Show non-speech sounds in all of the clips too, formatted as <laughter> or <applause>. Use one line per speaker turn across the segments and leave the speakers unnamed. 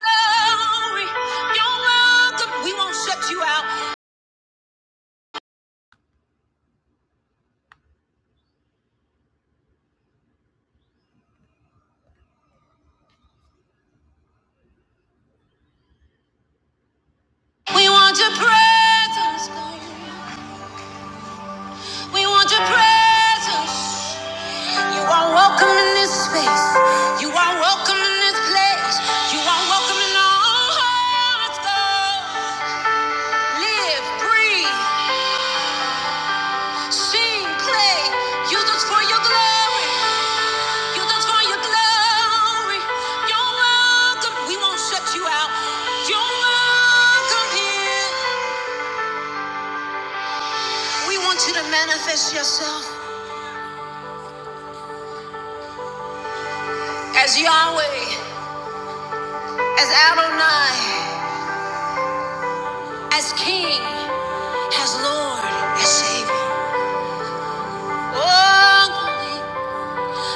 glory. You're welcome. We won't shut you out. We want your presence, God. We want your presence. You are welcome in this space. You are welcome in this place. You are welcome in our hearts, God. Live, breathe. Sing, play, use us for your glory. Use us for your glory. You're welcome. We won't shut you out. You're welcome here. We want you to manifest yourself as Yahweh, as Adonai, as King, as Lord, as Savior. Oh,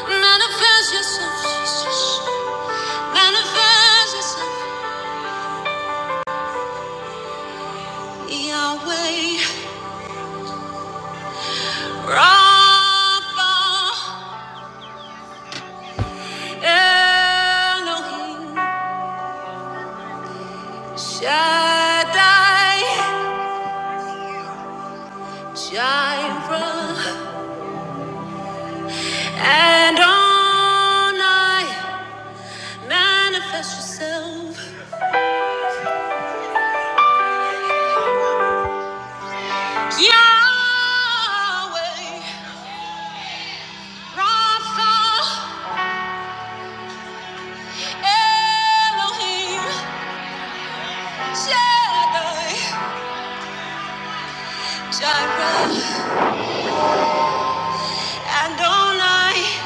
manifest yourself, Jesus. Manifest yourself, Yahweh. Rapha, Elohim, Shaddai, Jireh, and on I manifest yourself. Yahweh, Rapha, Elohim, Shaddai, Jireh, and on I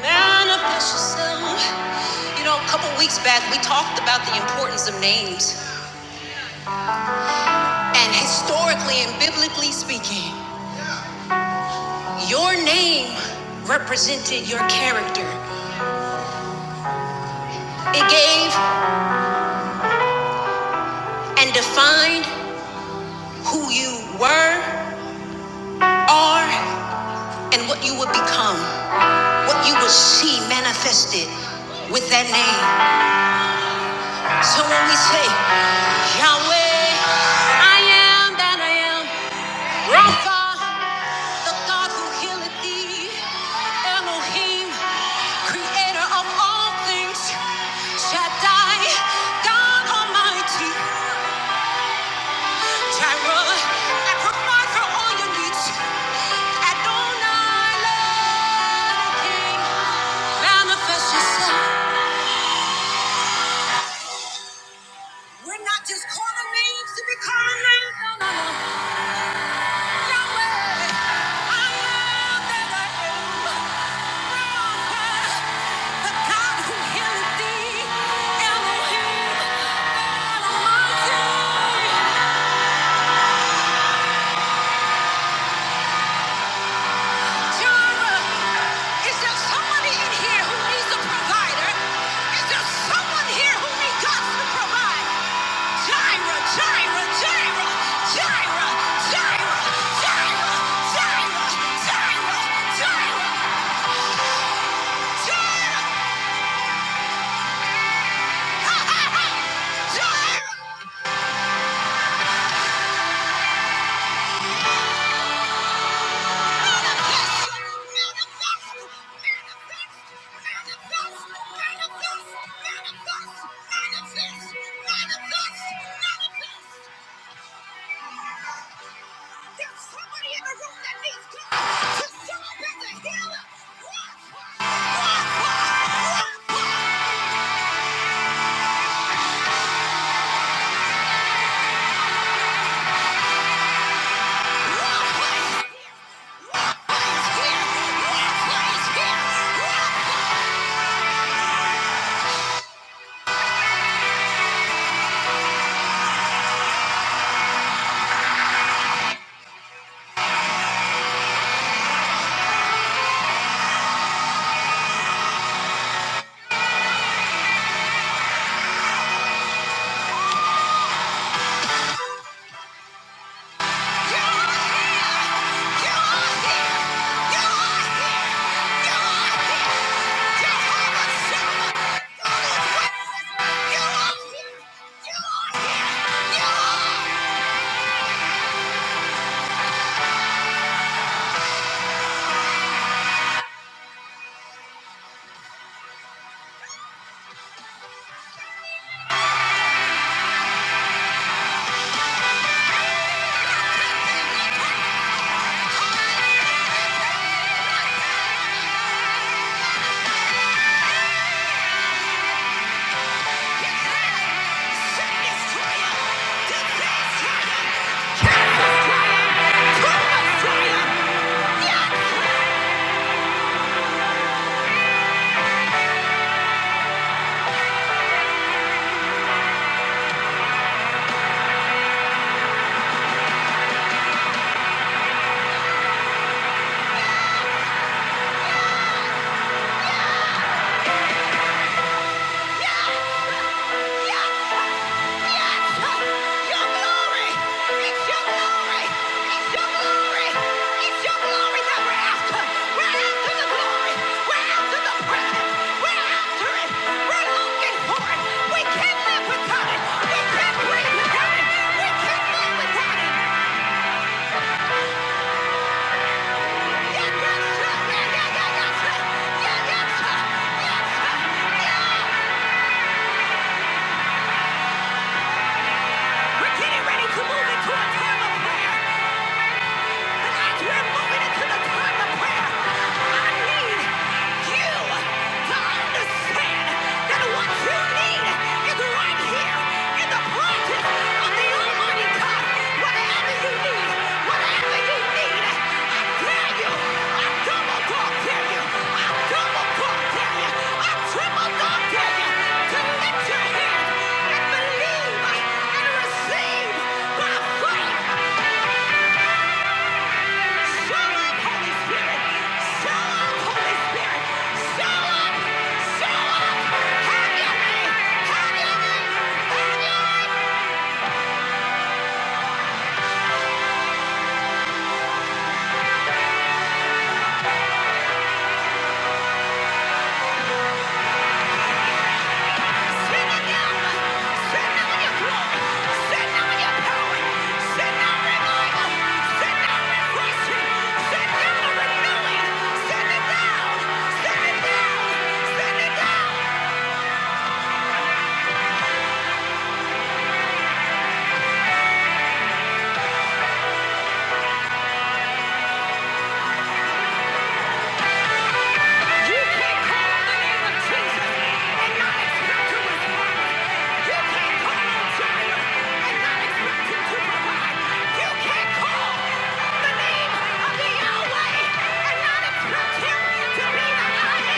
Manifest yourself. You know, a couple weeks back, we talked about the importance of names. And historically and biblically speaking, your name represented your character, it gave and defined who you were, are, and what you would become, what you would see manifested with that name. So when we say, Yahweh, I am that I am. Rapha, the God who healeth thee, Elohim, creator of all things, Shaddai, God Almighty, Jireh, and provide for all your needs. Adonai, Lord, King, manifest yourself. We're not just calling names to be calling names. No, no, no. Yahweh, I am that I am. Rapha, the God who healeth thee. Elohim, Elohim. Is there somebody in here who needs a provider? Is there someone here who needs God to provide? Gyra, Gyra, Gyra, Gyra, Gyra, Gyra, Gyra, Gyra, Gyra, Gyra, Gyra. Manifest, manifest, manifest, manifest, manifest, manifest, manifest. There's somebody in the room that needs God to show up as a healer. Walk, walk, walk, walk, walk, walk. Praise here, walk, praise here, walk, walk. You are here, you are here, you are here, you are here. Jehovah Shammah, God is with us. You are here, you are here, you are. We can't live without it. We can't breathe without it. We can't live without it. We're getting ready to move into a time of prayer. And as we're moving into the time of prayer, I need you to understand that what you need is right here in the presence of the Almighty God. Whatever you need, whatever you need, I tell you, I double talk you, I double talk you, I triple talk to you, to lift your and believe and receive by faith. Show up, Holy Spirit! Show up, Holy Spirit! Show up! Show up! Have your way! Have your way! Have your way! Send them your Send them your glory! Send them your power! Send them revival! Send them refreshing! Send them renewing! Send it down! Send it down! Send it down! You can't call the name of Jesus and not expect to respond. You can't call on Jireh and not expect him to provide. You can't call the name of Yahweh and not expect him to be yeah.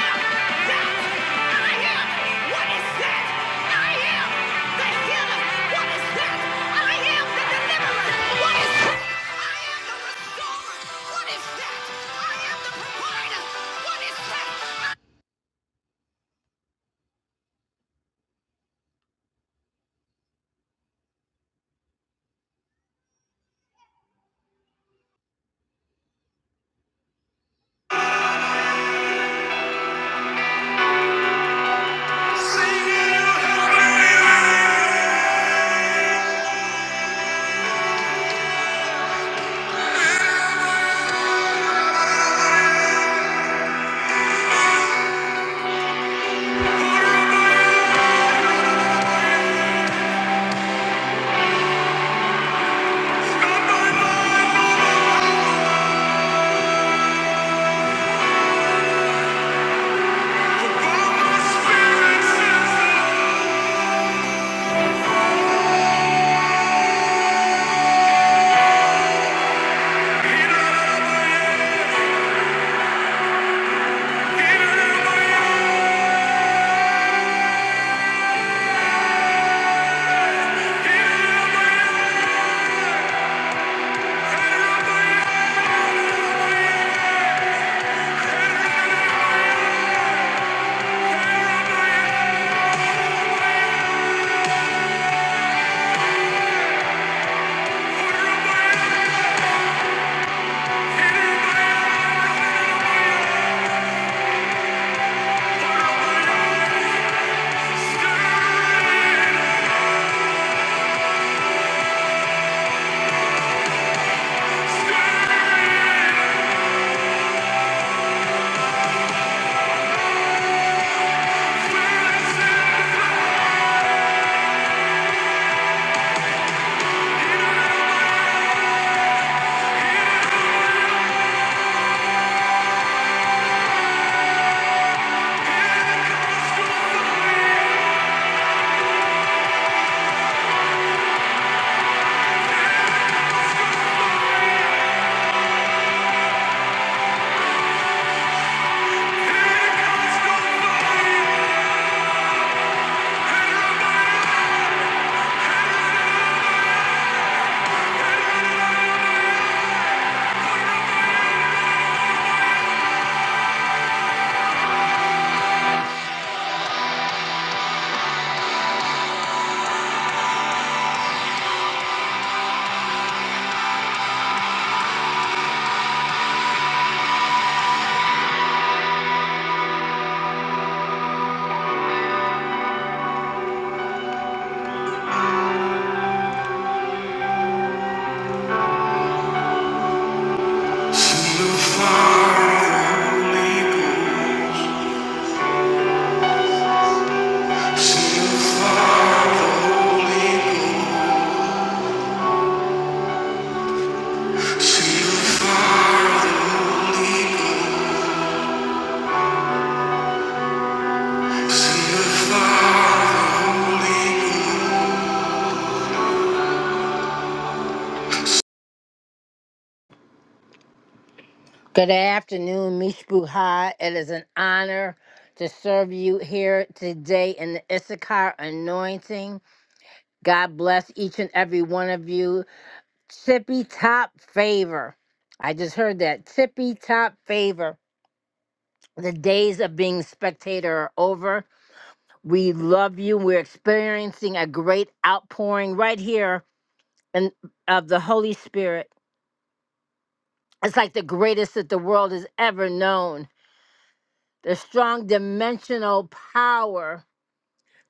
Good afternoon, Mishpucha. It is an honor to serve you here today in the Issachar anointing. God bless each and every one of you. Tippy top favor. I just heard that. Tippy top favor. The days of being spectator are over. We love you. We're experiencing a great outpouring right here and of the Holy Spirit. It's like the greatest that the world has ever known. The strong dimensional power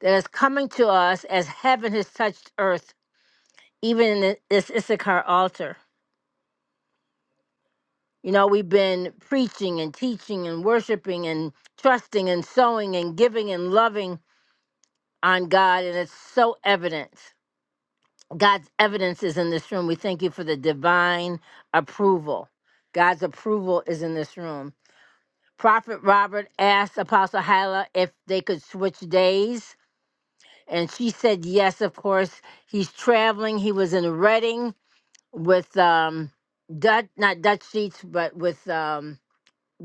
that is coming to us as heaven has touched earth, even in this Issachar altar. You know, we've been preaching and teaching and worshiping and trusting and sowing and giving and loving on God, and it's so evident. God's evidence is in this room. We thank you for the divine approval. God's approval is in this room. Prophet Robert asked Apostle Hyla if they could switch days, and she said yes, of course. He's traveling. He was in Reading with um, Dutch, not Dutch Sheets, but with. Um,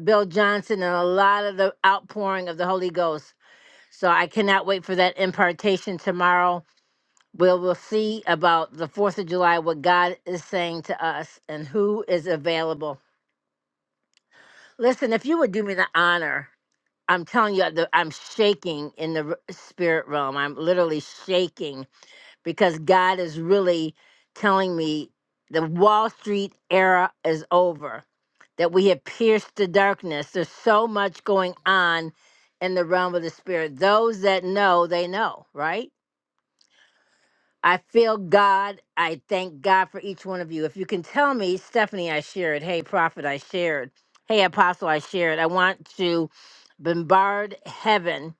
Bill Johnson and a lot of the outpouring of the Holy Ghost. So I cannot wait for that impartation tomorrow. We'll, we'll see about the 4th of July, what God is saying to us and who is available. Listen, if you would do me the honor, I'm telling you, the- I'm shaking in the r- spirit realm. I'm literally shaking because God is really telling me the Wall Street era is over, that we have pierced the darkness. There's so much going on in the realm of the spirit. Those that know, they know, right? I feel God. I thank God for each one of you. If you can tell me, Stephanie, I shared. Hey, prophet, I shared. Hey, apostle, I shared. I want to bombard heaven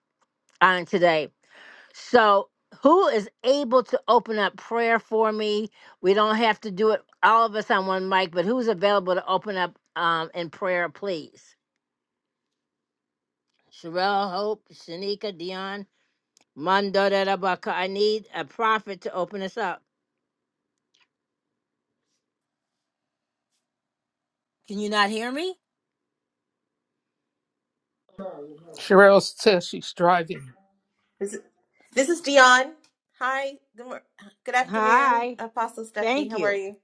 on today so, who is able to open up prayer for me? We don't have to do it all of us on one mic, but who's available to open up um, in prayer, please? Sherelle, Hope, Shanika, Dion, Mondo, da, da, Baka. I need a prophet to open us up. Can you not hear me?
Cheryl says she's driving.
This is, this is Dion. Hi. Good, mor- good afternoon,
Hi.
Apostle Stephanie.
Thank
How are
you.
you?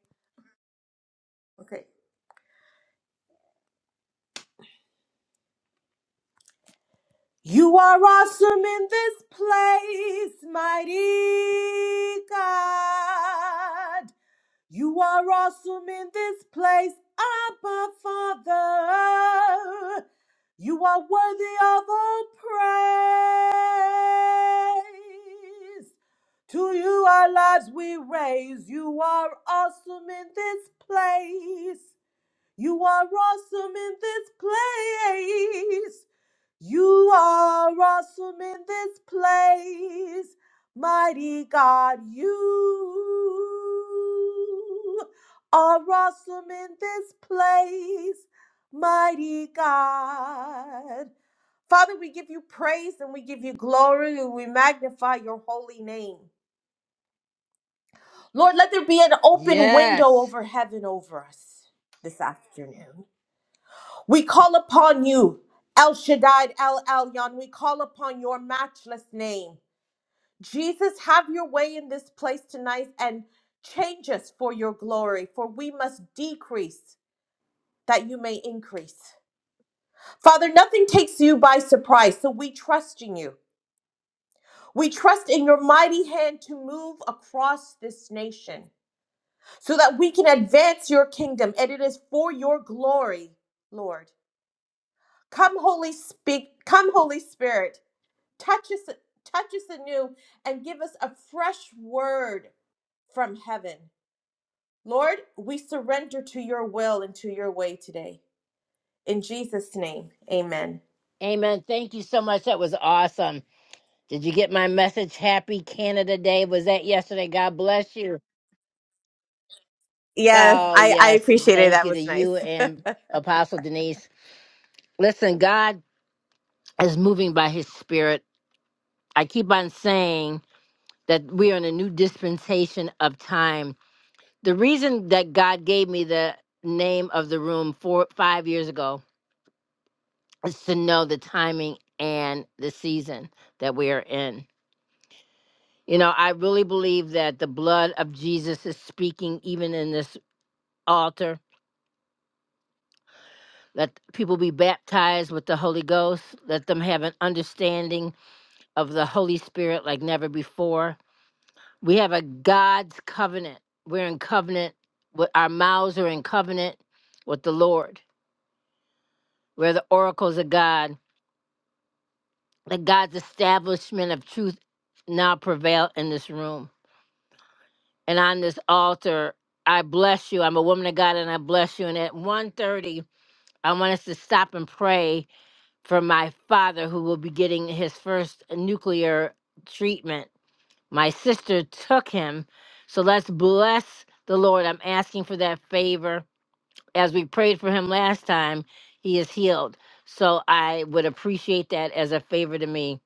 Okay. You are awesome in God. You are awesome in place above. You worthy of praise. To our love, we rise. You are peace. You are awesome in this place, mighty God. You are awesome in this place, mighty God. Father, we give you praise and we give you glory and we magnify your holy name. Lord, let there be an open window
Yes.
over heaven over us this afternoon. We call upon you, El Shaddai, El Elyon. We call upon your matchless name. Jesus, have your way in this place tonight and change us for your glory, for we must decrease that you may increase. Father, nothing takes you by surprise, so we trust in you. We trust in your mighty hand to move across this nation so that we can advance your kingdom, and it is for your glory, Lord. Come, Holy Spirit, come, Holy Spirit. touch us touch us anew and give us a fresh word from heaven lord we surrender to your will and to your way today in jesus name amen
Amen. Thank you so much. That was awesome. Did you get my message? Happy Canada Day. Was that yesterday? God bless you.
yes
Oh,
i i
yes.
appreciated it.
Thank
that
you to
was
you
nice <laughs>
and Apostle Denise. Listen, God is moving by his spirit. I keep on saying that we are in a new dispensation of time. The reason that God gave me the name of the room four, five years ago is to know the timing and the season that we are in. You know, I really believe that the blood of Jesus is speaking even in this altar Let people be baptized with the Holy Ghost. Let them have an understanding of the Holy Spirit like never before. We have a God's covenant. We're in covenant with our mouths are in covenant with the Lord. We're the oracles of God. Let God's establishment of truth now prevail in this room. And on this altar, I bless you. I'm a woman of God and I bless you. And at one thirty, I want us to stop and pray for my father, who will be getting his first nuclear treatment. My sister took him. So let's bless the Lord. I'm asking for that favor. As we prayed for him last time, he is healed. So I would appreciate that as a favor to me.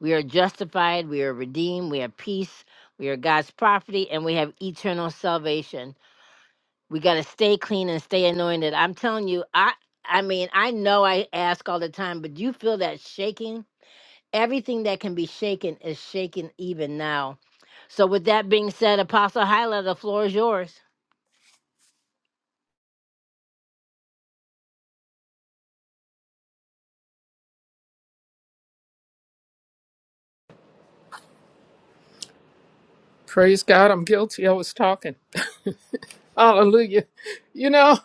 We are justified, we are redeemed, we have peace, we are God's property, and we have eternal salvation. We got to stay clean and stay anointed. I'm telling you, I I mean, I know I ask all the time, but do you feel that shaking? everything that can be shaken is shaken even now. So, with that being said, Apostle Hyla, the floor is yours.
Praise God, I'm guilty. I was talking. Hallelujah. You know,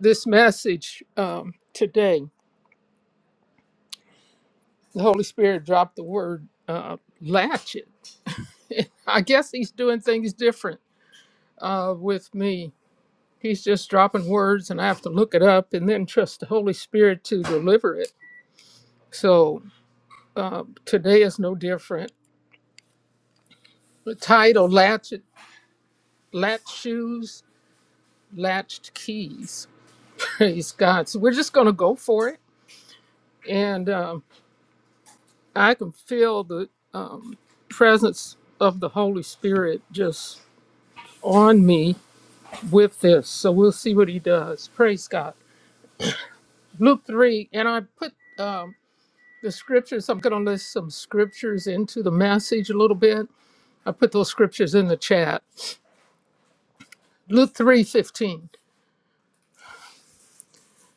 this message um, today, the Holy Spirit dropped the word uh, latchet. I guess he's doing things different uh, with me. He's just dropping words, and I have to look it up and then trust the Holy Spirit to deliver it. So today is no different. The title, Latchet, Latch Shoes, Latched Keys. Praise God. So we're just going to go for it and um, I can feel the presence of the Holy Spirit just on me with this. So we'll see what he does. Praise God. Luke 3, and I put um, the scriptures, I'm going to list some scriptures into the message a little bit. I put those scriptures in the chat. Luke 3:15.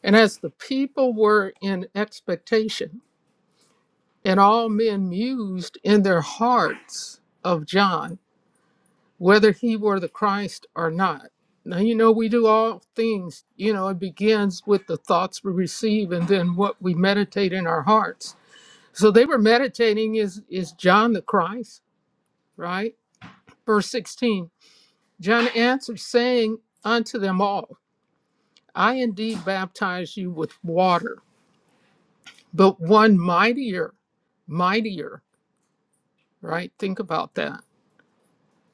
And as the people were in expectation, and all men mused in their hearts of John, whether he were the Christ or not. Now, you know, we do all things, you know, it begins with the thoughts we receive and then what we meditate in our hearts. So they were meditating, is, is John the Christ, right? Verse 16 John answered, saying unto them all, I indeed baptize you with water, but one mightier, mightier, right? Think about that.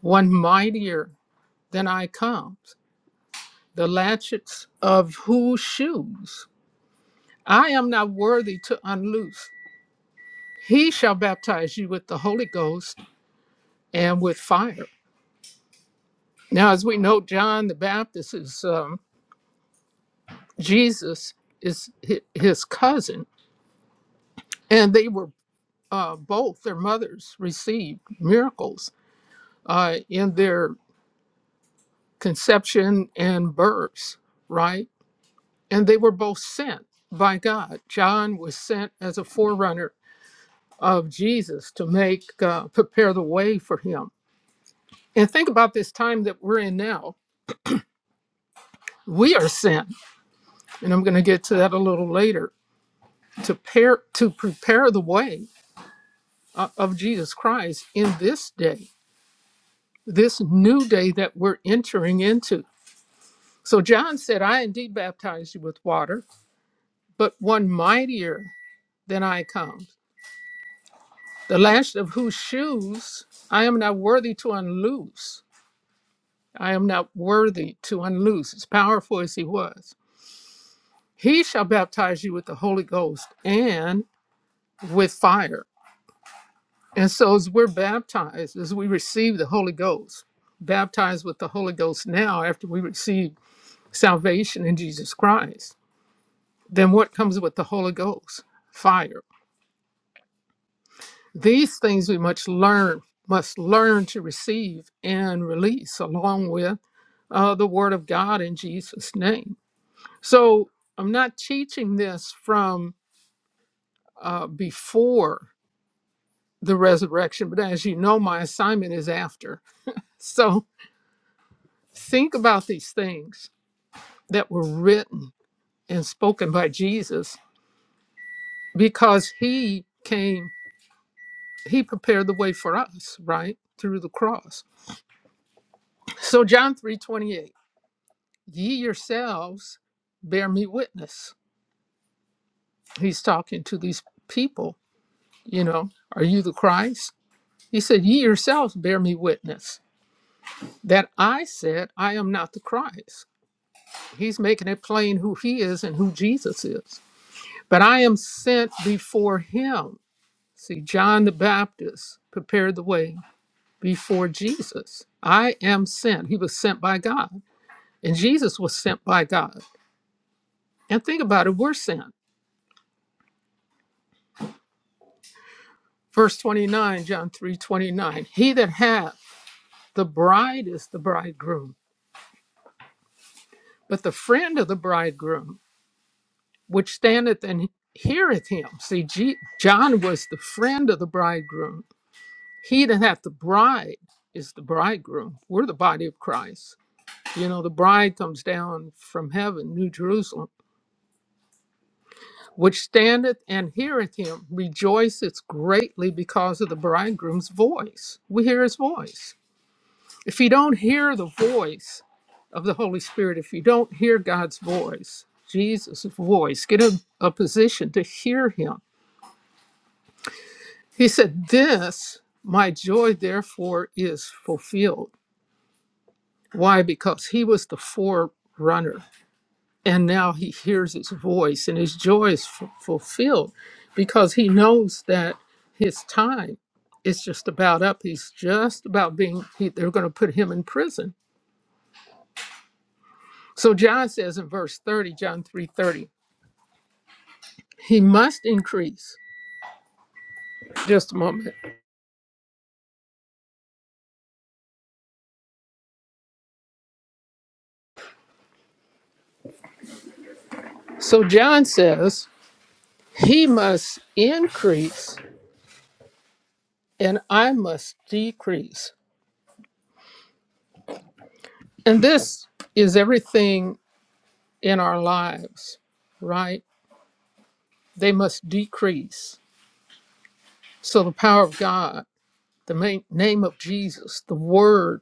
One mightier than I comes, the latchets of whose shoes? I am not worthy to unloose. He shall baptize you with the Holy Ghost and with fire. Now, as we know, John the Baptist is um, Jesus is hi- his cousin, and they were uh, both their mothers received miracles uh, in their conception and births, right? And they were both sent by God. John was sent as a forerunner of Jesus to make uh, prepare the way for him And think about this time that we're in now. We are sent, and I'm going to get to that a little later, to, pair, to prepare the way uh, of Jesus Christ in this day, this new day that we're entering into. So John said, I indeed baptize you with water, but one mightier than I comes, the last of whose shoes I am not worthy to unloose. I am not worthy to unloose, as powerful as he was. He shall baptize you with the Holy Ghost and with fire. And so as we're baptized, as we receive the Holy Ghost, baptized with the Holy Ghost now after we receive salvation in Jesus Christ, then what comes with the Holy Ghost? Fire. These things we must learn, must learn to receive and release along with uh, the Word of God in Jesus' name. So I'm not teaching this from uh, before the resurrection, but as you know, my assignment is after. <laughs> So Think about these things that were written and spoken by Jesus because he came, he prepared the way for us, right? Through the cross. So John 3:28, ye yourselves bear me witness. He's talking to these people, you know, are you the Christ? He said, Ye yourselves bear me witness that I said, I am not the Christ. He's making it plain who he is and who Jesus is. But I am sent before him See, John the Baptist prepared the way before Jesus. I am sent. He was sent by God, and Jesus was sent by God. And think about it, we're sent. Verse 29, John 3:29. He that hath the bride is the bridegroom, but the friend of the bridegroom, which standeth and heareth him. See, Je- John was the friend of the bridegroom. He that hath the bride is the bridegroom. We're the body of Christ You know, the bride comes down from heaven, New Jerusalem, which standeth and heareth him, rejoiceth greatly because of the bridegroom's voice. We hear his voice. If you don't hear the voice of the Holy Spirit, if you don't hear God's voice, Jesus' voice, get in a position to hear him. He said, This, my joy, therefore, is fulfilled. Why? Because he was the forerunner. and now he hears his voice and his joy is f- fulfilled because he knows that his time is just about up he's just about being he, they're going to put him in prison so john says in verse 30 john 3.30 he must increase just a moment so john says he must increase and i must decrease and this is everything in our lives right they must decrease So the power of God, the ma- name of Jesus, the word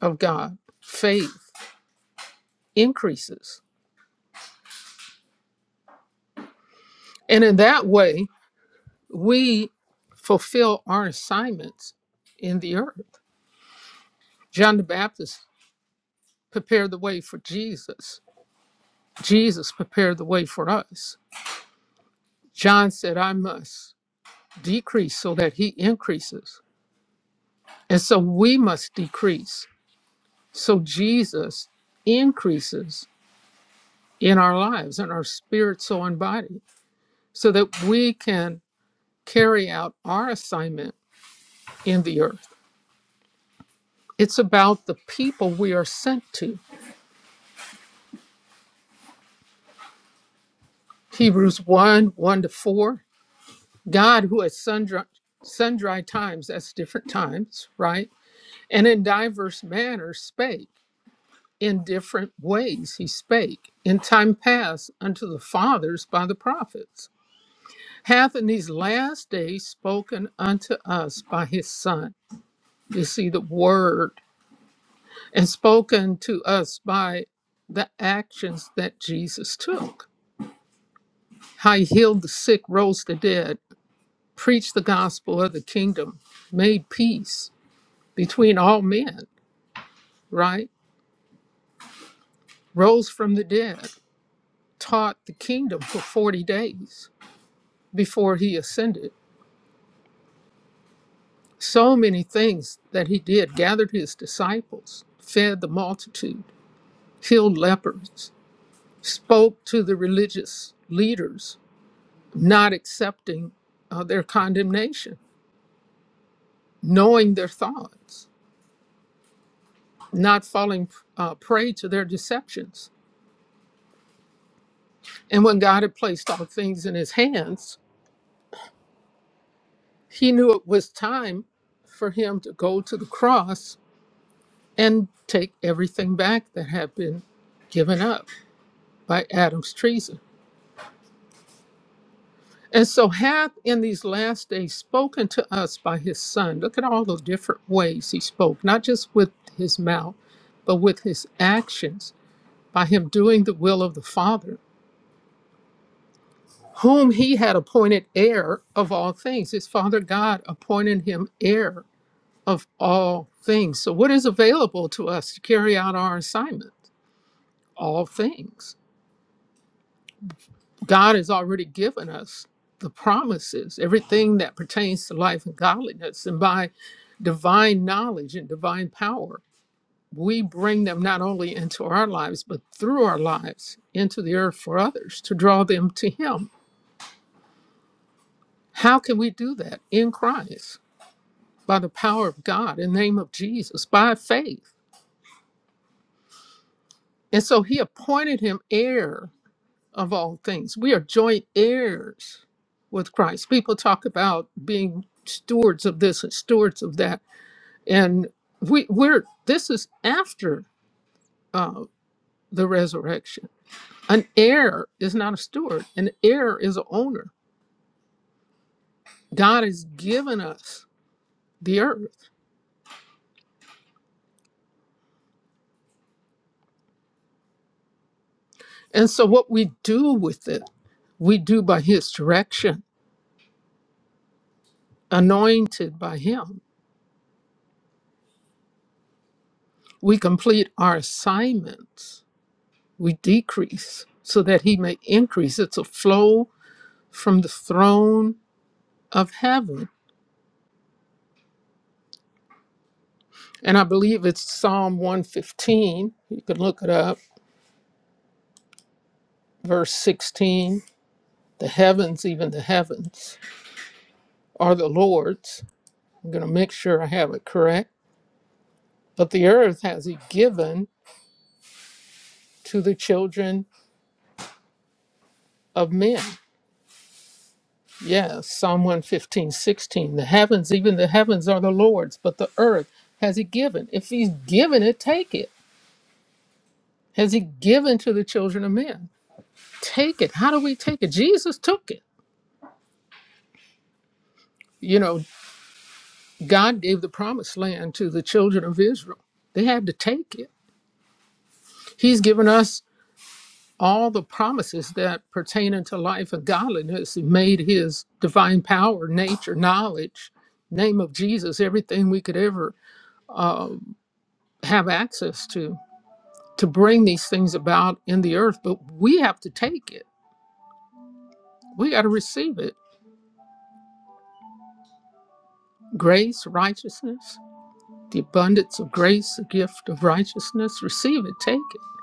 of God, faith increases. And in that way, we fulfill our assignments in the earth. John the Baptist prepared the way for Jesus. Jesus prepared the way for us. John said, I must decrease so that he increases. And so we must decrease so Jesus increases in our lives, in our spirit, soul, and body. so that we can carry out our assignment in the earth. It's about the people we are sent to. Hebrews 1 1 to 4. God, who at sundry, sundry times, that's different times, right? And in diverse manners spake, in different ways he spake, in time past unto the fathers by the prophets, hath in these last days spoken unto us by his Son. You see, the word and spoken to us by the actions that Jesus took. How he healed the sick, rose the dead, preached the gospel of the kingdom, made peace between all men, right? Rose from the dead, taught the kingdom for 40 days before he ascended. So many things that he did gathered his disciples, fed the multitude, healed lepers, spoke to the religious leaders not accepting uh, their condemnation, knowing their thoughts, not falling uh, prey to their deceptions. And when God had placed all things in his hands, he knew it was time for him to go to the cross and take everything back that had been given up by Adam's treason. And so hath in these last days spoken to us by his son. Look at all the different ways he spoke, not just with his mouth, but with his actions by him doing the will of the Father, whom he had appointed heir of all things. His Father God appointed him heir of all things. So, what is available to us to carry out our assignment? All things. God has already given us the promises, everything that pertains to life and godliness. And by divine knowledge and divine power, we bring them not only into our lives, but through our lives into the earth for others to draw them to Him How can we do that? In Christ, by the power of God, in the name of Jesus, by faith. And so he appointed him heir of all things. We are joint heirs with Christ. People talk about being stewards of this and stewards of that. And we, we're this is after uh, the resurrection. An heir is not a steward, an heir is an owner. God has given us the earth. And so what we do with it We do by His direction, anointed by Him. We complete our assignments. We decrease so that He may increase. It's a flow from the throne of heaven. And I believe it's Psalm 115. You can look it up, verse 16. The heavens, even the heavens, are the Lord's. I'm going to make sure I have it correct. But the earth has He given to the children of men. Yeah, Psalm one, fifteen, sixteen. The heavens, even the heavens are the Lord's, but the earth has he given. If he's given it, take it. Has he given to the children of men? Take it. How do we take it? Jesus took it. You know, God gave the promised land to the children of Israel. They had to take it. He's given us all the promises that pertain unto life and godliness. He made his divine power, nature, knowledge, name of Jesus, everything we could ever have access to. to bring these things about in the earth, but we have to take it. We got to receive it. Grace, righteousness, the abundance of grace, the gift of righteousness, receive it, take it.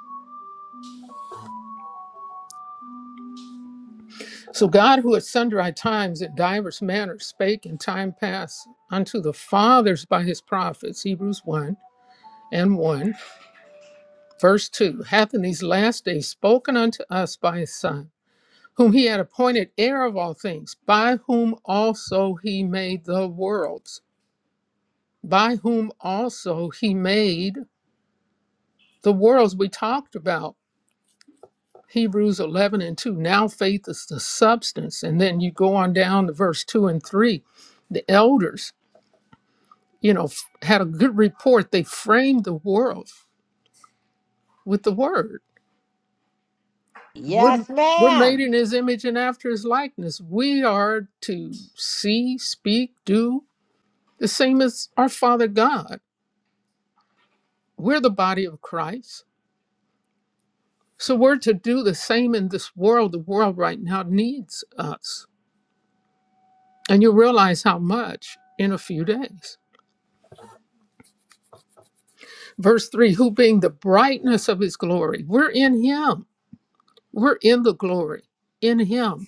So, God, who at sundry times in divers manners spake in time past unto the fathers by his prophets, Hebrews 1 and 1, verse 2, hath in these last days spoken unto us by his Son, whom he had appointed heir of all things, by whom also he made the worlds by whom also he made the worlds we talked about hebrews 11 and 2 now faith is the substance and then you go on down to verse 2 and 3 the elders you know f- had a good report they framed the world with the word we're,
Yes,
we're made
ma'am.
in his image and after his likeness we are to see speak do the same as our father god we're the body of christ So we're to do the same in this world. The world right now needs us. And you realize how much in a few days. Verse 3 Who being the brightness of his glory, we're in him. We're in the glory, in him,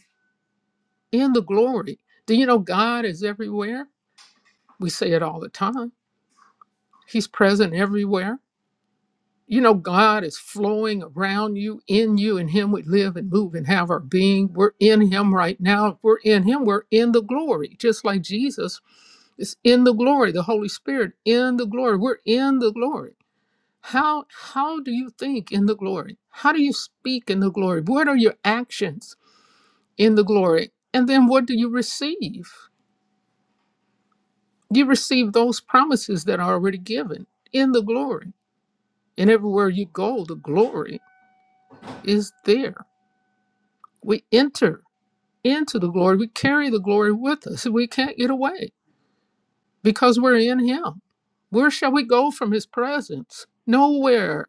in the glory. Do you know God is everywhere? We say it all the time. He's present everywhere. You know, God is flowing around you, in you, in Him we live and move and have our being. We're in Him right now. If we're in Him, we're in the glory, just like Jesus It's in the glory, the Holy Spirit in the glory. We're in the glory. How how do you think in the glory? How do you speak in the glory? What are your actions in the glory? And then what do you receive? You receive those promises that are already given in the glory. And everywhere you go, the glory is there. We enter into the glory. We carry the glory with us. We can't get away because we're in Him. Where shall we go from His presence? Nowhere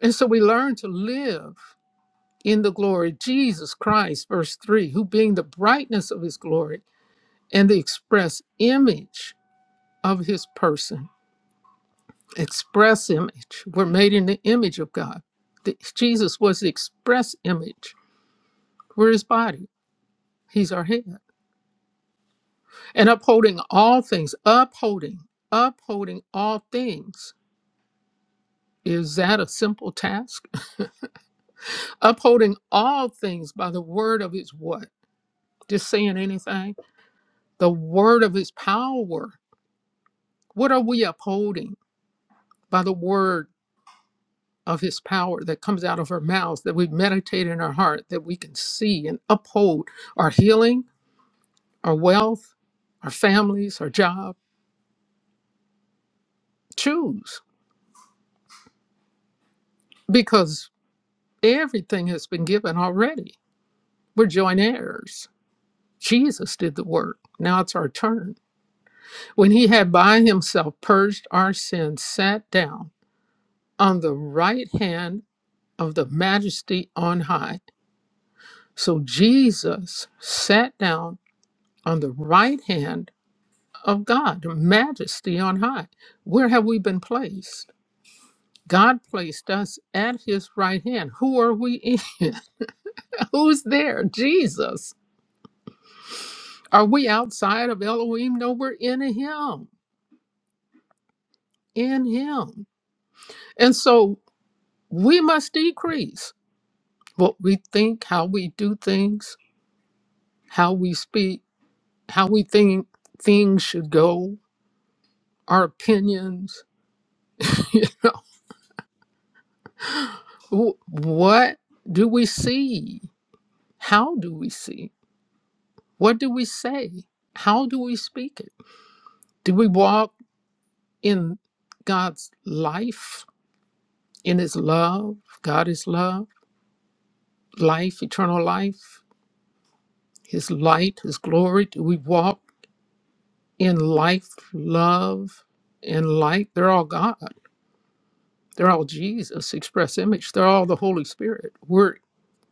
And so we learn to live in the glory of Jesus Christ, verse 3, who being the brightness of his glory and the express image of his person, express image, we're made in the image of God. The- Jesus was the express image. We're his body, he's our head. And upholding all things, upholding, upholding all things. Is that a simple task? <laughs> Upholding all things by the word of his what? Just saying anything? the word of his power. What are we upholding by the word of his power that comes out of our mouths, that we meditate in our heart, that we can see and uphold our healing, our wealth, our families, our job? Choose because everything has been given already. We're joint heirs. Jesus did the work. Now it's our turn. When he had by himself purged our sins, sat down on the right hand of the majesty on high So Jesus sat down on the right hand of God, majesty on high. Where have we been placed? God placed us at his right hand. Who are we in? <laughs> Who's there? Jesus. Are we outside of Elohim? No, we're in him, in him. And so we must decrease what we think, how we do things, how we speak, how we think things should go, our opinions. <laughs> Wh- What do we see? How do we see? What do we say? How do we speak it? Do we walk in God's life, in His love? God is love, life, eternal life, His light, His glory. Do we walk in life, love, and light? They're all God. They're all Jesus, express image. They're all the Holy Spirit. We're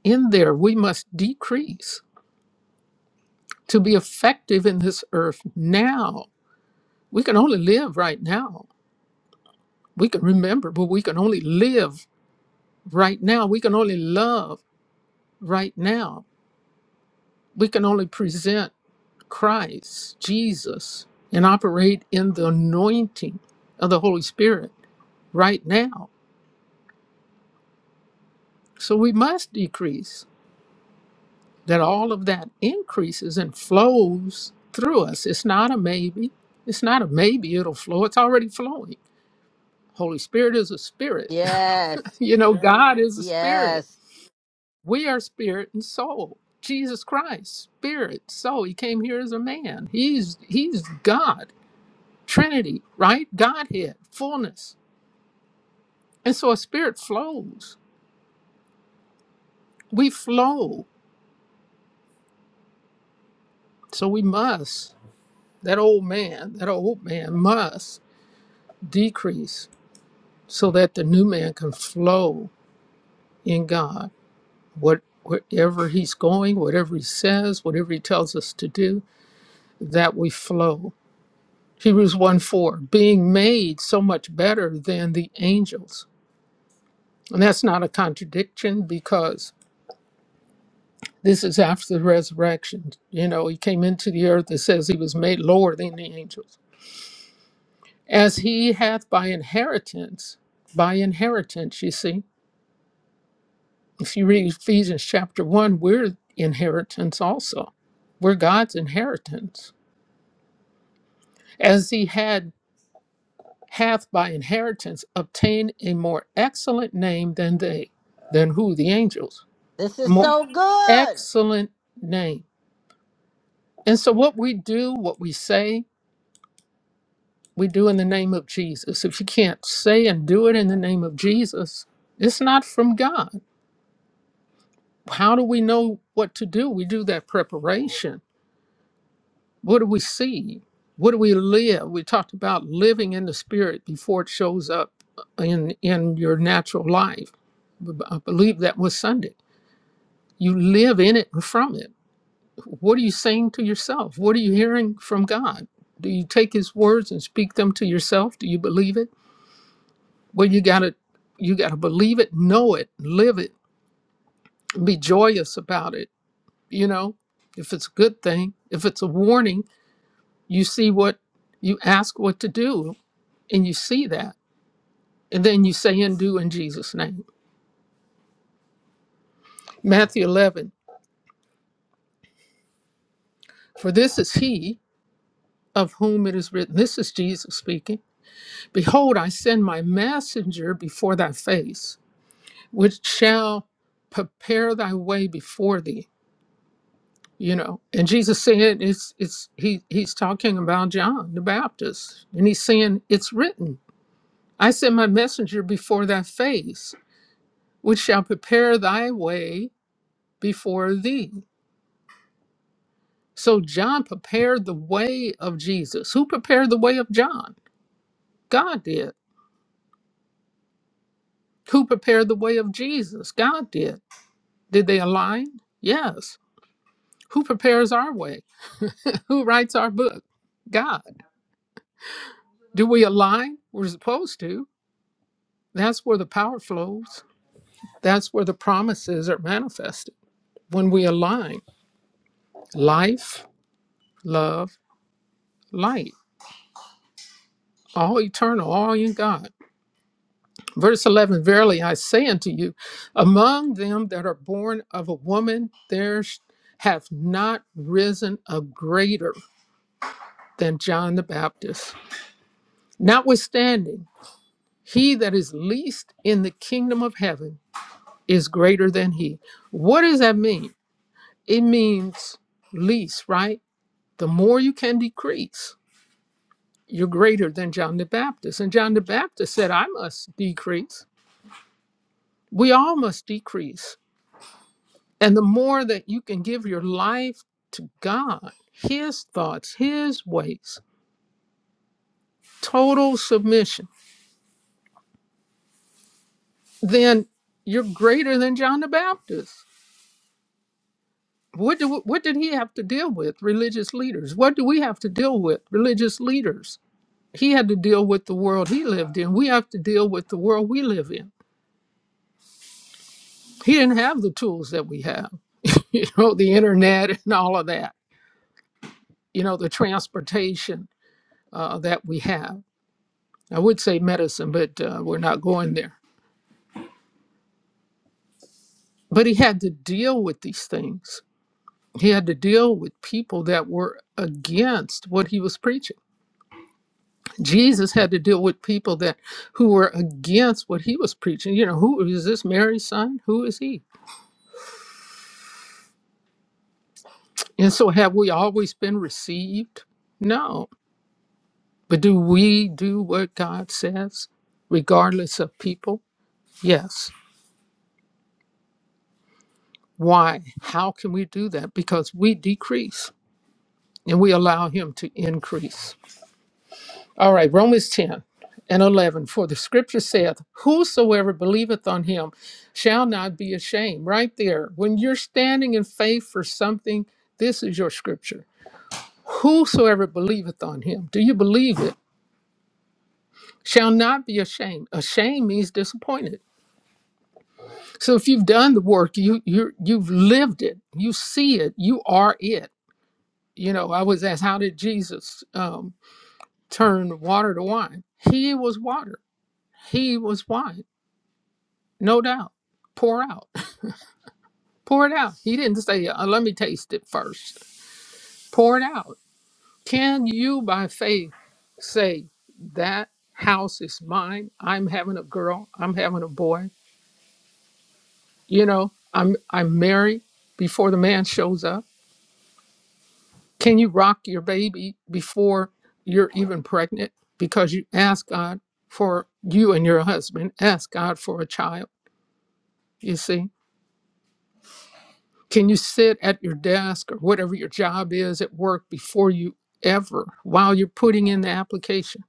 in there. We must decrease to be effective in this earth now We can only live right now. We can remember, but we can only live right now. We can only love right now. We can only present Christ, Jesus, and operate in the anointing of the Holy Spirit right now. So we must decrease that all of that increases and flows through us. It's not a maybe. It's not a maybe it'll flow. It's already flowing. Holy Spirit is a spirit.
Yes.
<laughs> you know, God is a spirit.
Yes.
We are spirit and soul. Jesus Christ, spirit, soul. He came here as a man. He's he's God, Trinity, right? Godhead, fullness. And so a spirit flows. We flow. So we must, that old man, that old man must decrease so that the new man can flow in God. What wherever he's going, whatever he says, whatever he tells us to do, that we flow. Hebrews 1 4, being made so much better than the angels. And that's not a contradiction because this is after the resurrection. You know, he came into the earth It says he was made lower than the angels. As he hath by inheritance, by inheritance, you see. If you read Ephesians chapter 1, we're inheritance also. We're God's inheritance. As he had hath by inheritance obtained a more excellent name than they, than who? The angels.
This
A
is
more
so good.
excellent name. And so, what we do, what we say, we do in the name of Jesus. If you can't say and do it in the name of Jesus, it's not from God. How do we know what to do? We do that preparation. What do we see? What do we live? We talked about living in the spirit before it shows up in in your natural life. I believe that was Sunday. You live in it and from it. What are you saying to yourself? What are you hearing from God? Do you take his words and speak them to yourself? Do you believe it? Well, you got to you got to believe it, know it, live it, and be joyous about it, you know? If it's a good thing, if it's a warning, you see what you ask what to do and you see that. And then you say and do in Jesus' name. Matthew 11, for this is he of whom it is written, this is Jesus speaking, Behold, I send my messenger before thy face, which shall prepare thy way before thee. You know, and Jesus said it's it's he he's talking about John the Baptist, and he's saying, It's written, I send my messenger before thy face, which shall prepare thy way before thee So John prepared the way of Jesus. Who prepared the way of John? God did. Who prepared the way of Jesus? God did. Did they align? Yes. Who prepares our way? <laughs> Who writes our book? God. Do we align? We're supposed to. That's where the power flows. That's where the promises are manifested. When we align life, love, light, all eternal, all in God. Verse 11 Verily I say unto you, among them that are born of a woman, there sh- hath not risen a greater than John the Baptist. Notwithstanding, he that is least in the kingdom of heaven is greater than he. What does that mean? It means least, right? The more you can decrease, you're greater than John the Baptist. And John the Baptist said, I must decrease. We all must decrease And the more that you can give your life to God, His thoughts, His ways, total submission, then you're greater than John the Baptist. What, do, what did he have to deal with? Religious leaders. What do we have to deal with? Religious leaders. He had to deal with the world he lived in. We have to deal with the world we live in. He didn't have the tools that we have, <laughs> you know, the internet and all of that, you know, the transportation uh, that we have I would say medicine, but uh, we're not going there. But he had to deal with these things. He had to deal with people that were against what he was preaching. Jesus had to deal with people that who were against what he was preaching. You know, who is this Mary's son? Who is he? And so have we always been received? No. But do we do what God says regardless of people? Yes. Why? How can we do that? Because we decrease and we allow him to increase. All right, Romans 10 and 11. For the scripture saith, Whosoever believeth on him shall not be ashamed. Right there, when you're standing in faith for something, this is your scripture. Whosoever believeth on him, do you believe it? Shall not be ashamed. Ashamed means disappointed. So if you've done the work, you you you've lived it, you see it, you are it. You know, I was asked, how did Jesus um, turn water to wine? He was water He was wine, no doubt. Pour out. <laughs> Pour it out. He didn't say, uh, let me taste it first. Pour it out. Can you, by faith, say, that house is mine? I'm having a girl. I'm having a boy. You know, I'm, I'm married before the man shows up. Can you rock your baby before you're even pregnant? Because you ask God for you and your husband, ask God for a child, you see? Can you sit at your desk or whatever your job is at work before you ever, while you're putting in the application,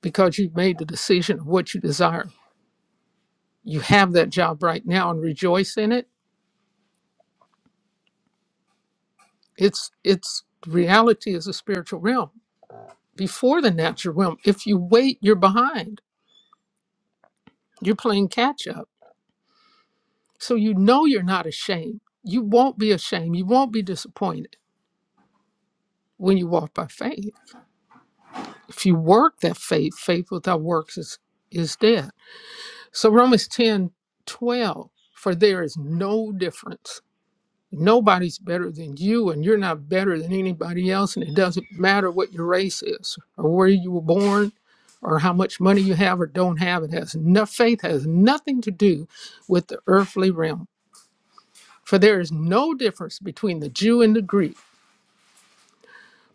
because you've made the decision of what you desire? You have that job right now and rejoice in it. It's it's reality is a spiritual realm before the natural realm. If you wait, you're behind. You're playing catch up. So you know you're not ashamed. You won't be ashamed. You won't be disappointed when you walk by faith. If you work that faith, faith without works is is dead So Romans 10 12 for there is no difference. Nobody's better than you, and you're not better than anybody else. And it doesn't matter what your race is, or where you were born, or how much money you have or don't have. It has no faith has nothing to do with the earthly realm. For there is no difference between the Jew and the Greek.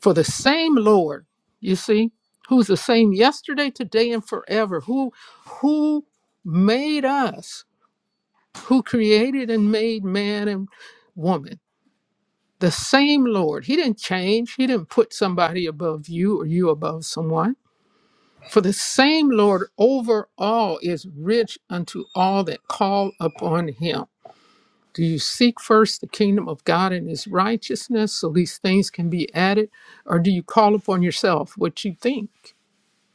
For the same Lord, you see, who's the same yesterday, today, and forever, who who made us who created and made man and woman. The same Lord. He didn't change. He didn't put somebody above you or you above someone. For the same Lord over all is rich unto all that call upon him. Do you seek first the kingdom of God and his righteousness so these things can be added? Or do you call upon yourself what you think?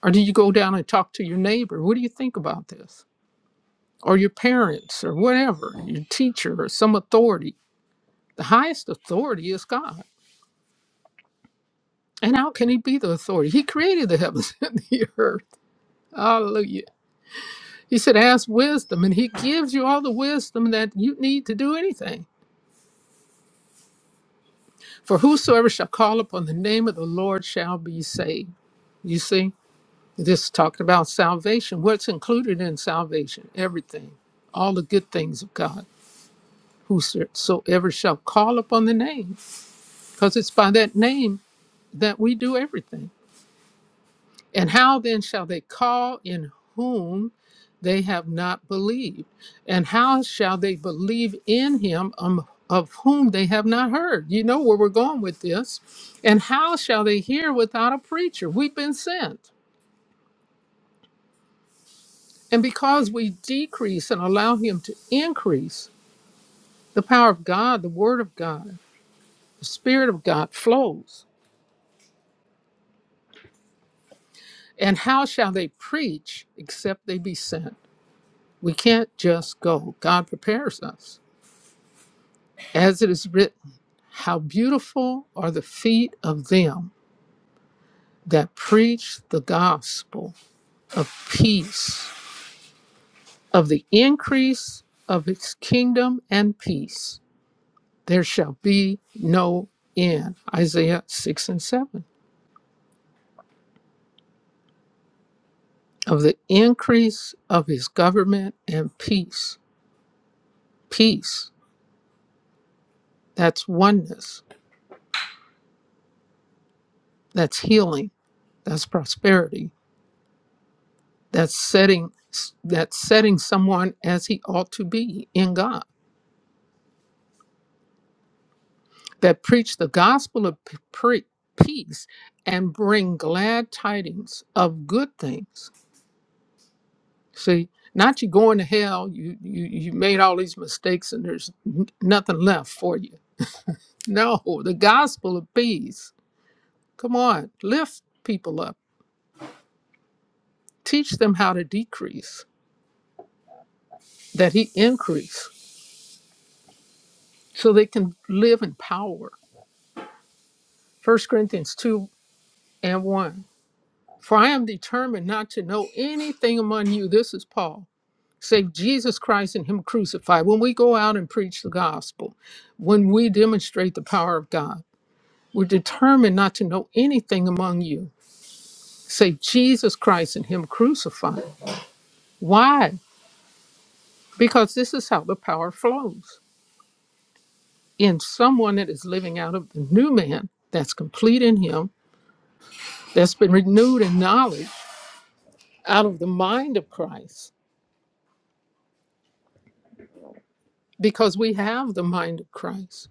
Or do you go down and talk to your neighbor? What do you think about this? Or your parents or whatever, your teacher or some authority? The highest authority is God. And how can he be the authority? He created the heavens <laughs> and the earth. Hallelujah. He said, Ask wisdom, and he gives you all the wisdom that you need to do anything. For whosoever shall call upon the name of the Lord shall be saved. You see, this talked about salvation. What's included in salvation? Everything, all the good things of God. Whosoever shall call upon the name, because it's by that name that we do everything. And how then shall they call in whom they have not believed? And how shall they believe in him um, of whom they have not heard? You know where we're going with this. And how shall they hear without a preacher? We've been sent. And because we decrease and allow him to increase, the power of God, the word of God, the spirit of God flows. And how shall they preach except they be sent? We can't just go. God prepares us. As it is written, How beautiful are the feet of them that preach the gospel of peace, of the increase of its kingdom and peace. There shall be no end. Isaiah 6 and 7. Of the increase of his government and peace. Peace, that's oneness, that's healing, that's prosperity, that's setting that's setting someone as he ought to be in God that preach the gospel of p- pre- peace and bring glad tidings of good things. See, not you going to hell, you, you, you made all these mistakes and there's n- nothing left for you. No, the gospel of peace. Come on, lift people up, teach them how to decrease, that he increase, so they can live in power. First Corinthians 2 and 1. For I am determined not to know anything among you. This is Paul save Jesus Christ and Him crucified, when we go out and preach the gospel, when we demonstrate the power of God, we're determined not to know anything among you save Jesus Christ and Him crucified. Why? Because this is how the power flows in someone that is living out of the new man that's complete in Him, that's been renewed in knowledge out of the mind of Christ, because we have the mind of Christ.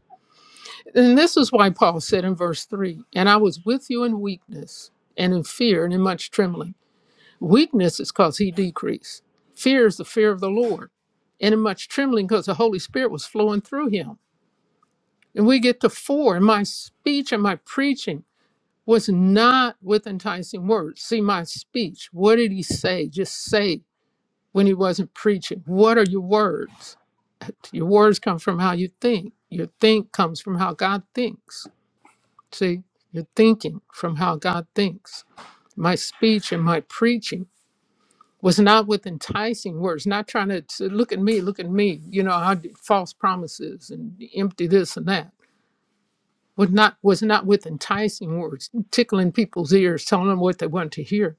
And this is why Paul said in verse 3 And I was with you in weakness and in fear and in much trembling. Weakness is because he decreased. Fear is the fear of the Lord. And in much trembling because the Holy Spirit was flowing through him. And we get to 4 And my speech and my preaching was not with enticing words. See, my speech, what did he say? Just say when he wasn't preaching. What are your words? Your words come from how you think. Your think comes from how God thinks See, you're thinking from how God thinks. My speech and my preaching was not with enticing words, not trying to say, look at me, look at me, you know, I did false promises and empty this and that. Was not was not with enticing words, tickling people's ears, telling them what they want to hear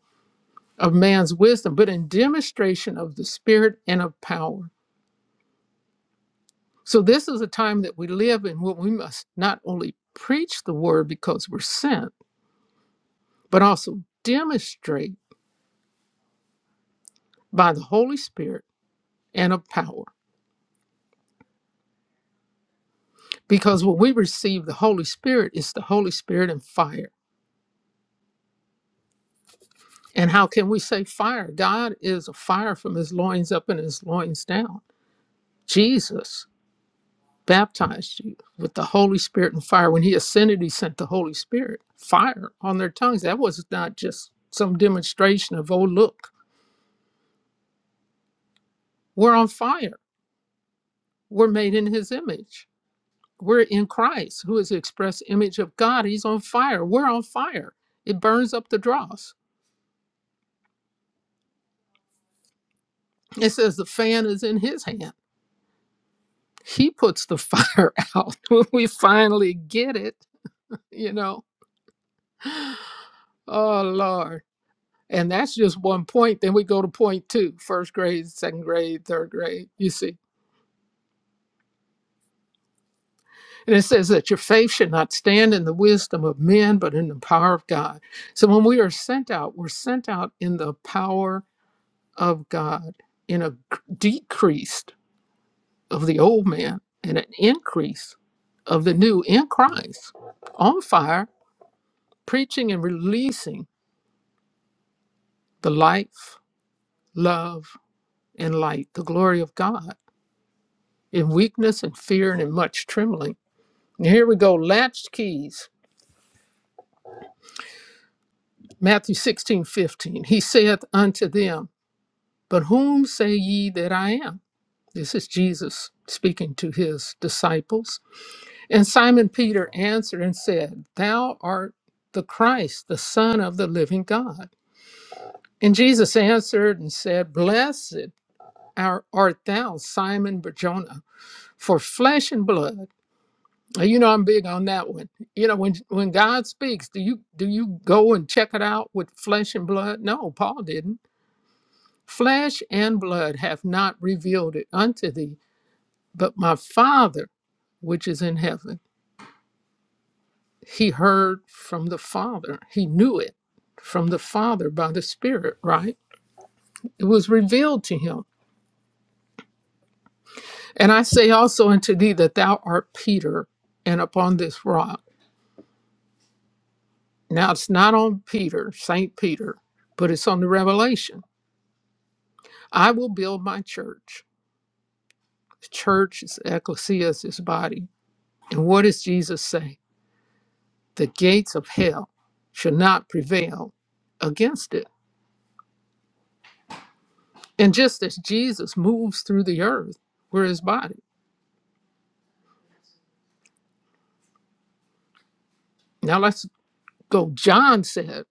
of man's wisdom, but in demonstration of the spirit and of power. So this is a time that we live in where we must not only preach the word because we're sent, but also demonstrate by the Holy Spirit and of power. Because when we receive the Holy Spirit, it's the Holy Spirit and fire. And how can we say fire? God is a fire from his loins up and his loins down. Jesus baptized you with the Holy Spirit and fire. When he ascended, he sent the Holy Spirit, fire on their tongues. That was not just some demonstration of, oh, look, we're on fire. We're made in his image. We're in Christ, who is the express image of God. He's on fire. We're on fire. It burns up the dross. It says the fan is in his hand. He puts the fire <laughs> out when we finally get it, you know. Oh, Lord. And that's just one point. Then we go to point two first grade, second grade, third grade, you see. And it says that your faith should not stand in the wisdom of men, but in the power of God. So when we are sent out, we're sent out in the power of God in a decrease of the old man and an increase of the new in Christ on fire, preaching and releasing the life, love, and light, the glory of God in weakness and fear and in much trembling. And here we go, latched keys, Matthew 16 15. He saith unto them, But whom say ye that I am? This is Jesus speaking to his disciples And Simon Peter answered and said, Thou art the Christ, the Son of the living God. And Jesus answered and said, Blessed are- art thou, Simon Barjona, for flesh and blood. Now, You know I'm big on that one. You know when when God speaks, do you do you go and check it out with flesh and blood? No, Paul didn't. Flesh and blood have not revealed it unto thee, but my Father which is in heaven. He heard from the Father. He knew it from the Father by the Spirit, right? It was revealed to him. And I say also unto thee that thou art Peter, and upon this rock. Now it's not on Peter, St. Peter, but it's on the revelation. I will build my church. The church is ecclesia, is his body. And what does Jesus say? The gates of hell shall not prevail against it. And just as Jesus moves through the earth, we're his body Now let's go. John said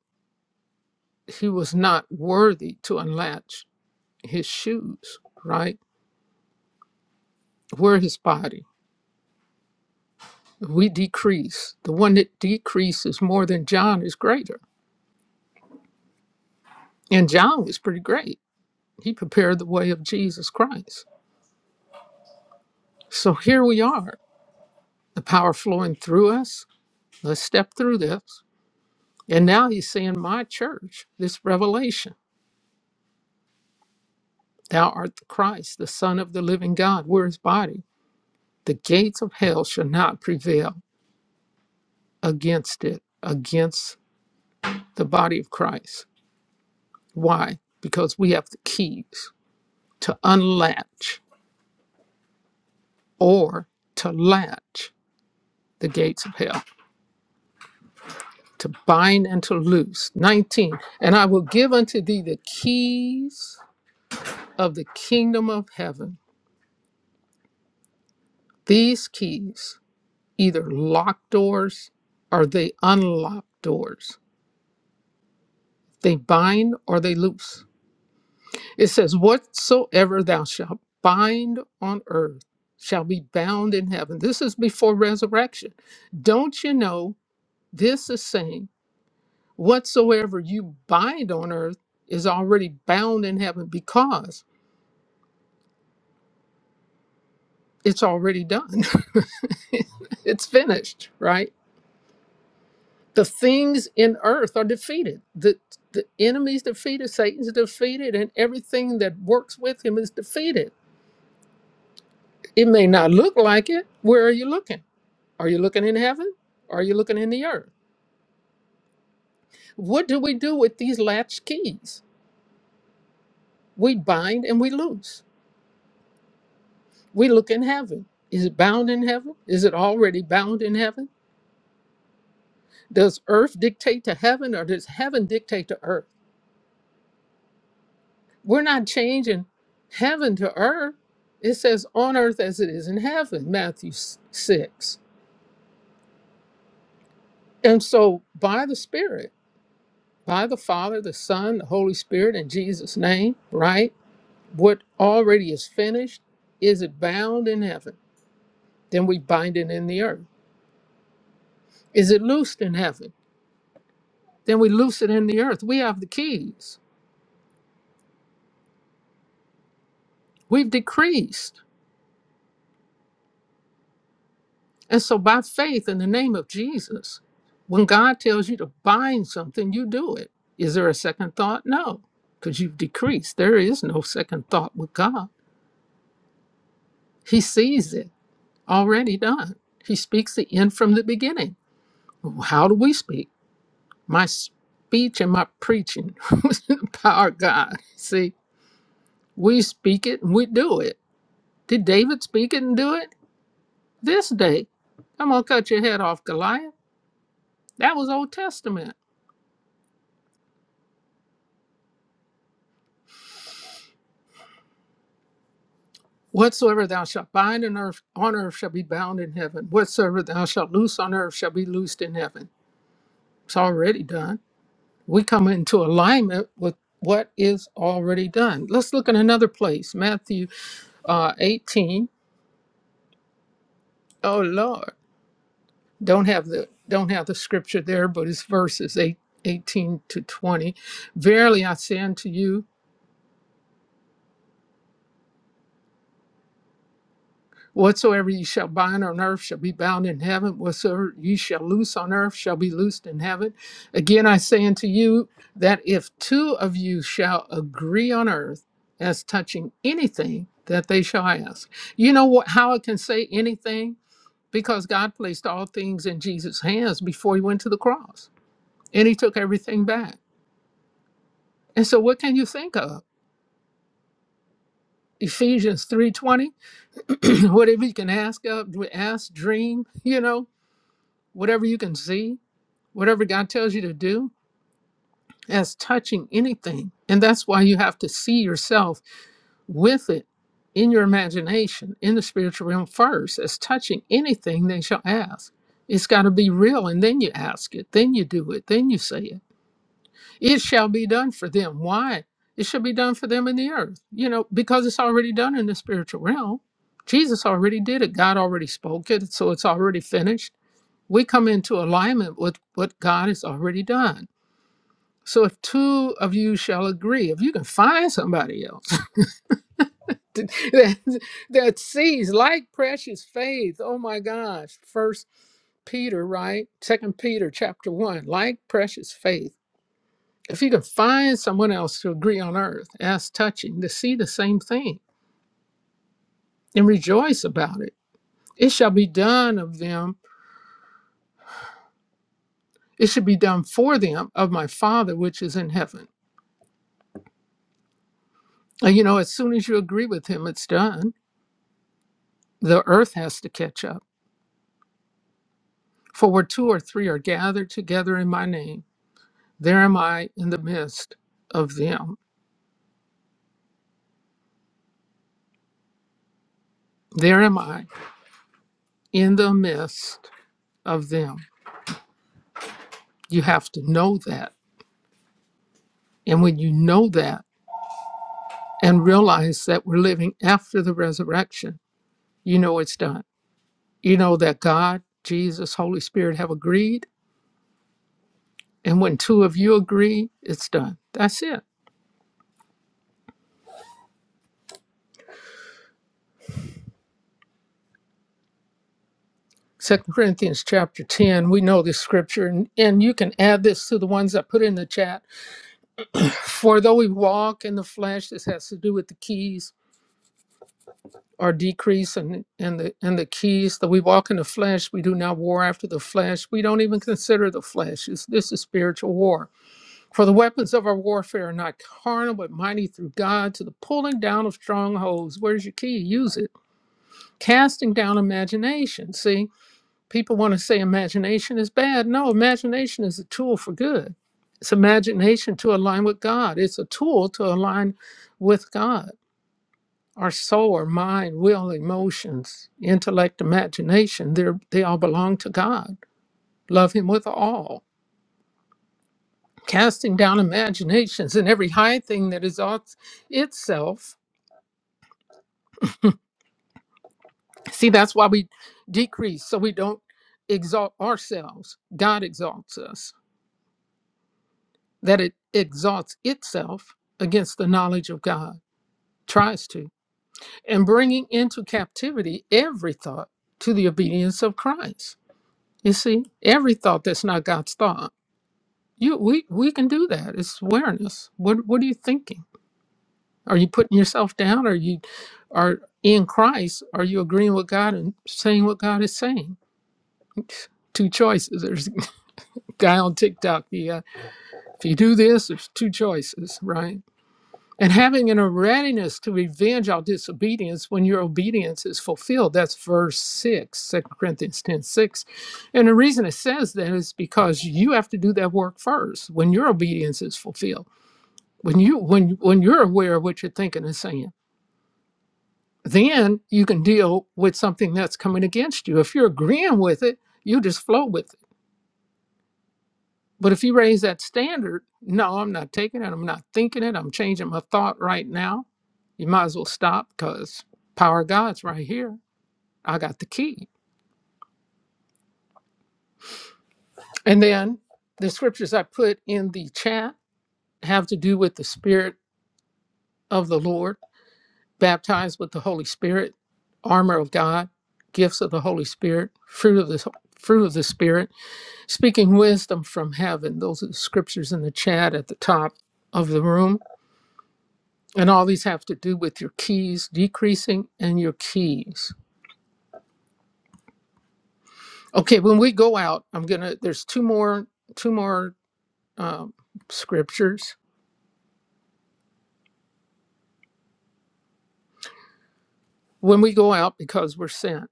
he was not worthy to unlatch his shoes, right? We're his body. We decrease. The one that decreases more than John is greater. And John was pretty great. He prepared the way of Jesus Christ. So here we are, the power flowing through us. Let's step through this. And now he's saying, My church, this revelation, thou art the Christ, the Son of the living God. We're his body. The gates of hell shall not prevail against it, against the body of Christ. Why? Because we have the keys to unlatch or to latch the gates of hell, to bind and to loose. 19, and I will give unto thee the keys of the kingdom of heaven. These keys, either lock doors or they unlock doors, they bind or they loose It says, Whatsoever thou shalt bind on earth shall be bound in heaven. This is before resurrection. Don't you know this is saying, Whatsoever you bind on earth is already bound in heaven because it's already done. <laughs> it's finished, right? The things in earth are defeated. The, the enemy's defeated, Satan's defeated, and everything that works with him is defeated. It may not look like it. Where are you looking? Are you looking in heaven? Are you looking in the earth? What do we do with these latch keys? We bind and we loose. We look in heaven. Is it bound in heaven? Is it already bound in heaven? Does earth dictate to heaven or does heaven dictate to earth? We're not changing heaven to earth. It says on earth as it is in heaven, Matthew s- 6. And so by the Spirit, by the Father, the Son, the Holy Spirit, in Jesus' name, right? What already is finished, is it bound in heaven? Then we bind it in the earth. Is it loosed in heaven? Then we loose it in the earth. We have the keys. We've decreased. And so, by faith in the name of Jesus, when God tells you to bind something, you do it. Is there a second thought? No, because you've decreased. There is no second thought with God. He sees it already done. He speaks the end from the beginning. How do we speak? my speech and my preaching <laughs> was in the power of God. See, we speak it and we do it. Did David speak it and do it? This day, I'm going to cut your head off, Goliath. That was Old Testament. Whatsoever thou shalt bind on earth, on earth shall be bound in heaven. Whatsoever thou shalt loose on earth shall be loosed in heaven. It's already done. We come into alignment with what is already done. Let's look at another place, Matthew uh, 18. Oh, Lord. don't have the don't have the scripture there, but it's verses 8 18 to 20. Verily I say unto you, whatsoever ye shall bind on earth shall be bound in heaven, whatsoever ye shall loose on earth shall be loosed in heaven. Again I say unto you that if two of you shall agree on earth as touching anything that they shall ask. You know what how it can say anything? Because God placed all things in Jesus' hands before he went to the cross. And he took everything back. And so what can you think of? Ephesians 3:20, <clears throat> whatever you can ask of, ask, dream, you know, whatever you can see, whatever God tells you to do, as touching anything. And that's why you have to see yourself with it in your imagination, in the spiritual realm first, as touching anything they shall ask. It's got to be real, and then you ask it, then you do it, then you say it. It shall be done for them. Why? It shall be done for them in the earth. You know, because it's already done in the spiritual realm. Jesus already did it. God already spoke it. So it's already finished. We come into alignment with what God has already done. So if two of you shall agree, if you can find somebody else <laughs> that, that sees like precious faith, oh my gosh, first Peter, right? Second Peter chapter one, like precious faith If you can find someone else to agree on earth as touching to see the same thing and rejoice about it, it shall be done of them, it should be done for them of my Father which is in heaven. And you know, as soon as you agree with him, it's done. The earth has to catch up. For where two or three are gathered together in my name, there am I in the midst of them. There am I in the midst of them. You have to know that. And when you know that, and realize that we're living after the resurrection, you know it's done. You know that God, Jesus, Holy Spirit have agreed. And when two of you agree, it's done. That's it. Second Corinthians chapter 10, we know this scripture, and, and you can add this to the ones I put in the chat. For though we walk in the flesh, this has to do with the keys or decrease and, and the and the keys that we walk in the flesh, we do not war after the flesh. We don't even consider the flesh. It's, this is spiritual war For the weapons of our warfare are not carnal, but mighty through God to the pulling down of strongholds. Where's your key? Use it. Casting down imagination. See, people want to say imagination is bad. No, imagination is a tool for good. It's imagination to align with God, it's a tool to align with God. Our soul, our mind, will, emotions, intellect, imagination, they're- they all belong to God. Love Him with all. casting down imaginations and every high thing that is ought itself. See, that's why we decrease, so we don't exalt ourselves. God exalts us, that it exalts itself against the knowledge of God, tries to, and bringing into captivity every thought to the obedience of Christ. You see, every thought that's not God's thought. You, we, we can do that. It's awareness. What, what are you thinking? Are you putting yourself down? Are you are in Christ? Are you agreeing with God and saying what God is saying? Two choices. There's <laughs> a guy on TikTok. The uh, if you do this, there's two choices, right? And having in a readiness to revenge our disobedience when your obedience is fulfilled. That's verse 6, Second Corinthians 10 6. And the reason it says that is because you have to do that work first when your obedience is fulfilled. When you when when you're aware of what you're thinking and saying then you can deal with something that's coming against you. If you're agreeing with it, you just flow with it. But if you raise that standard, no, I'm not taking it. I'm not thinking it. I'm changing my thought right now. You might as well stop because power of God's right here. I got the key. And then the scriptures I put in the chat have to do with the Spirit of the Lord, baptized with the Holy Spirit, armor of God, gifts of the Holy Spirit, fruit of the fruit of the Spirit Speaking wisdom from heaven, those are the scriptures in the chat at the top of the room. And all these have to do with your keys decreasing and your keys. Okay, when we go out, I'm gonna. There's two more, two more um, scriptures. When we go out, because we're sent.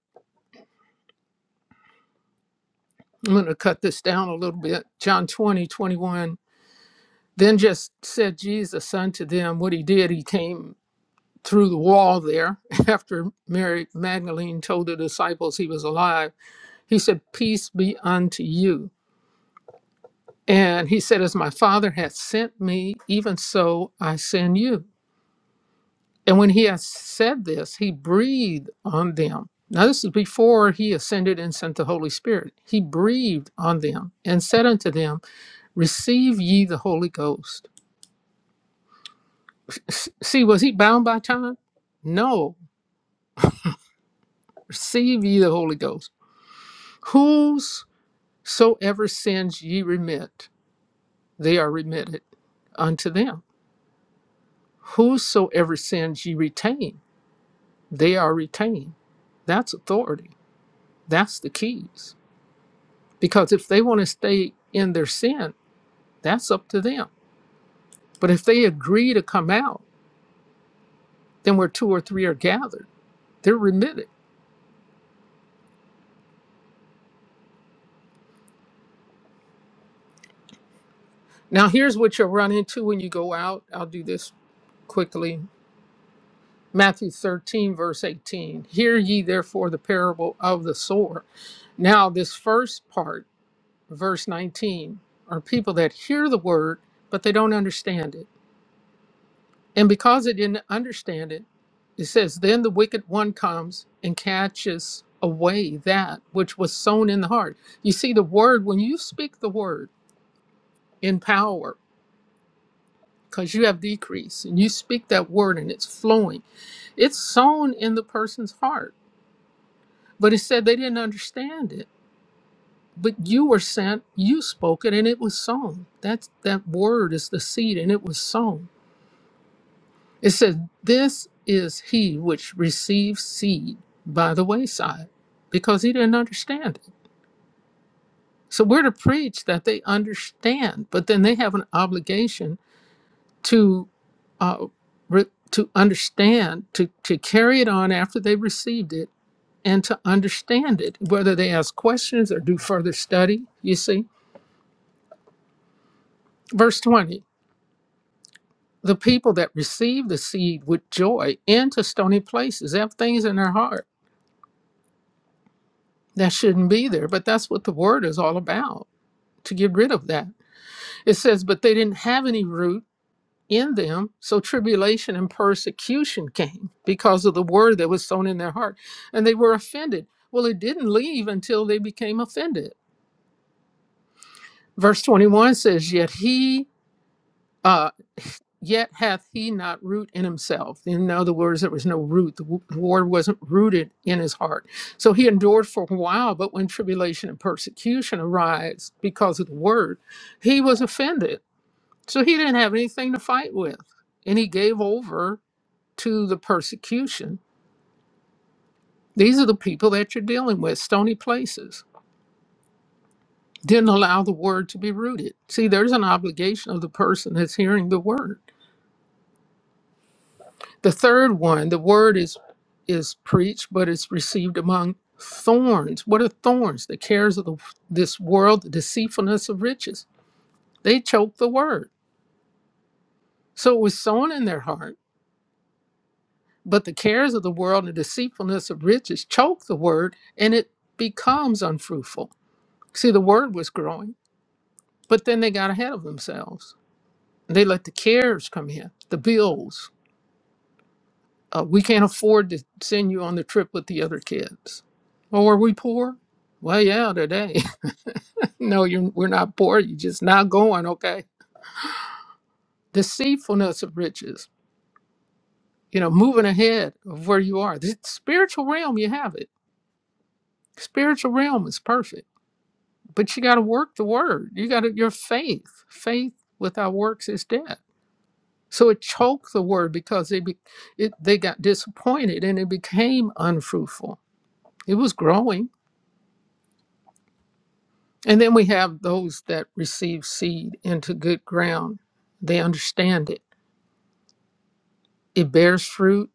I'm gonna cut this down a little bit. John 20:21. Then just said Jesus unto them what he did. He came through the wall there <laughs> after Mary Magdalene told the disciples he was alive. He said, Peace be unto you. And he said, As my Father hath sent me, even so I send you. And when he had said this, he breathed on them. Now, this is before he ascended and sent the Holy Spirit. He breathed on them and said unto them, Receive ye the Holy Ghost. See, was he bound by time? No. Receive ye the Holy Ghost. Whosoever sins ye remit, they are remitted unto them Whosoever sins ye retain, they are retained. That's authority. That's the keys. Because if they want to stay in their sin, that's up to them. But if they agree to come out, then where two or three are gathered, they're remitted. Now, here's what you'll run into when you go out. I'll do this quickly. Matthew 13, verse 18. Hear ye therefore the parable of the sower. Now, this first part, verse 19 are people that hear the word, but they don't understand it. And because they didn't understand it, it says, Then the wicked one comes and catches away that which was sown in the heart. You see, the word, when you speak the word in power, because you have decrease and you speak that word and it's flowing, it's sown in the person's heart. But it said they didn't understand it. But you were sent, you spoke it, and it was sown. That's that word is the seed, and it was sown It says, This is he which receives seed by the wayside, because he didn't understand it. So we're to preach that they understand, but then they have an obligation to uh, re- to understand, to, to carry it on after they received it, and to understand it, whether they ask questions or do further study, you see. Verse 20 The people that receive the seed with joy into stony places have things in their heart That shouldn't be there, but that's what the word is all about to get rid of that. It says, But they didn't have any root in them, so tribulation and persecution came because of the word that was sown in their heart, and they were offended. Well, it didn't leave until they became offended. Verse 21 says, Yet he, uh, yet hath he not root in himself. In other words, there was no root. The w- word wasn't rooted in his heart. So he endured for a while, but when tribulation and persecution arise because of the word, he was offended. So he didn't have anything to fight with. And he gave over to the persecution. These are the people that you're dealing with, stony places. Didn't allow the word to be rooted. See, there's an obligation of the person that's hearing the word The third one, the word is is preached, but it's received among thorns. What are thorns? The cares of the, this world, the deceitfulness of riches. They choke the word. So it was sown in their heart, but the cares of the world and the deceitfulness of riches choke the word and it becomes unfruitful. See, the word was growing, but then they got ahead of themselves. They let the cares come in, the bills, Uh, we can't afford to send you on the trip with the other kids. Oh, are we poor? Well, yeah, today. <laughs> no, you're, we're not poor. You're just not going, okay? Deceitfulness of riches, you know, moving ahead of where you are. The spiritual realm, you have it. Spiritual realm is perfect, but you got to work the word. You got to, your faith, faith without works is dead. So it choked the word because they, be, it, they got disappointed and it became unfruitful. It was growing And then we have those that receive seed into good ground. They understand it. It bears fruit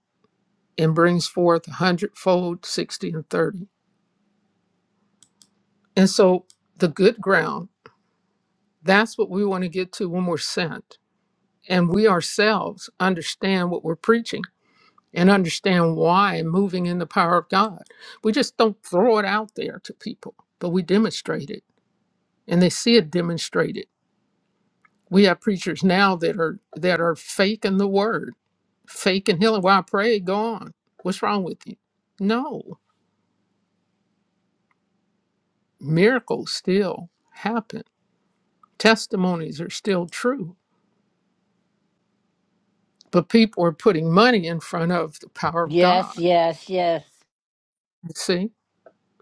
and brings forth a hundredfold, 60, and 30. And so the good ground, that's what we want to get to when we're sent. And we ourselves understand what we're preaching and understand why moving in the power of God. We just don't throw it out there to people, but we demonstrate it and they see it demonstrated We have preachers now that are that are faking the word, faking healing. Well, I pray, go on. What's wrong with you? No, miracles still happen. Testimonies are still true, but people are putting money in front of the power of
Yes,
God.
yes, yes.
You see,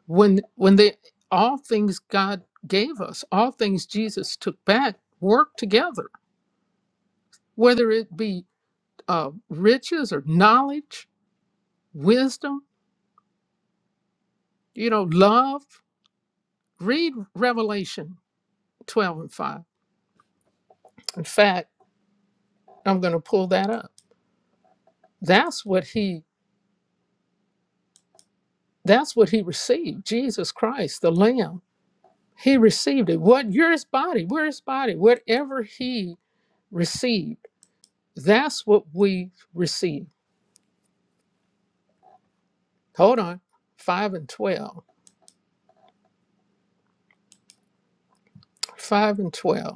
when when they all things God gave us, all things Jesus took back, work together. Whether it be uh, riches or knowledge, wisdom, you know, love. Read Revelation 12 and 5. In fact, I'm going to pull that up. That's what he that's what he received. Jesus Christ, the lamb. He received it. What your body, where his body, whatever he received, that's what we receive. Hold on. 5 and 12. 5 and 12.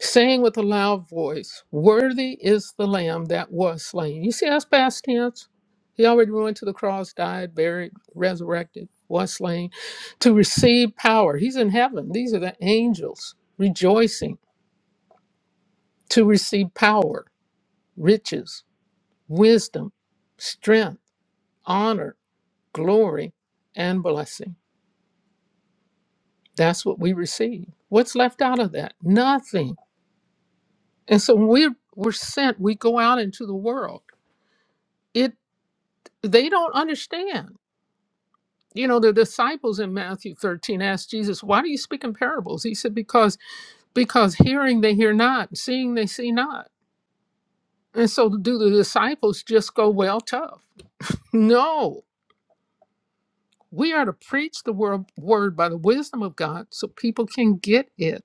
saying with a loud voice, Worthy is the Lamb that was slain. You see, that's past tense. He already went to the cross, died, buried, resurrected, was slain to receive power. He's in heaven. These are the angels rejoicing to receive power, riches, wisdom, strength, honor, glory, and blessing. That's what we receive. What's left out of that? Nothing. And so when we're, we're sent, we go out into the world They don't understand. You know, the disciples in Matthew 13 asked Jesus, Why do you speak in parables? He said, Because because hearing they hear not, and seeing they see not. And so do the disciples just go well tough? No. We are to preach the word, word by the wisdom of God so people can get it,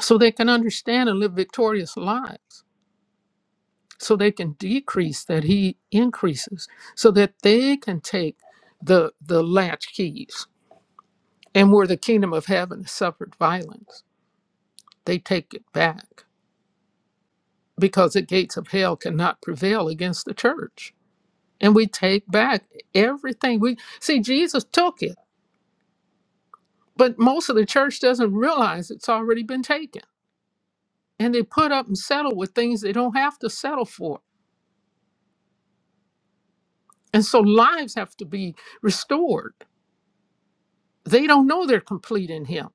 so they can understand and live victorious lives, so they can decrease that he increases, so that they can take the the latchkeys And where the kingdom of heaven suffered violence, they take it back because the gates of hell cannot prevail against the church. And we take back everything. We see Jesus took it, but most of the church doesn't realize it's already been taken. And they put up and settle with things they don't have to settle for. And so lives have to be restored they don't know they're complete in him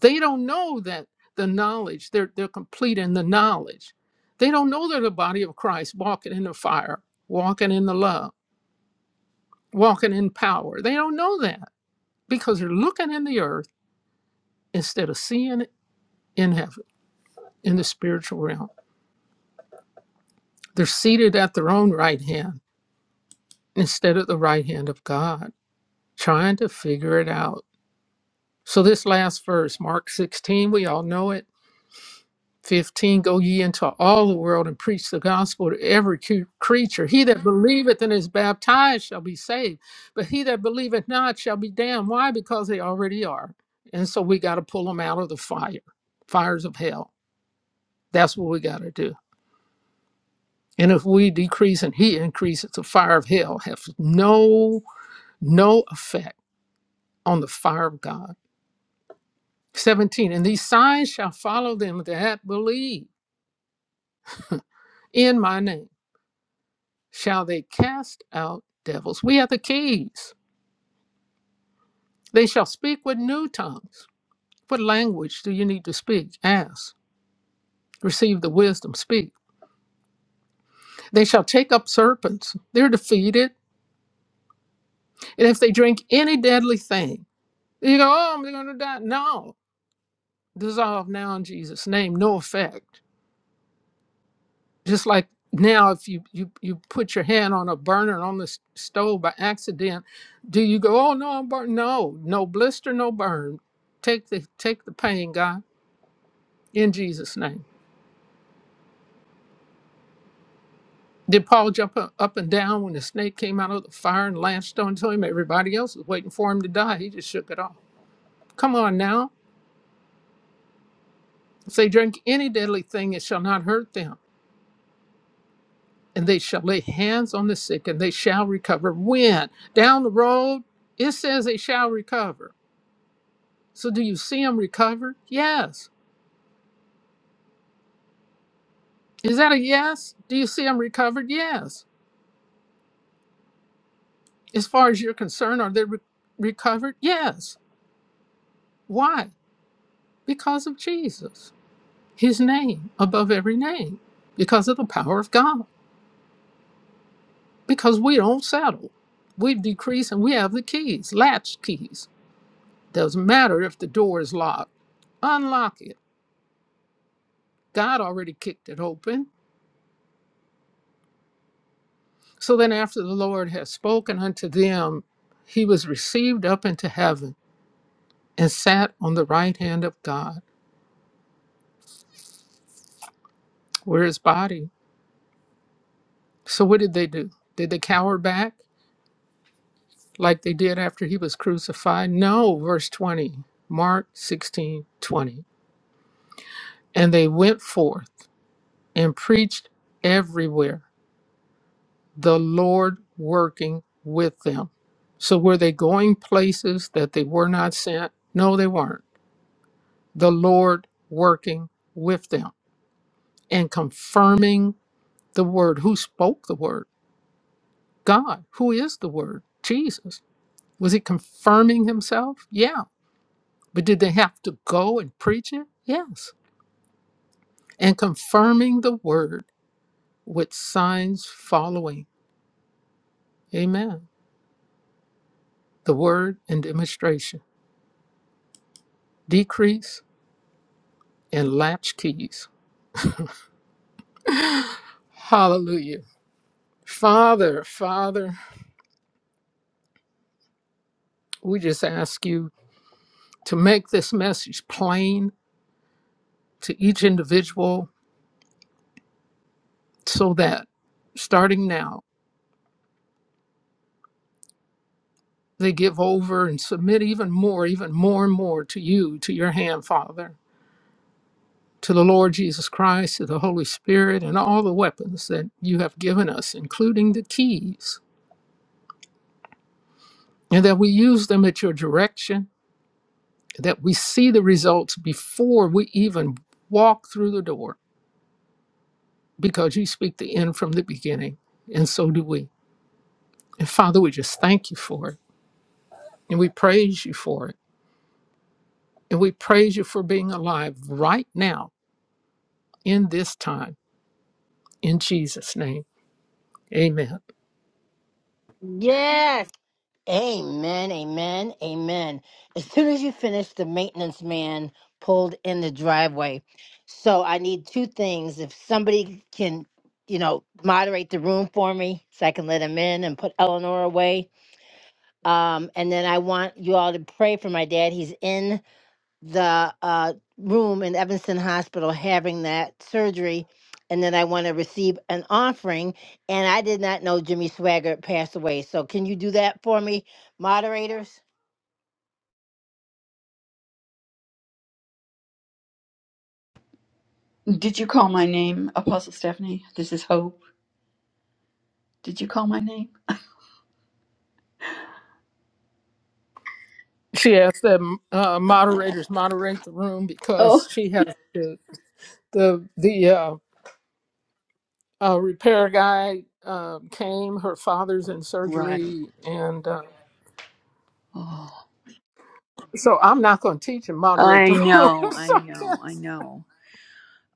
they don't know that the knowledge they're, they're complete in the knowledge they don't know they're the body of christ walking in the fire walking in the love walking in power they don't know that because they're looking in the earth instead of seeing it in heaven in the spiritual realm they're seated at their own right hand instead of the right hand of god trying to figure it out so this last verse mark 16 we all know it 15 go ye into all the world and preach the gospel to every cre- creature he that believeth and is baptized shall be saved but he that believeth not shall be damned why because they already are and so we got to pull them out of the fire fires of hell that's what we got to do and if we decrease and he increases the fire of hell has no no effect on the fire of god 17 and these signs shall follow them that believe in my name shall they cast out devils. We have the keys. They shall speak with new tongues. What language do you need to speak? Ask. Receive the wisdom, speak. They shall take up serpents. They're defeated. And if they drink any deadly thing, you go, oh, I'm going to die. No. Dissolve now in Jesus' name. No effect. just like now if you you you put your hand on a burner on the s- stove by accident do you go oh no i'm burning no no blister no burn take the take the pain god in jesus name did paul jump up, up and down when the snake came out of the fire and lashed onto him everybody else was waiting for him to die he just shook it off come on now if they drink any deadly thing it shall not hurt them and they shall lay hands on the sick and they shall recover when down the road it says they shall recover So do you see them recovered? Yes. Is that a yes? Do you see them recovered? Yes. As far as you're concerned, are they re- recovered? Yes. Why? Because of Jesus, his name above every name, because of the power of God, because we don't settle. We decrease and we have the keys, latch keys. Doesn't matter if the door is locked, unlock it. God already kicked it open. So then, after the Lord has spoken unto them, he was received up into heaven and sat on the right hand of God, where his body. So what did they do? Did they cower back like they did after he was crucified? No, verse 20, Mark 16 20, And they went forth and preached everywhere, the Lord working with them. So were they going places that they were not sent? No, they weren't. The Lord working with them and confirming the word. Who spoke the word? God, who is the Word, Jesus. Was he confirming himself? Yeah. But did they have to go and preach it? Yes. And confirming the Word with signs following. Amen. The Word and demonstration, decrease and latch keys. Hallelujah. Father, Father, we just ask you to make this message plain to each individual so that starting now, They give over and submit even more, even more and more to you, to your hand, Father, to the Lord Jesus Christ, to the Holy Spirit, and all the weapons that you have given us, including the keys, and that we use them at your direction, that we see the results before we even walk through the door, because you speak the end from the beginning, and so do we. And Father, we just thank you for it, and we praise you for it, and we praise you for being alive right now in this time In Jesus' name, amen.
Yes. Amen, amen, amen. As soon as you finish, the maintenance man pulled in the driveway. So I need two things. If somebody can, you know, moderate the room for me so I can let him in and put Eleanor away. Um, and then I want you all to pray for my dad. He's in the uh, room in Evanston Hospital having that surgery. And then I want to receive an offering. And I did not know Jimmy Swaggart passed away. So can you do that for me, moderators?
Did you call my name, Apostle Stephanie? This is Hope. Did you call my name?
She asked that uh, moderators moderate the room
Oh,
because she has to, the, the uh, uh, repair guy um, came, her father's in
right.
surgery, and uh,
Oh,
so I'm not going to teach and moderate the
I
<laughs> room.
know,
so
I
I,
know, I know.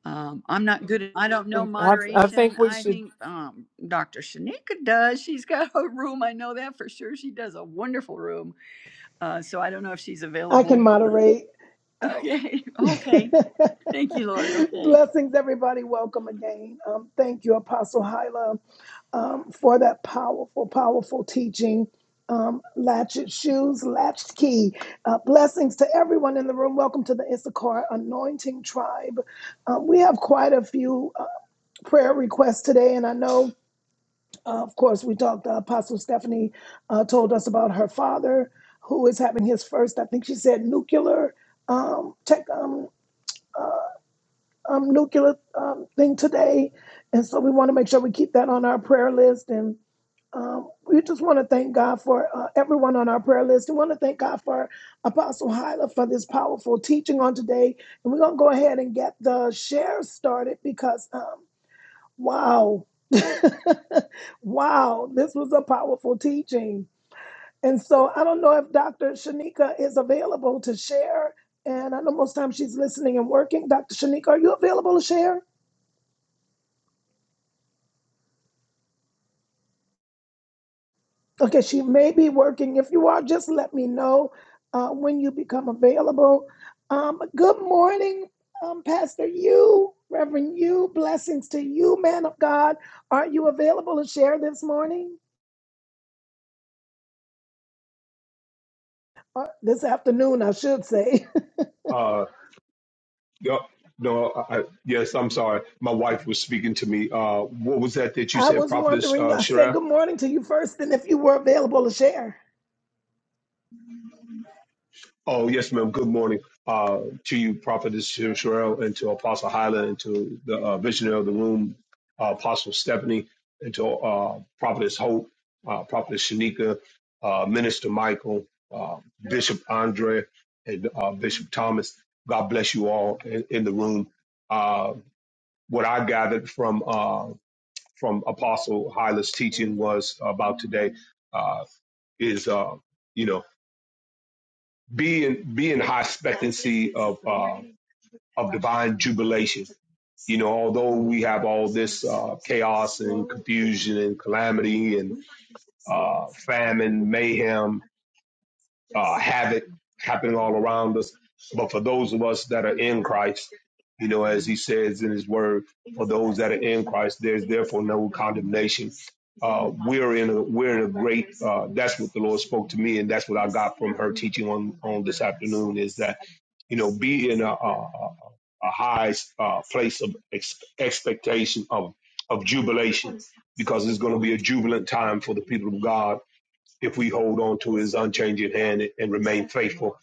Um, I'm not good at, I don't know
can't- I I
moderation.
think we
I
should,
think um, Dr. Shanika does. She's got a room. I know that for sure. She does a wonderful room. Uh, so I don't know if she's
I can
available. but-
moderate. Um,
Okay. <laughs> Okay. Thank you, Lord.
<laughs>
Okay.
blessings, everybody. Welcome again. Um, thank you, Apostle Hyla, um, for that powerful, powerful teaching. Um, latched shoes, latched key. Uh, blessings to everyone in the room. Welcome to the Issachar Anointing Tribe. Um, we have quite a few uh, prayer requests today, and I know. Uh, of course, we talked, uh, Apostle Stephanie uh, told us about her father who is having his first, I think she said, nuclear um, tech, um, um, nuclear um, thing today. And so we want to make sure we keep that on our prayer list. And um, we just want to thank God for uh, everyone on our prayer list. We want to thank God for Apostle Hyla for this powerful teaching on today. And we're going to go ahead and get the share started because. um, Wow. <laughs> wow. This was a powerful teaching. And so I don't know if Dr. Shanika is available to share. And I know most times she's listening and working. Dr. Shanika, are you available to share? Okay, she may be working. If you are, just let me know uh, when you become available. Um, good morning, um, Pastor You, Reverend You. Blessings to you, man of God. Are you available to share this morning? Or this afternoon, I should say. <laughs>
Uh, no, no, I, I- yes, I'm sorry. My wife was speaking to me. Uh, what was that that you
I
said,
was
Prophetess
wondering,
uh,
I said
Sherelle?
good morning to you first, and if you were available to share.
Oh, yes, ma'am. Good morning uh, to you, Prophetess Sher- Sherelle, and to Apostle Hyla, and to the uh, visionary of the room, uh, Apostle Stephanie, and to uh, Prophetess Hope, uh, Prophetess Shanika, uh, Minister Michael, uh, Bishop Andre, and uh, Bishop Thomas. God bless you all in, in the room. Uh, what I gathered from uh, from Apostle Hyla's teaching was about today uh, is, uh, you know, be in, be in high expectancy of, uh, of divine jubilation. You know, although we have all this uh, chaos and confusion and calamity and uh, famine, mayhem, uh, havoc happening all around us. But for those of us that are in Christ, you know, as he says in his word, for those that are in Christ, there's therefore no condemnation. Uh, we're in a we're in a great. Uh, that's what the Lord spoke to me, and that's what I got from her teaching on on this afternoon is that you know be in a a, a high uh, place of ex- expectation of of jubilation because it's going to be a jubilant time for the people of God if we hold on to his unchanging hand and remain faithful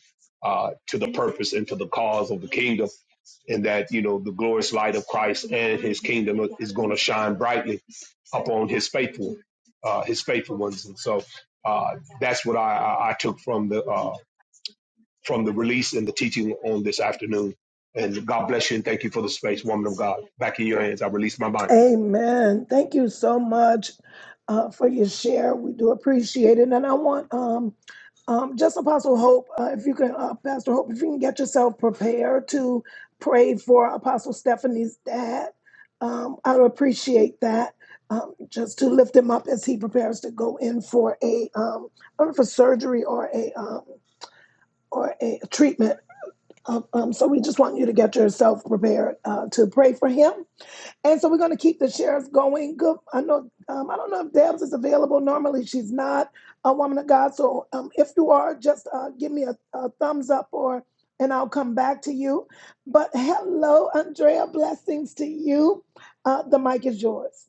uh, to the purpose and to the cause of the kingdom, and that you know the glorious light of Christ and His kingdom is going to shine brightly upon His faithful, uh, His faithful ones. And so uh, that's what I, I I took from the uh, from the release and the teaching on this afternoon. And God bless you and thank you for the space, woman of God. Back in your hands, I release my mind.
Amen. Thank you so much uh, for your share. We do appreciate it. And I want um, um, just Apostle Hope, uh, if you can, uh, Pastor Hope, if you can get yourself prepared to pray for Apostle Stephanie's dad, um, I would appreciate that. Um, just to lift him up as he prepares to go in for a um, I don't know, for surgery or a um, or a treatment Um, um, so we just want you to get yourself prepared uh, to pray for him. And so we're going to keep the shares going. Good. I know. Um, I don't know if Debs is available. Normally she's not a woman of God. So um, if you are, just uh, give me a, a thumbs up or, and I'll come back to you. But hello, Andrea. Blessings to you. Uh, the mic is yours.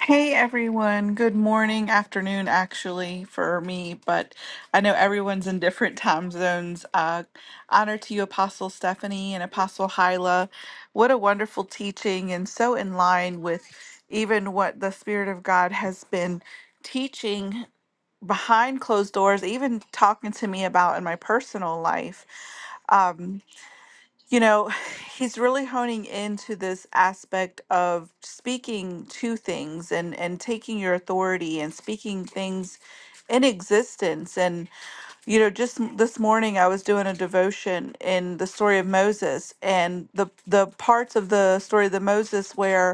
Hey everyone, good morning, afternoon actually for me, but I know everyone's in different <laughs> time zones. Uh, honor to you, Apostle Stephanie and Apostle Hyla. What a wonderful teaching, and so in line with even what the Spirit of God has been teaching behind closed doors, even talking to me about in my personal life. Um, you know, <sighs> he's really honing into this aspect of speaking to things and and taking your authority and speaking things in existence and you know just m- this morning I was doing a devotion in the story of Moses and the the parts of the story of the Moses where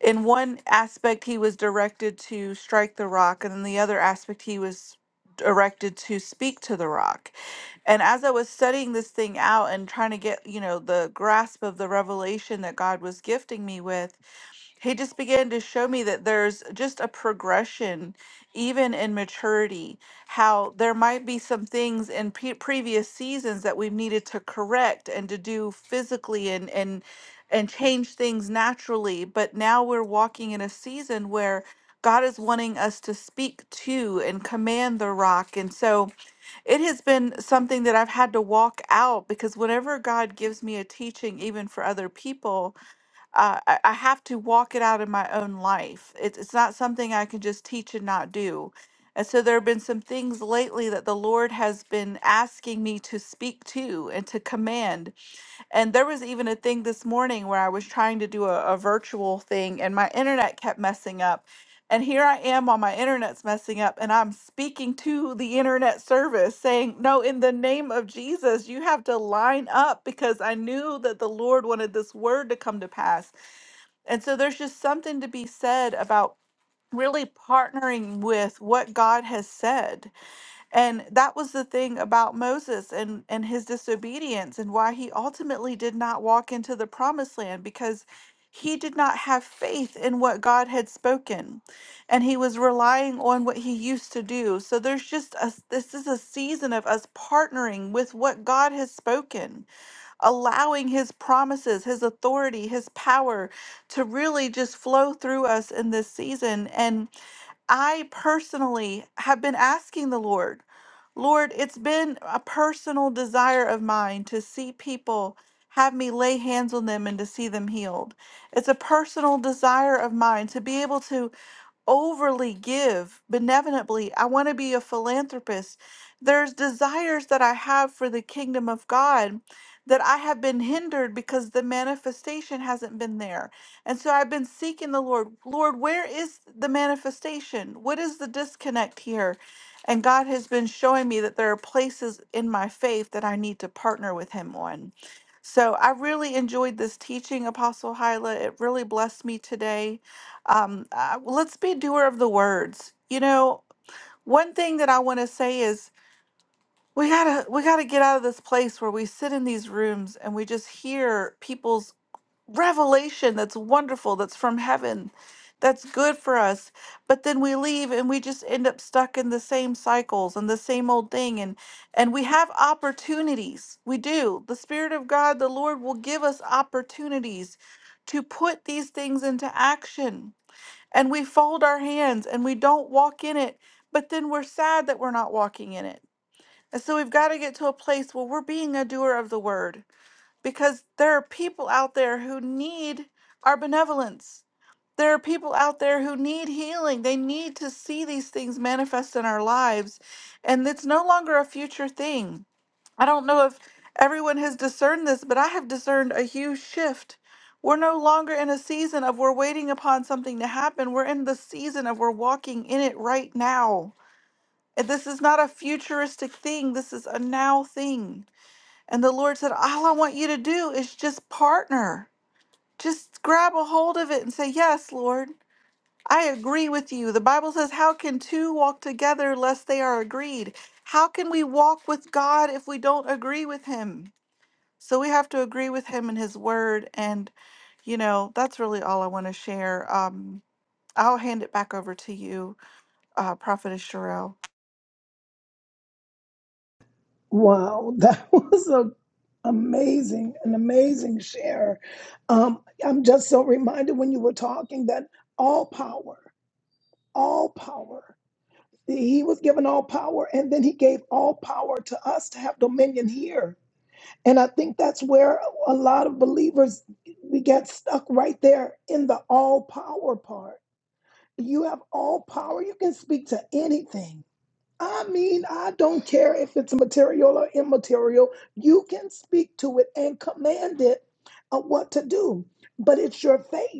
in one aspect he was directed to strike the rock and in the other aspect he was directed to speak to the rock and as i was studying this thing out and trying to get you know the grasp of the revelation that god was gifting me with he just began to show me that there's just a progression even in maturity how there might be some things in pe previous seasons that we've needed to correct and to do physically and and and change things naturally but now we're walking in a season where God is wanting us to speak to and command the rock. And so it has been something that I've had to walk out because whenever God gives me a teaching, even for other people, uh, I, I have to walk it out in my own life. It's it's not something I can just teach and not do. And so there have been some things lately that the Lord has been asking me to speak to and to command. And there was even a thing this morning where I was trying to do a, a virtual thing and my internet kept messing up. And here I am while my internet's messing up and I'm speaking to the internet service saying, No, in the name of Jesus, you have to line up because I knew that the Lord wanted this word to come to pass and so there's just something to be said about really partnering with what God has said. And that was the thing about Moses and and his disobedience and why he ultimately did not walk into the promised land because he did not have faith in what God had spoken and he was relying on what he used to do. So there's just a this is a season of us partnering with what God has spoken allowing his promises, his authority, his power to really just flow through us in this season. And I personally have been asking the Lord, Lord, it's been a personal desire of mine to see people. Have me lay hands on them and to see them healed. It's a personal desire of mine to be able to overly give benevolently. I want to be a philanthropist. There's desires that I have for the kingdom of God that I have been hindered because the manifestation hasn't been there. And so I've been seeking the Lord. Lord, where is the manifestation? What is the disconnect here? And God has been showing me that there are places in my faith that I need to partner with Him on. So I really enjoyed this teaching, Apostle Hyla. It really blessed me today um, uh, well, let's be doer of the words. You know, one thing that I want to say is we gotta we gotta get out of this place where we sit in these rooms and we just hear people's revelation that's wonderful, that's from heaven, that's good for us. But then we leave and we just end up stuck in the same cycles and the same old thing. And and we have opportunities. We do. The Spirit of God, the Lord will give us opportunities to put these things into action and we fold our hands and we don't walk in it, but then we're sad that we're not walking in it. And so we've got to get to a place where we're being a doer of the word because there are people out there who need our benevolence. There are people out there who need healing. They need to see these things manifest in our lives. And it's no longer a future thing I don't know if everyone has discerned this, but I have discerned a huge shift. We're no longer in a season of we're waiting upon something to happen. We're in the season of we're walking in it right now. And this is not a futuristic thing, this is a now thing. And the Lord said, All I want you to do is just partner. Just grab a hold of it and say, Yes, Lord, I agree with you. The Bible says, How can two walk together lest they are agreed? How can we walk with God if we don't agree with Him? So we have to agree with him and his word. And, you know, that's really all I want to share. Um, I'll hand it back over to you, uh, Prophetess Sherelle.
Wow, that <laughs> was a amazing, an amazing share. Um, I'm just so reminded when you were talking that all power. all power. He was given all power, and then he gave all power to us to have dominion here. And I think that's where a lot of believers we get stuck right there in the all power part. You have all power, you can speak to anything. I mean, I don't care if it's material or immaterial, you can speak to it and command it uh, what to do. But it's your faith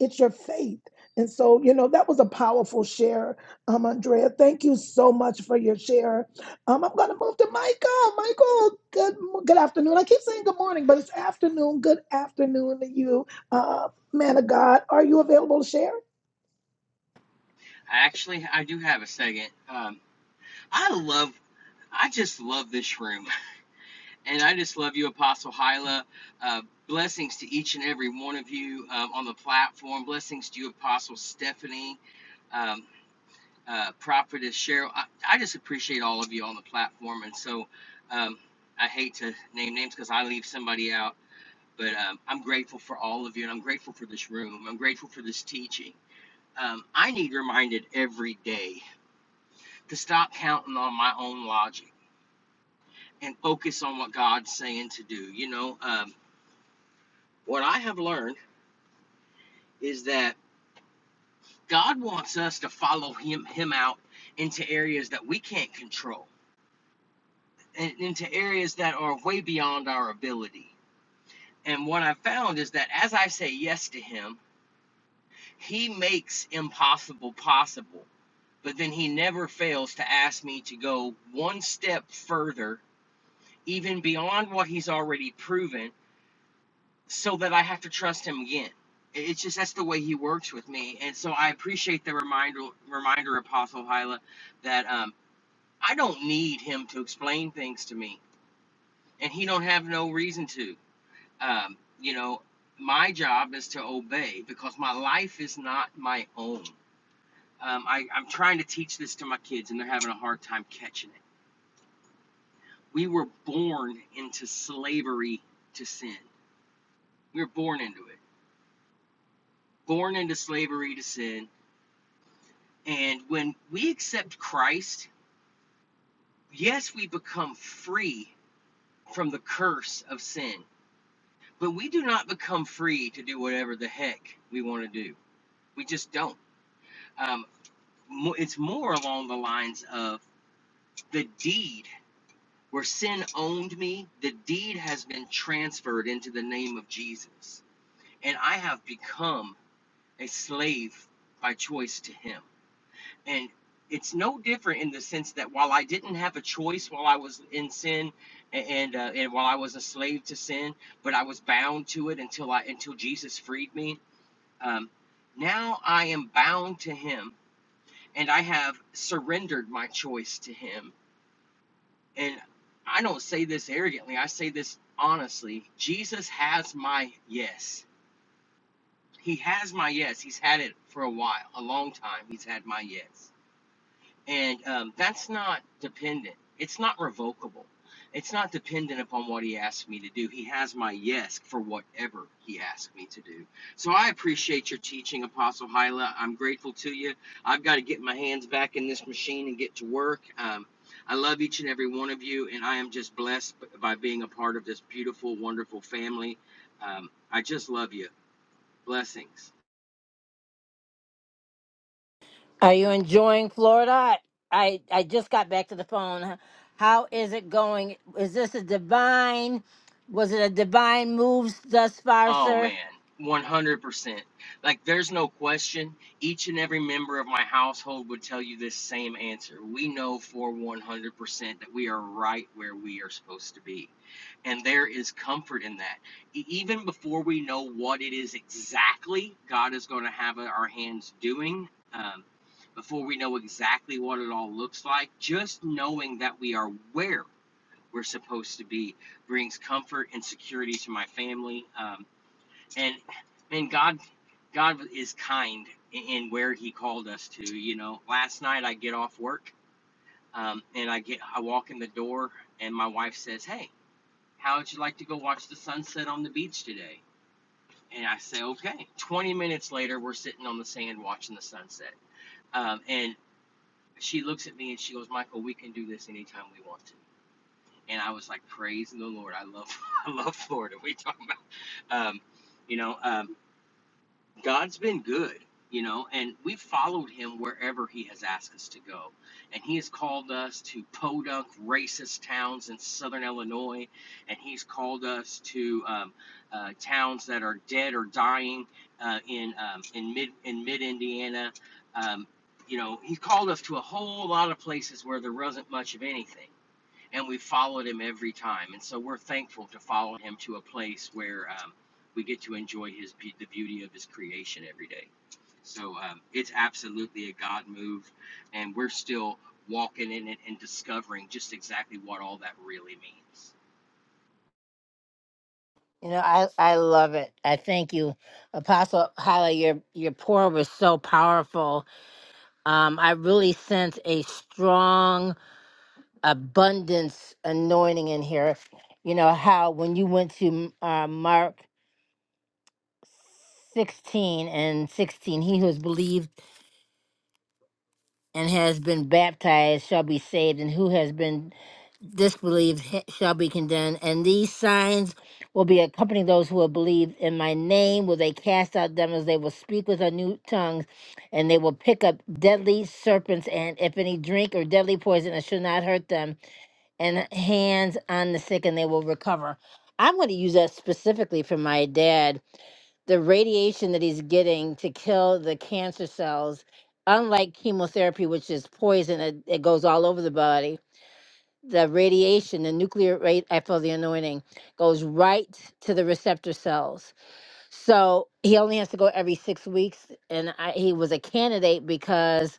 it's your faith. And so, you know, that was a powerful share, um, Andrea. Thank you so much for your share. Um, I'm going to move to Michael. Michael, good mo- good afternoon. I keep saying good morning, but it's afternoon. Good afternoon to you, uh, man of God. Are you available to share?
Actually, I do have a second. Um, I love, I just love this room, <laughs> and I just love you, Apostle Hyla. Uh, blessings to each and every one of you um, on the platform. Blessings to you, Apostle Stephanie, um, uh, Prophetess Cheryl. I, I just appreciate all of you on the platform, and so um, I hate to name names because I leave somebody out, but um, I'm grateful for all of you, and I'm grateful for this room. I'm grateful for this teaching. Um, I need reminded every day to stop counting on my own logic and focus on what God's saying to do. You know, um, what I have learned is that God wants us to follow Him Him out into areas that we can't control and into areas that are way beyond our ability. And what I found is that as I say yes to Him, He makes impossible possible. But then He never fails to ask me to go one step further, even beyond what He's already proven so that I have to trust him again. It- It's just that's the way he works with me, and so I appreciate the reminder, reminder, Apostle Hyla, that um, I don't need him to explain things to me, and he don't have no reason to. Um, you know, my job is to obey because my life is not my own. Um, I, I'm trying to teach this to my kids, and they're having a hard time catching it. We were born into slavery to sin. We were born into it, born into slavery to sin And when we accept Christ, yes, we become free from the curse of sin, but we do not become free to do whatever the heck we want to do. We just don't. Um, it's more along the lines of the deed where sin owned me, the deed has been transferred into the name of Jesus. And I have become a slave by choice to him. And it's no different in the sense that while I didn't have a choice while I was in sin and uh, and while I was a slave to sin, but I was bound to it until I until Jesus freed me. Um, now I am bound to Him, and I have surrendered my choice to Him. And I don't say this arrogantly; I say this honestly. Jesus has my yes. He has my yes. He's had it for a while, a long time. He's had my yes And um, that's not dependent. It's not revocable. It's not dependent upon what he asks me to do. He has my yes for whatever he asks me to do. So I appreciate your teaching, Apostle Hyla. I'm grateful to you. I've got to get my hands back in this machine and get to work. Um, I love each and every one of you, and I am just blessed by being a part of this beautiful, wonderful family. Um, I just love you. Blessings.
Are you enjoying Florida? I, I just got back to the phone. How is it going? Is this a divine? Was it a divine move thus far,
Oh
sir?
man, 100%. Like, there's no question. Each and every member of my household would tell you this same answer. We know for 100% that we are right where we are supposed to be. And there is comfort in that. E- Even before we know what it is exactly God is going to have our hands doing, um, before we know exactly what it all looks like, just knowing that we are where we're supposed to be brings comfort and security to my family. Um, and man, God, God is kind in, where He called us to. You know, last night I get off work, um, and I get I walk in the door, and my wife says, "Hey, how would you like to go watch the sunset on the beach today?" And I say, "Okay." Twenty minutes later, we're sitting on the sand watching the sunset, um, and she looks at me and she goes, "Michael, we can do this anytime we want to." And I was like, "Praise the Lord! I love <laughs> I love Florida." We talk about, um, you know. Um, God's been good, you know, and we've followed him wherever he has asked us to go. And he has called us to podunk racist towns in southern Illinois, and he's called us to um, uh, towns that are dead or dying uh, in um, in mid in mid Indiana. Um, you know, he called us to a whole lot of places where there wasn't much of anything and we followed him every time. And so we're thankful to follow him to a place where um, we get to enjoy his the beauty of his creation every day. So um, it's absolutely a God move, and we're still walking in it and discovering just exactly what all that really means.
You know, I, I love it. I thank you, Apostle Hyla. Your your pour was so powerful. Um, I really sense a strong abundance anointing in here. You know how when you went to uh, Mark sixteen and sixteen, he who has believed and has been baptized shall be saved, and who has been disbelieve he- shall be condemned, and these signs will be accompanying those who will believe. In my name will they cast out demons, they will speak with new tongues, and they will pick up deadly serpents, and if any drink or deadly poison, it shall not hurt them, and hands on the sick, and they will recover. I'm going to use that specifically for my dad. The radiation that he's getting to kill the cancer cells, unlike chemotherapy, which is poison, it, it goes all over the body the radiation, the nuclear rate, I feel the anointing goes right to the receptor cells. So he only has to go every six weeks, and I, he was a candidate because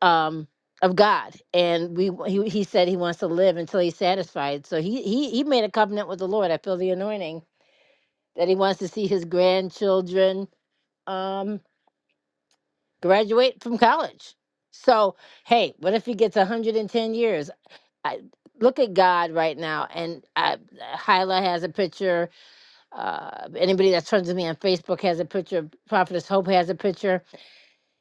um, of God. And we he, he said he wants to live until he's satisfied. So he he he made a covenant with the Lord. I feel the anointing that he wants to see his grandchildren um, graduate from college. So hey, what if he gets 110 years? I look at God right now, and I, Hyla has a picture. Uh, anybody that's friends with me on Facebook has a picture. Prophetess Hope has a picture.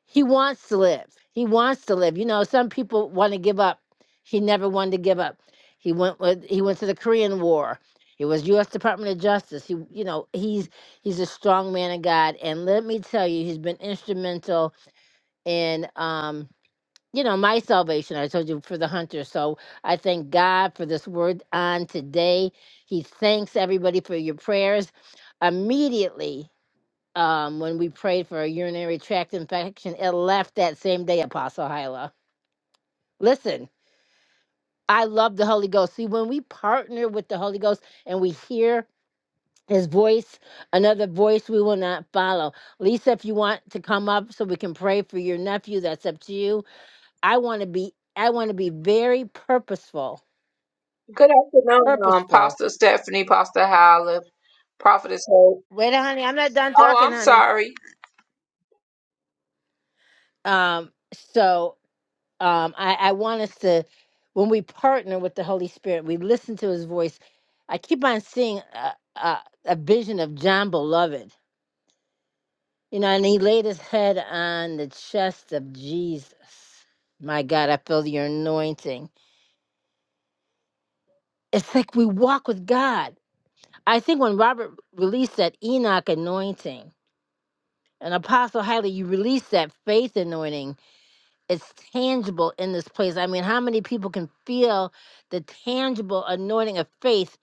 He wants to live. He wants to live. You know, some people want to give up. He never wanted to give up. He went with. He went to the Korean War. He was U.S. Department of Justice. He, you know, he's he's a strong man of God, and let me tell you, he's been instrumental in. Um, you know, my salvation, I told you, for the hunter. So I thank God for this word on today. He thanks everybody for your prayers. Immediately, um, when we prayed for a urinary tract infection, it left that same day, Apostle Hyla. Listen, I love the Holy Ghost. See, when we partner with the Holy Ghost and we hear his voice, another voice we will not follow. Lisa, if you want to come up so we can pray for your nephew, that's up to you I want to be I want to be very purposeful.
Good afternoon, um,
Purposeful.
Pastor Stephanie, Pastor Howlett, Prophetess Hope.
Wait, honey, I'm not done
Oh,
talking,
I'm
honey.
sorry.
Um so um I I want us to when we partner with the Holy Spirit, we listen to his voice. I keep on seeing a, a, a vision of John Beloved. You know, and he laid his head on the chest of Jesus. My God, I feel your anointing. It's like we walk with God. I think when Robert released that Enoch anointing, And Apostle Highly, you release that faith anointing. It's tangible in this place. I mean, how many people can feel the tangible anointing of faith?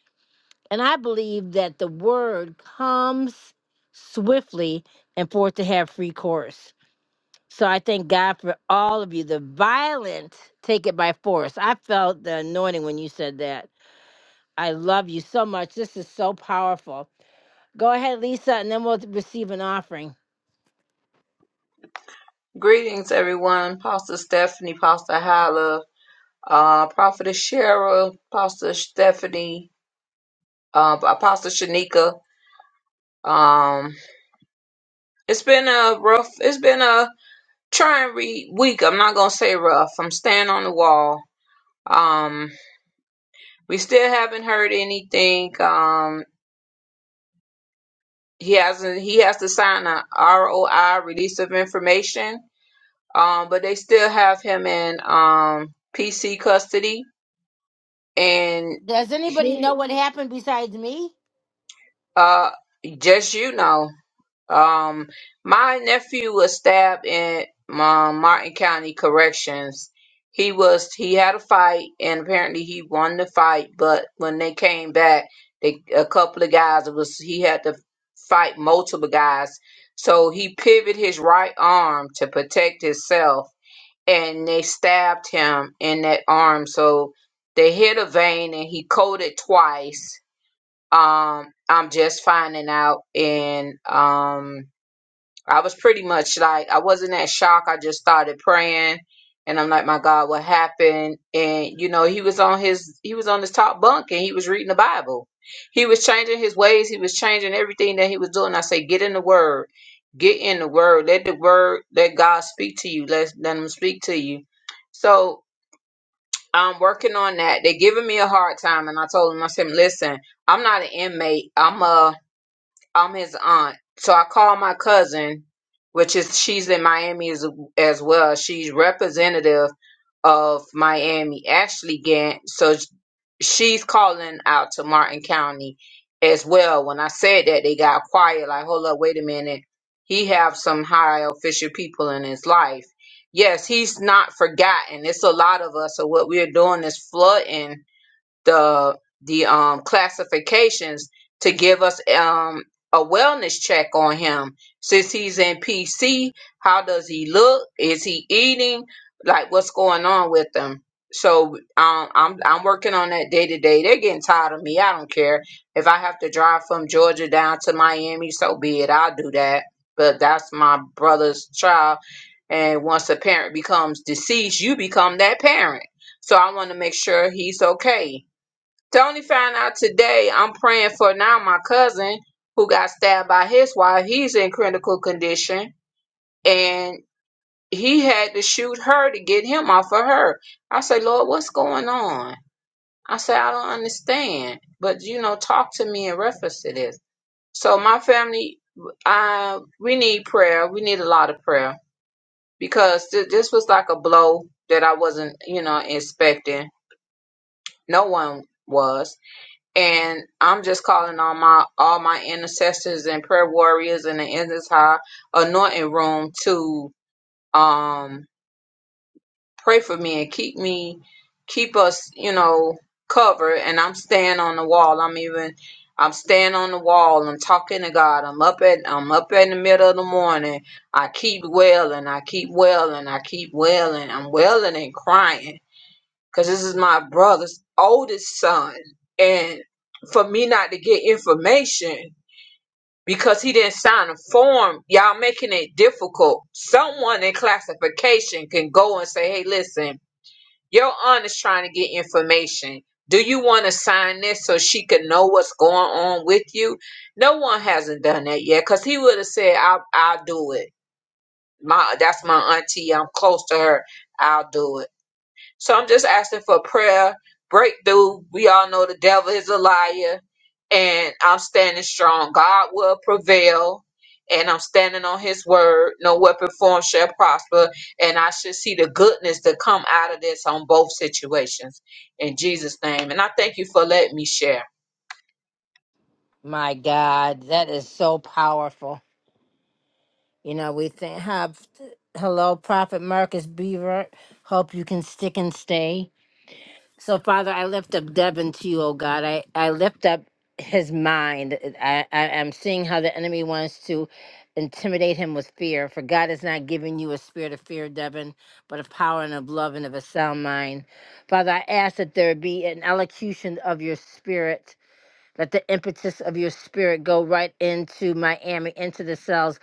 And I believe that the word comes swiftly and for it to have free course. So I thank God for all of you. The violent take it by force. I felt the anointing when you said that. I love you so much. This is so powerful. Go ahead, Lisa, and then we'll receive an offering.
Greetings, everyone. Pastor Stephanie, Pastor Howlett, uh, Prophetess Cheryl, Pastor Stephanie, uh, Apostle Shanika. Um, it's been a rough, it's been a trying re- week. I'm not going to say rough. I'm staying on the wall. Um, we still haven't heard anything. Um, he hasn't, he has to sign a ROI release of information Um, but they still have him in um PC custody, and
Does anybody
he
know what happened besides me?
uh just you know um my nephew was stabbed in um, Martin County Corrections. He was he had a fight, and apparently he won the fight. But when they came back, they a couple of guys it was he had to fight multiple guys. So he pivoted his right arm to protect himself and they stabbed him in that arm. So they hit a vein and he coded twice. Um, I'm just finding out in um I was pretty much like I wasn't that shocked. I just started praying, and I'm like, my God, what happened? And you know, he was on his he was on his top bunk, and he was reading the Bible. He was changing his ways. He was changing everything that he was doing. I say, get in the Word, get in the Word. Let the Word, let God speak to you. Let let Him speak to you. So I'm working on that. They're giving me a hard time, and I told them, I said, listen, I'm not an inmate. I'm a I'm his aunt. So I called my cousin, which is she's in Miami as, as well. She's representative of Miami, Ashley Gant. So sh- she's calling out to Martin County as well. When I said that, they got quiet. Like, hold up, wait a minute. He have some high official people in his life. Yes, he's not forgotten. It's a lot of us. So what we're doing is flooding the the um classifications to give us um a wellness check on him since he's in PC. How does he look? Is he eating? Like what's going on with him? So um, I'm I'm working on that day to day. They're getting tired of me. I don't care if I have to drive from Georgia down to Miami. So be it. I'll do that. But that's my brother's child, and once a parent becomes deceased, you become that parent. So I want to make sure he's okay Tony found out today. I'm praying for now my cousin who got stabbed by his wife. He's in critical condition and he had to shoot her to get him off of her. I said, Lord, what's going on? I said, I don't understand. But you know, talk to me in reference to this. So my family, I we need prayer. We need a lot of prayer because th- this was like a blow that I wasn't, you know, expecting. No one was. and I'm just calling on my all my intercessors and prayer warriors in the endless high anointing room to um pray for me and keep me keep us you know covered and I'm staying on the wall I'm even I'm staying on the wall I'm talking to God I'm up at I'm up in the middle of the morning I keep wailing I keep wailing I keep wailing I'm wailing and crying because this is my brother's oldest son. And for me not to get information because he didn't sign a form, y'all making it difficult. Someone in classification can go and say, hey, listen, your aunt is trying to get information. Do you want to sign this so she can know what's going on with you? No one hasn't done that yet because he would have said, I'll, I'll do it. My That's my auntie. I'm close to her. I'll do it so I'm just asking for prayer, breakthrough. We all know the devil is a liar, and I'm standing strong. God will prevail, and I'm standing on his word. No weapon formed shall prosper, and I should see the goodness to come out of this on both situations. In Jesus' name. And I thank you for letting me share.
My God, that is so powerful. You know, we think, have, hello, Prophet Marcus Beaver. Hope you can stick and stay. So, Father, I lift up Devin to you, oh God. I, I lift up his mind. I, I, I'm seeing how the enemy wants to intimidate him with fear. For God has not given you a spirit of fear, Devin, but of power and of love and of a sound mind. Father, I ask that there be an elocution of your spirit let the impetus of your spirit go right into Miami, into the cells.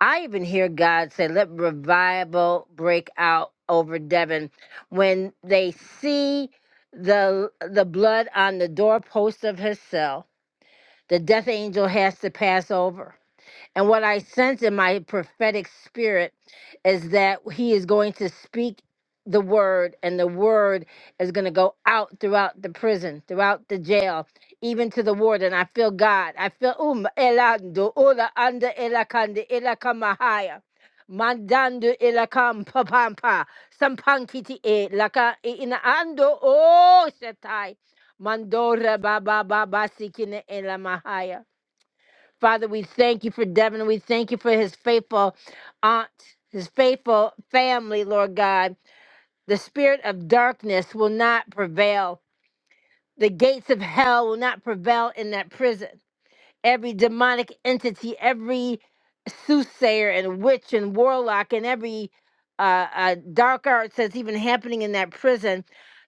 I even hear God say, let revival break out over Devon. When they see the the blood on the doorpost of his cell, the death angel has to pass over. And what I sense in my prophetic spirit is that he is going to speak the word, and the word is going to go out throughout the prison, throughout the jail, even to the warden. I feel God. I feel um elando ula anda elakande elakamahaya. Mandando elakam papampa sampankiti e laka e inaando oh shatai mandora baba baba sikine elamahaya Father, we thank you for Devin. We thank you for his faithful aunt, his faithful family, Lord God. The spirit of darkness will not prevail. The gates of hell will not prevail in that prison every demonic entity, every soothsayer and witch and warlock and every uh, uh, dark arts that's even happening in that prison.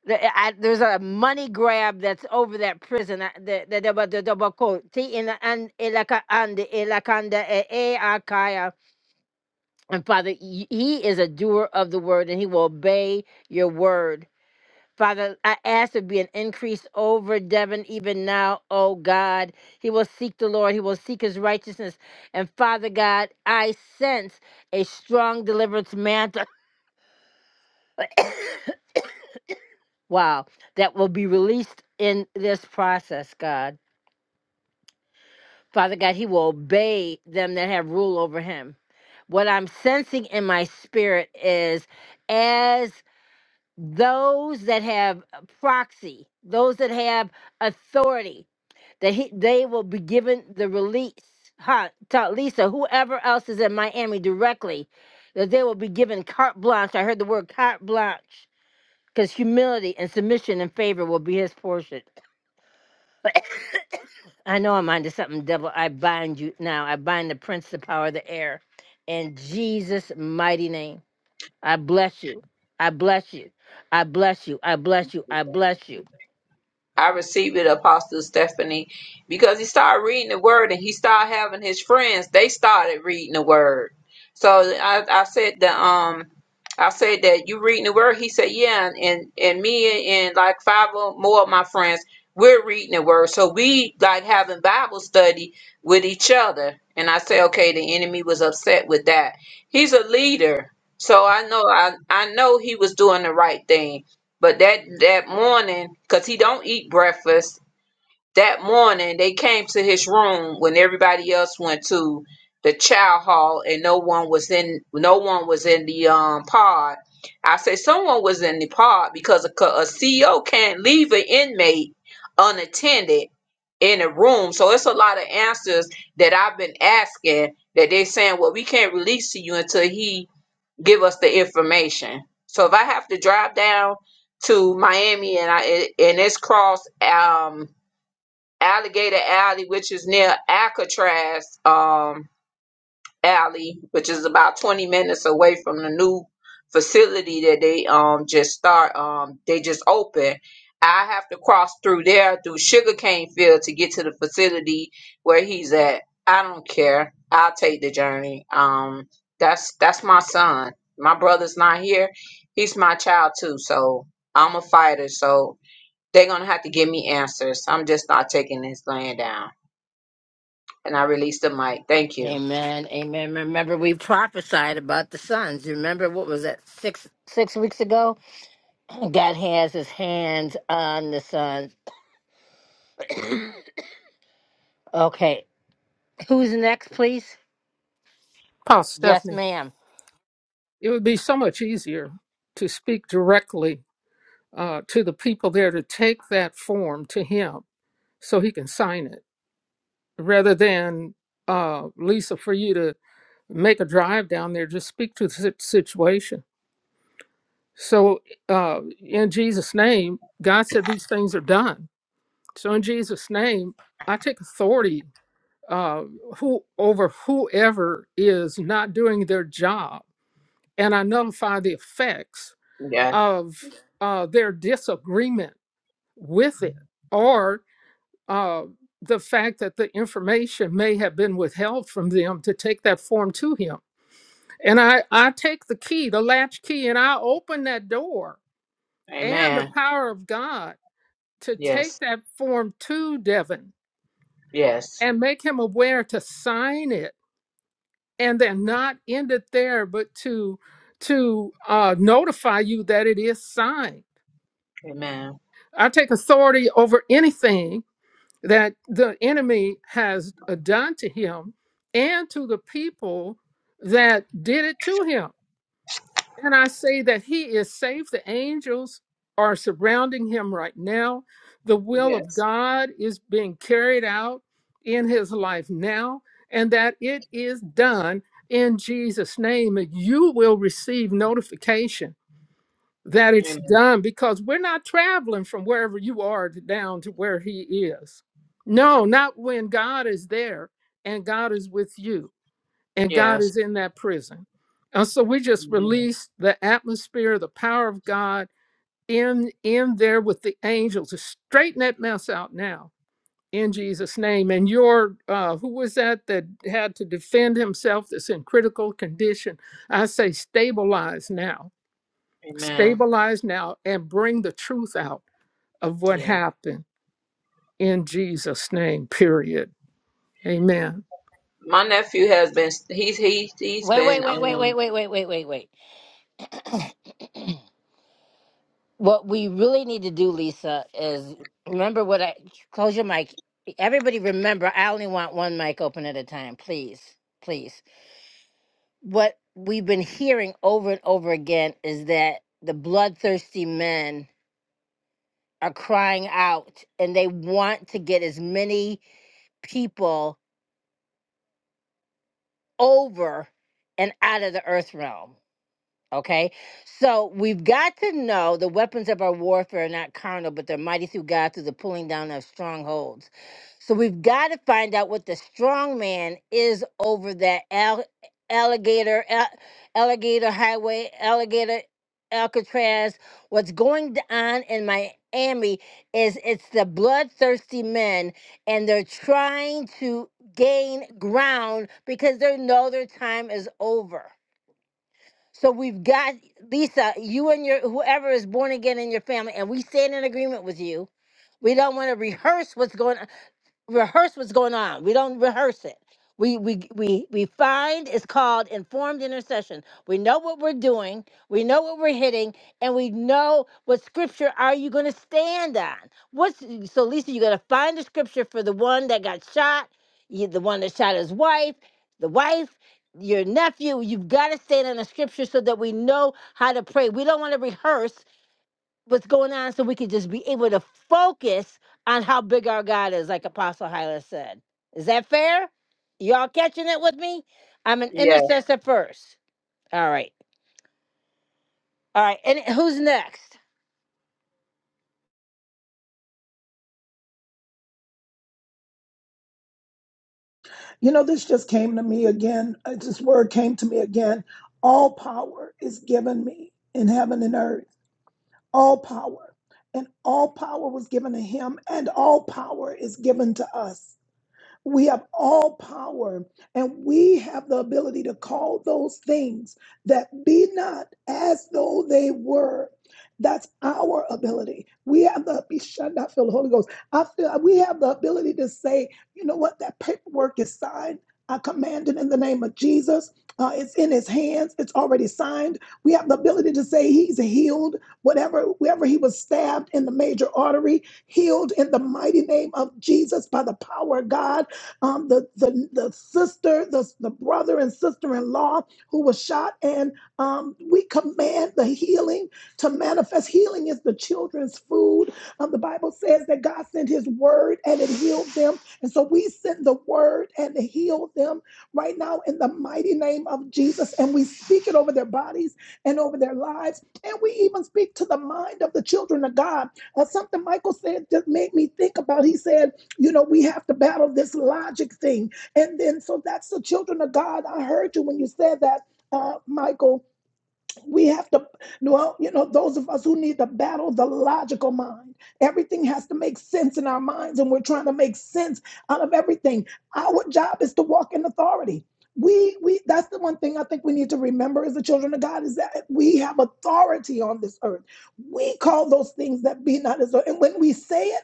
The- I, there's a money grab that's over that prison. uh, The the the the the- the- Ti ina an- elaka ande elakanda e- e akaya. And Father, y- He is a doer of the word, and He will obey your word. Father, I ask there be an increase over Devon even now, oh God. He will seek the Lord, he will seek his righteousness. And Father God, I sense a strong deliverance mantle. <coughs> wow, that will be released in this process, God. Father God, he will obey them that have rule over him. What I'm sensing in my spirit is as those that have proxy, those that have authority, that he they will be given the release, huh, to Lisa, whoever else is in Miami directly, that they will be given carte blanche. I heard the word carte blanche because humility and submission and favor will be his portion. <coughs> I know I'm onto something, devil. I bind you now. I bind the prince, the power of the air, in Jesus' mighty name. I bless you. I bless you. I bless you. I bless you. I bless you.
I received it, Apostle Stephanie, because he started reading the word and he started having his friends. They started reading the word. So I, I said that um I said that you reading the word. He said, Yeah, and, and, and me and, and like five or more of my friends, we're reading the word. So we like having Bible study with each other. And I said, Okay, the enemy was upset with that. He's a leader. So I know I, I know he was doing the right thing but that that morning, cause he don't eat breakfast, that morning they came to his room when everybody else went to the chow hall and no one was in no one was in the um pod. I say someone was in the pod because a, co- a CEO can't leave an inmate unattended in a room. So it's a lot of answers that I've been asking that they saying, well, we can't release to you until he give us the information. So if I have to drive down to Miami and I and it's cross um Alligator Alley, which is near Alcatraz, um alley, which is about 20 minutes away from the new facility that they um just start um they just opened. I have to cross through there through sugarcane field to get to the facility where he's at. I don't care. I'll take the journey. Um that's that's my son. My brother's not here. He's my child too, so I'm a fighter, so they're gonna have to give me answers. I'm just not taking this laying down. And I release the mic. Thank you.
Amen. Amen. Remember, we prophesied about the sons. Remember, what was that six six weeks ago? <clears throat> God has His hands on the sons. Okay, who's next, please?
pass
Yes,
Stephanie,
ma'am.
it would be so much easier to speak directly uh, to the people there to take that form to him so he can sign it rather than uh, Lisa for you to make a drive down there, just speak to the si- situation. So, uh, in Jesus' name, God said these things are done. So, in Jesus' name, I take authority uh, who over whoever is not doing their job, and I nullify the effects
Yeah.
of uh, their disagreement with it, or. uh, the fact that the information may have been withheld from them to take that form to him. And I, I take the key, the latch key, and I open that door and the
Amen.
power of God to
Yes.
take that form to Devin
Yes.
and make him aware to sign it and then not end it there, but to to uh, notify you that it is signed.
Amen.
I take authority over anything that the enemy has done to him and to the people that did it to him. And I say that he is safe. The angels are surrounding him right now. The will of
Yes.
God is being carried out in his life now, and that it is done in Jesus' name. And you will receive notification that it's
Amen.
done because we're not traveling from wherever you are to down to where he is. No, not when God is there and God is with you and God
Yes.
is in that prison. And so we just
Amen.
release the atmosphere, the power of God in in there with the angels to straighten that mess out now in Jesus name. And your uh who was that that had to defend himself that's in critical condition? I say stabilize now
Amen.
stabilize now and bring the truth out of what
Yeah.
happened in Jesus' name, period. Amen.
My nephew has been he's he he's
Wait,
been
wait, wait, wait, wait,
um
wait, wait, wait, wait, wait. What we really need to do, Lisa, is remember what I close your mic. Everybody, remember, I only want one mic open at a time, please, please. What we've been hearing over and over again is that the bloodthirsty men are crying out and they want to get as many people over and out of the earth realm. Okay. So we've got to know the weapons of our warfare are not carnal, but they're mighty through God through the pulling down of strongholds. So we've got to find out what the strong man is over that al- alligator, al- alligator highway, alligator Alcatraz. What's going on in Miami is it's the bloodthirsty men, and they're trying to gain ground because they know their time is over. So we've got Lisa, you and your whoever is born again in your family, and we stand in agreement with you. We don't want to rehearse what's going on rehearse what's going on. We don't rehearse it. We we we we find it's called informed intercession. We know what we're doing, we know what we're hitting, and we know what scripture are you going to stand on. What's so Lisa? You got to find the scripture for the one that got shot, you, the one that shot his wife, the wife. Your nephew, you've got to stand on the scripture so that we know how to pray. We don't want to rehearse what's going on so we can just be able to focus on how big our God is, like Apostle Hyla said. Is that fair? Y'all catching it with me? I'm an
yeah,
intercessor first. All right. All right. And who's next?
You know, this just came to me again. Uh, This word came to me again. All power is given me in heaven and earth. All power. And all power was given to him, and all power is given to us. We have all power and we have the ability to call those things that be not as though they were. That's our ability. We have the be shut I feel the Holy Ghost. I feel we have the ability to say, you know what, that paperwork is signed. I command it in the name of Jesus. Uh, it's in his hands. It's already signed. We have the ability to say he's healed. Whatever, wherever he was stabbed in the major artery, healed in the mighty name of Jesus by the power of God um, the, the, the sister, the, the brother and sister in law who was shot. And um, we command the healing to manifest. Healing is the children's food. Um, the Bible says that God sent his word and it healed them. And so we send the word and it healed them right now in the mighty name of Jesus. And we speak it over their bodies and over their lives. And we even speak to the mind of the children of God. Uh, something Michael said just made me think about. He said, you know, we have to battle this logic thing. And then, so that's the children of God. I heard you when you said that, uh, Michael. We have to, well, you know, those of us who need to battle the logical mind. Everything has to make sense in our minds, and we're trying to make sense out of everything. Our job is to walk in authority. We, we, that's the one thing I think we need to remember as the children of God is that we have authority on this earth. We call those things that be not as though, and when we say it,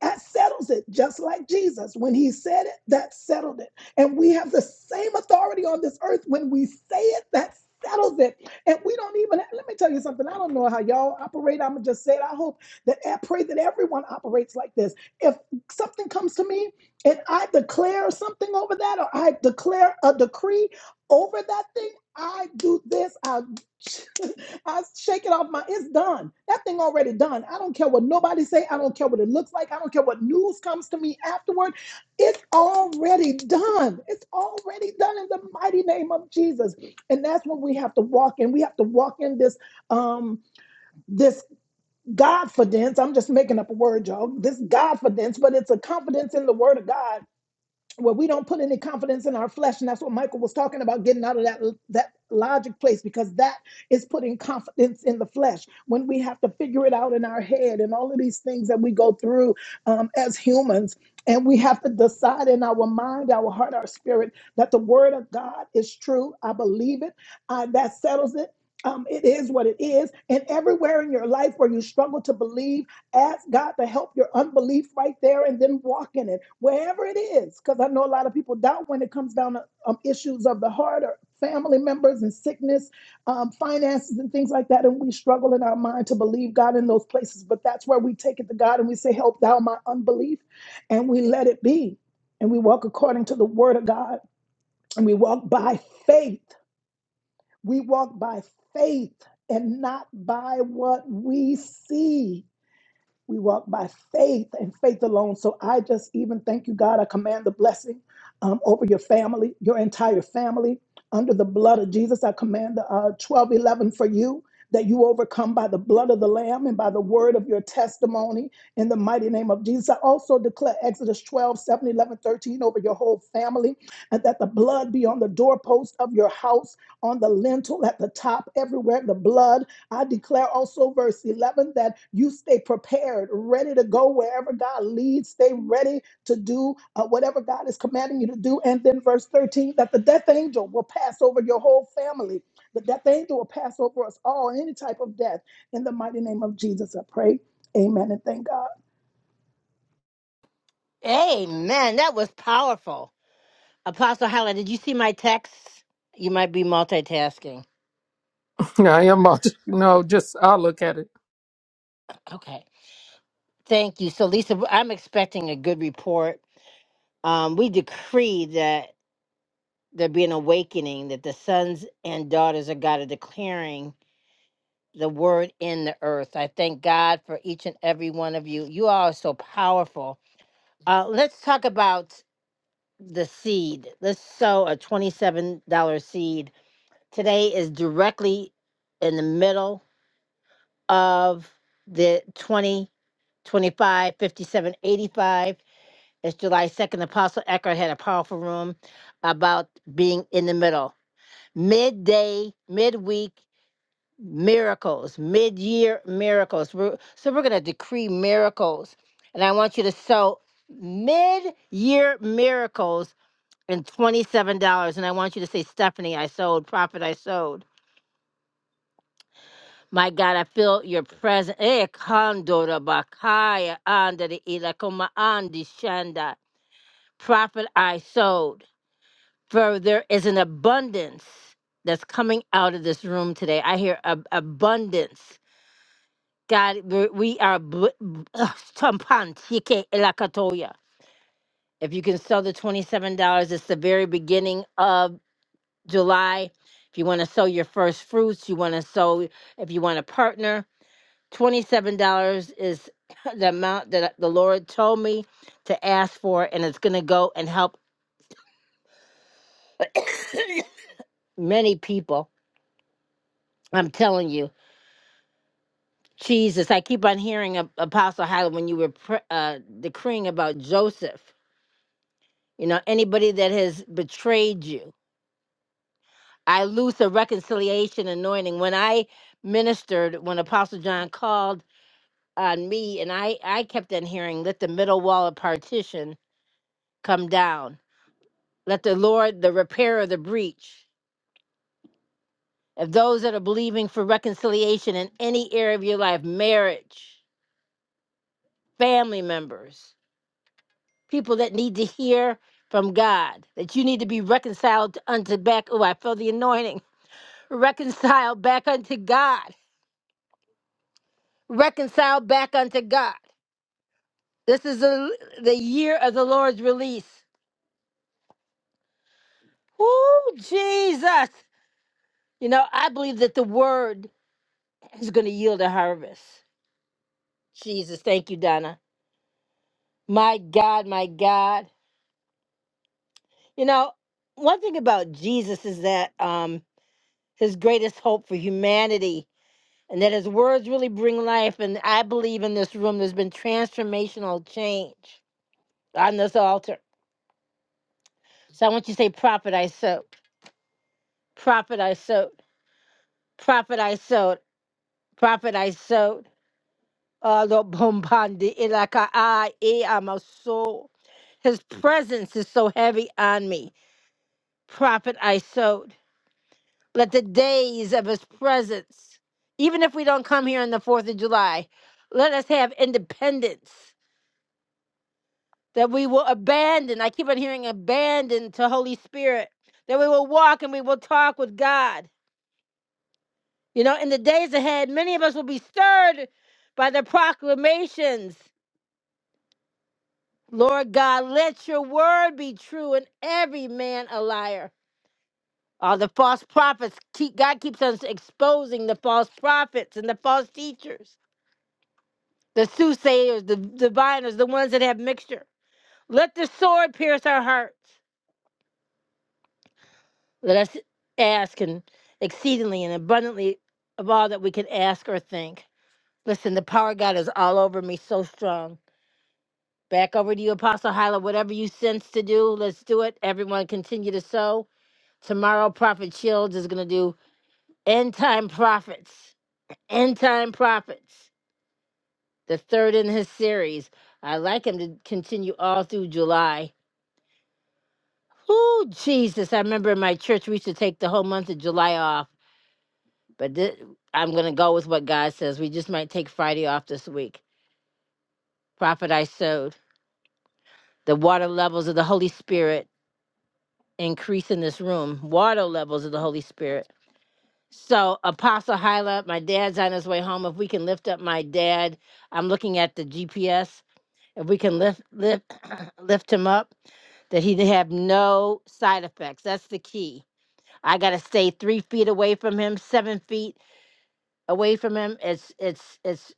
that settles it, just like Jesus. When he said it, that settled it. And we have the same authority on this earth. When we say it, that settles it. And we don't even, let me tell you something. I don't know how y'all operate. I'm going to just say it. I hope that, I pray that everyone operates like this. If something comes to me and I declare something over that, or I declare a decree over that thing, I do this. I <laughs> I shake it off my it's done. That thing already done. I don't care what nobody say. I don't care what it looks like. I don't care what news comes to me afterward. It's already done. It's already done in the mighty name of Jesus. And that's what we have to walk in. We have to walk in this um this godfidence. I'm just making up a word, y'all. This godfidence, but it's a confidence in the word of God where we don't put any confidence in our flesh and that's what michael was talking about getting out of that that logic place because that is putting confidence in the flesh when we have to figure it out in our head and all of these things that we go through um, as humans and we have to decide in our mind our heart our spirit that the word of god is true i believe it uh, that settles it um, it is what it is and everywhere in your life where you struggle to believe Ask God to help your unbelief right there and then walk in it, wherever it is. Because I know a lot of people doubt when it comes down to um, issues of the heart or family members and sickness, um, finances, and things like that. And we struggle in our mind to believe God in those places. But that's where we take it to God and we say, Help thou my unbelief. And we let it be. And we walk according to the word of God. And we walk by faith. We walk by faith and not by what we see we walk by faith and faith alone. So I just even thank you, God. I command the blessing um, over your family, your entire family. Under the blood of Jesus, I command the uh, 12 eleven for you that you overcome by the blood of the Lamb and by the word of your testimony in the mighty name of Jesus. I also declare Exodus 12, seven, 11, 13 over your whole family and that the blood be on the doorpost of your house, on the lintel, at the top, everywhere, the blood. I declare also, verse 11, that you stay prepared, ready to go wherever God leads. Stay ready to do uh, whatever God is commanding you to do. And then, verse 13, that the death angel will pass over your whole family. The death angel will pass over us all, any type of death. In the mighty name of Jesus, I pray. Amen and thank God.
Amen. That was powerful. Apostle Hyla, did you see my text? You might be multitasking.
<laughs> I am, a- you know, just I look at it.
Okay. Thank you. So, Lisa, I'm expecting a good report. Um, we decree that there be an awakening, that the sons and daughters of God are declaring the word in the earth. I thank God for each and every one of you. You all are so powerful. Uh, let's talk about the seed. Let's sow a $27 seed. Today is directly in the middle of the 20, 25, 57, 85. It's July 2nd. Apostle Eckhart had a powerful room about being in the middle. Midday, midweek, miracles, mid year miracles. We're, so we're going to decree miracles. And I want you to sow mid year miracles and $27. And I want you to say, Stephanie, I sold, Prophet, I sold. My God, I feel your presence. Eh, kandora bakaya andere ila koma andi shanda. Prophet, I sold. For there is an abundance that's coming out of this room today. I hear ab- abundance. God, we we are bl- bl- ugh, tampan tike elakatoya. If you can sell the twenty-seven dollars, it's the very beginning of July. If you want to sow your first fruits, you want to sow. If you want to partner, twenty-seven dollars is <coughs> <clears throat> the amount that the Lord told me to ask for, and it's gonna go and help <coughs> many people. I'm telling you, Jesus. I keep on hearing Ap- Apostle Hyla when you were pr- uh, decreeing about Joseph. you know, anybody that has betrayed you. I loose a reconciliation anointing. When I ministered, when Apostle John called on me, and I, I kept on hearing, let the middle wall of partition come down. Let the Lord, the repair of the breach. If those that are believing for reconciliation in any area of your life, marriage, family members, people that need to hear from God, that you need to be reconciled unto back. Oh, I feel the anointing <laughs> reconciled back unto God. reconciled back unto God. This is the, the year of the Lord's release. Woo, Jesus. You know, I believe that the word is going to yield a harvest. Jesus, thank you, Donna. My God, my God. You know, one thing about Jesus is that um, his greatest hope for humanity and that his words really bring life. And I believe in this room there's been transformational change on this altar. So I want you to say, Prophet, I soak. Prophet, I soak. Prophet I sowed. Prophet I sowed. Alo bombandi ilaka I e amaso. His presence is so heavy on me. Prophet I sowed. Let the days of his presence, even if we don't come here on the 4th of July, let us have independence that we will abandon. I keep on hearing abandon to Holy Spirit, that we will walk and we will talk with God. You know, in the days ahead, many of us will be stirred by the proclamations Lord God, let your word be true and every man a liar. All the false prophets, keep, God keeps us exposing the false prophets and the false teachers, the soothsayers, the diviners, the ones that have mixture. Let the sword pierce our hearts. Let us ask and exceedingly and abundantly of all that we can ask or think. Listen, the power of God is all over me, so strong. Back over to you, Apostle Hyla. Whatever you sense to do, let's do it. Everyone continue to sow. Tomorrow, Prophet Shields is going to do End Time Prophets. End Time Prophets, the third in his series. I like him to continue all through July. Oh, Jesus. I remember in my church, we used to take the whole month of July off, but thi- I'm going to go with what God says. We just might take Friday off this week. Prophet, I sowed. The water levels of the Holy Spirit increase in this room. Water levels of the Holy Spirit. So, Apostle Hyla, my dad's on his way home. If we can lift up my dad, I'm looking at the GPS. If we can lift lift <clears throat> lift him up, that he have no side effects. That's the key. I gotta stay three feet away from him, seven feet away from him. It's it's it's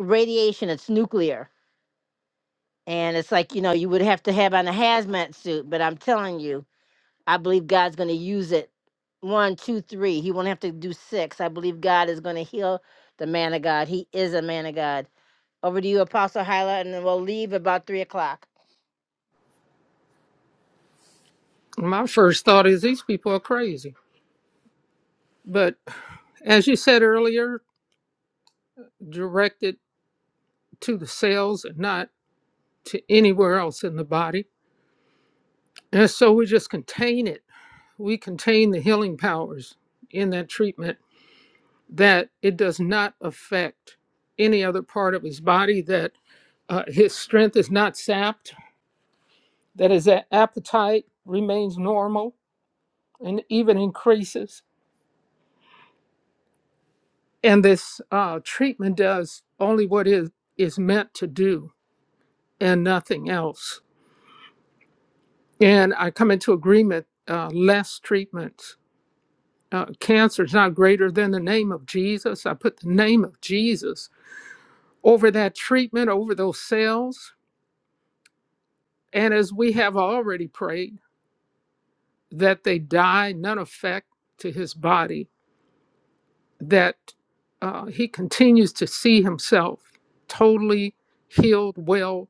radiation. It's nuclear, and it's like you know you would have to have on a hazmat suit. But I'm telling you. I believe God's going to use it. One, two, three. He won't have to do six. I believe God is going to heal the man of God. He is a man of God. Over to you, Apostle Hyla, and then we'll leave about three o'clock.
My first thought is these people are crazy. But as you said earlier, directed to the cells and not to anywhere else in the body. And so we just contain it. We contain the healing powers in that treatment that it does not affect any other part of his body that Uh, his strength is not sapped, that his a- appetite remains normal and even increases. And this uh, treatment does only what it is meant to do and nothing else. And I come into agreement uh, less treatments. Uh, cancer is not greater than the name of Jesus. I put the name of Jesus over that treatment, over those cells. And as we have already prayed, that they die, none effect to his body that uh, he continues to see himself totally healed, well,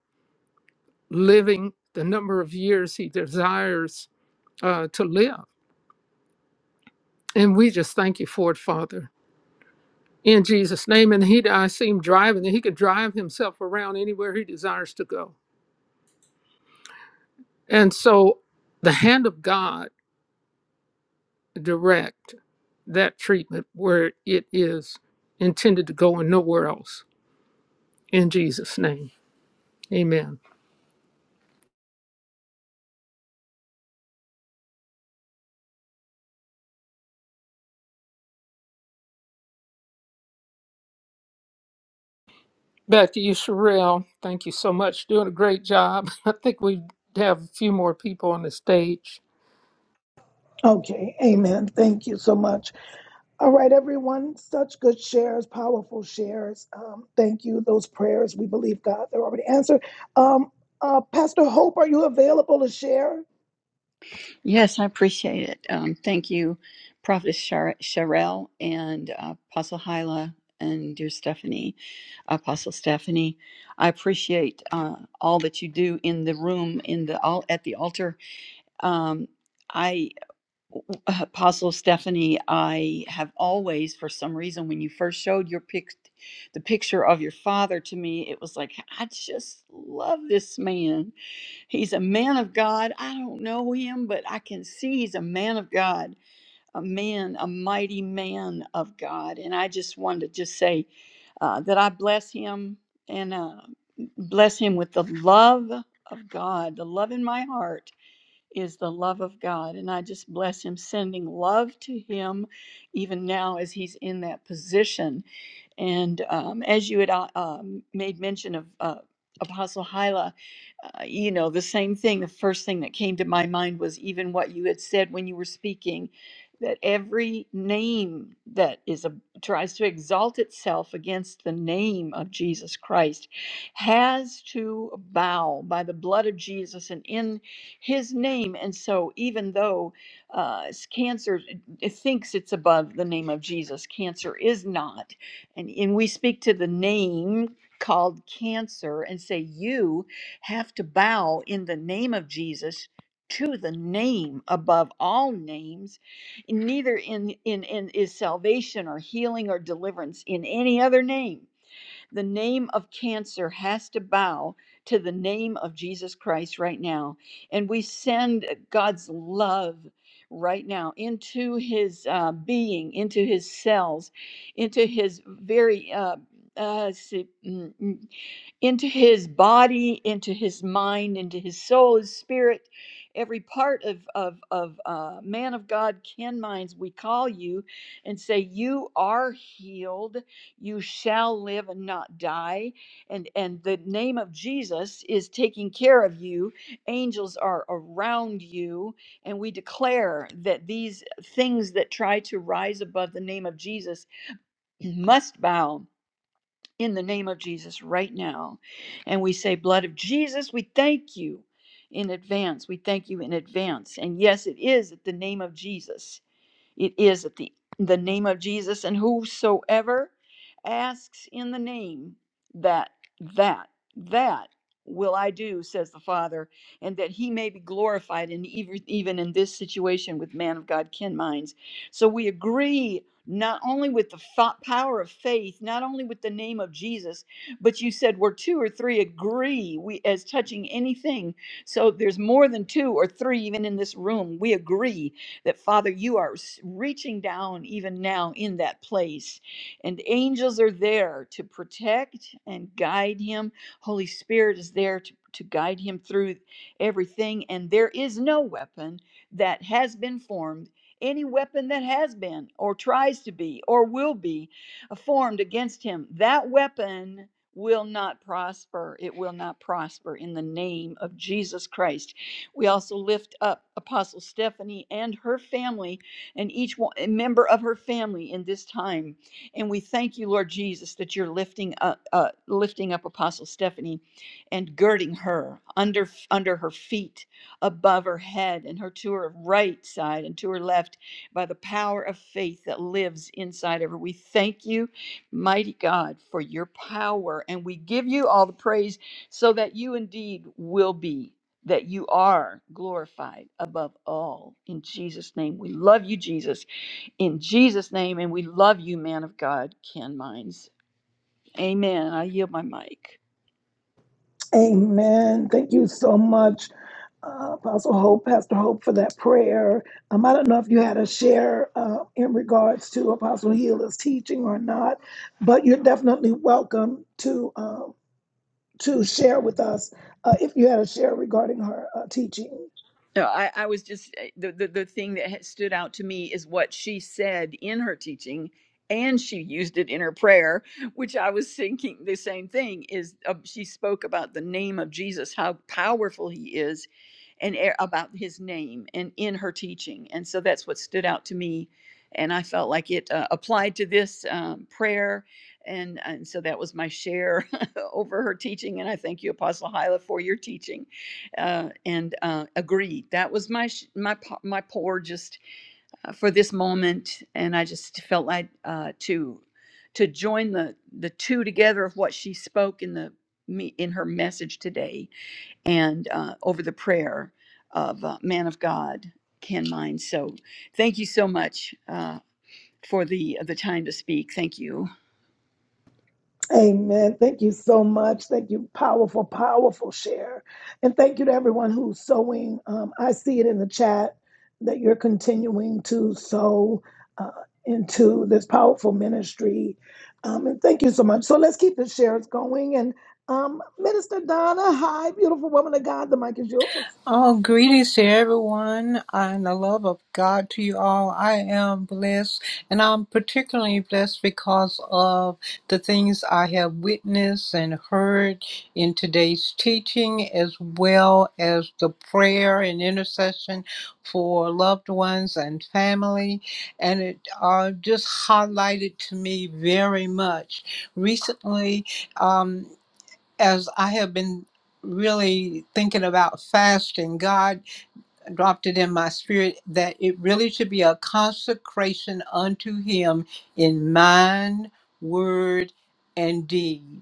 living the number of years he desires uh, to live. And we just thank you for it, Father, in Jesus' name. And he, I see him driving, and he could drive himself around anywhere he desires to go. And so the hand of God direct that treatment where it is intended to go and nowhere else. In Jesus' name, amen. Back to you, Sherelle. Thank you so much. Doing a great job. <laughs> I think we have a few more people on the stage.
Okay, amen. Thank you so much. All right, everyone. Such good shares, powerful shares. Um, thank you. Those prayers, we believe God, they're already answered. Um, uh, Pastor Hope, are you available to share?
Yes, I appreciate it. Um, thank you, Prophetess Shar- Sherelle and uh, Apostle Hyla and dear Stephanie, Apostle Stephanie. I appreciate uh, all that you do in the room, in the all at the altar. Um, I, uh, Apostle Stephanie, I have always, for some reason, when you first showed your pic, the picture of your father to me, it was like I just love this man He's a man of God. I don't know him, but I can see he's a man of God, a man, a mighty man of God. And I just wanted to just say uh, that I bless him and uh, bless him with the love of God. The love in my heart is the love of God. And I just bless him, sending love to him even now as he's in that position and um, as you had uh, um, made mention of uh, Apostle Hyla, uh, you know, the same thing, the first thing that came to my mind was even what you had said when you were speaking that every name that is a, tries to exalt itself against the name of Jesus Christ has to bow by the blood of Jesus and in his name. And so, even though uh, cancer it thinks it's above the name of Jesus, cancer is not and, and we speak to the name called cancer and say, You have to bow in the name of Jesus to the name above all names neither in in in is salvation or healing or deliverance in any other name the name of cancer has to bow to the name of Jesus Christ right now. And we send God's love right now into his uh, being, into his cells, into his very. Uh, uh, see, mm, mm, into his body, into his mind, into his soul, his spirit, every part of of of uh, man of God, Ken Minds. We call you and say you are healed you shall live and not die and and the name of Jesus is taking care of you angels are around you and we declare that these things that try to rise above the name of Jesus must bow in the name of Jesus right now and we say blood of Jesus we thank you in advance we thank you in advance and yes it is at the name of Jesus it is at the the name of Jesus, and whosoever asks in the name that that that will I do, says the Father, and that He may be glorified, and even even in this situation with man of God Ken Mines. So we agree not only with the fo- power of faith, not only with the name of Jesus, but you said where two or three agree, we as touching anything. So there's more than two or three even in this room. We agree that Father, you are reaching down even now in that place. And angels are there to protect and guide him. Holy Spirit is there to, to guide him through everything. And there is no weapon that has been formed. Any weapon that has been, or tries to be, or will be uh, formed against him, that weapon will not prosper. It will not prosper in the name of Jesus Christ. We also lift up Apostle Stephanie and her family and each one, member of her family in this time. And we thank you, Lord Jesus, that you're lifting up, uh, lifting up Apostle Stephanie and girding her under, under her feet, above her head, and her to her right side and to her left by the power of faith that lives inside of her. We thank you, mighty God, for your power. And we give you all the praise so that you indeed will be that you are glorified above all. In Jesus' name, we love you, Jesus. In Jesus' name, and we love you, man of God, Ken Mines. Amen. I yield my mic.
Amen. Thank you so much, uh, Apostle Hope, Pastor Hope, for that prayer. Um, I don't know if you had a share uh, in regards to Apostle Healer's teaching or not, but you're definitely welcome to. Um, to share with us uh, if you had a share regarding her uh, teaching.
No, I, I was just eh, the, the the thing that had stood out to me is what she said in her teaching, and she used it in her prayer, which I was thinking the same thing. Is uh, she spoke about the name of Jesus, how powerful He is, and e- about his name and in her teaching. And so that's what stood out to me. And I felt like it uh, applied to this um, prayer. And, and so that was my share <laughs> over her teaching. And I thank you, Apostle Hyla, for your teaching. Uh, and uh, agreed. That was my, sh- my, my pour just uh, for this moment. And I just felt like uh, to, to join the, the two together of what she spoke in the, me in her message today and uh, over the prayer of uh, man of God, Ken Mine. So thank you so much uh, for the the time to speak. Thank you.
Amen. Thank you so much. Thank you. Powerful, powerful share. And thank you to everyone who's sowing. Um, I see it in the chat that you're continuing to sow uh, into this powerful ministry. Um, and thank you so much. So let's keep the shares going. And um, Minister Donna, hi, beautiful woman of God. The mic is yours.
Oh, greetings to everyone and the love of God to you all. I am blessed and I'm particularly blessed because of the things I have witnessed and heard in today's teaching, as well as the prayer and intercession for loved ones and family. And it uh, just highlighted to me very much. Recently, um, as I have been really thinking about fasting, God dropped it in my spirit that it really should be a consecration unto Him in mind, word, and deed.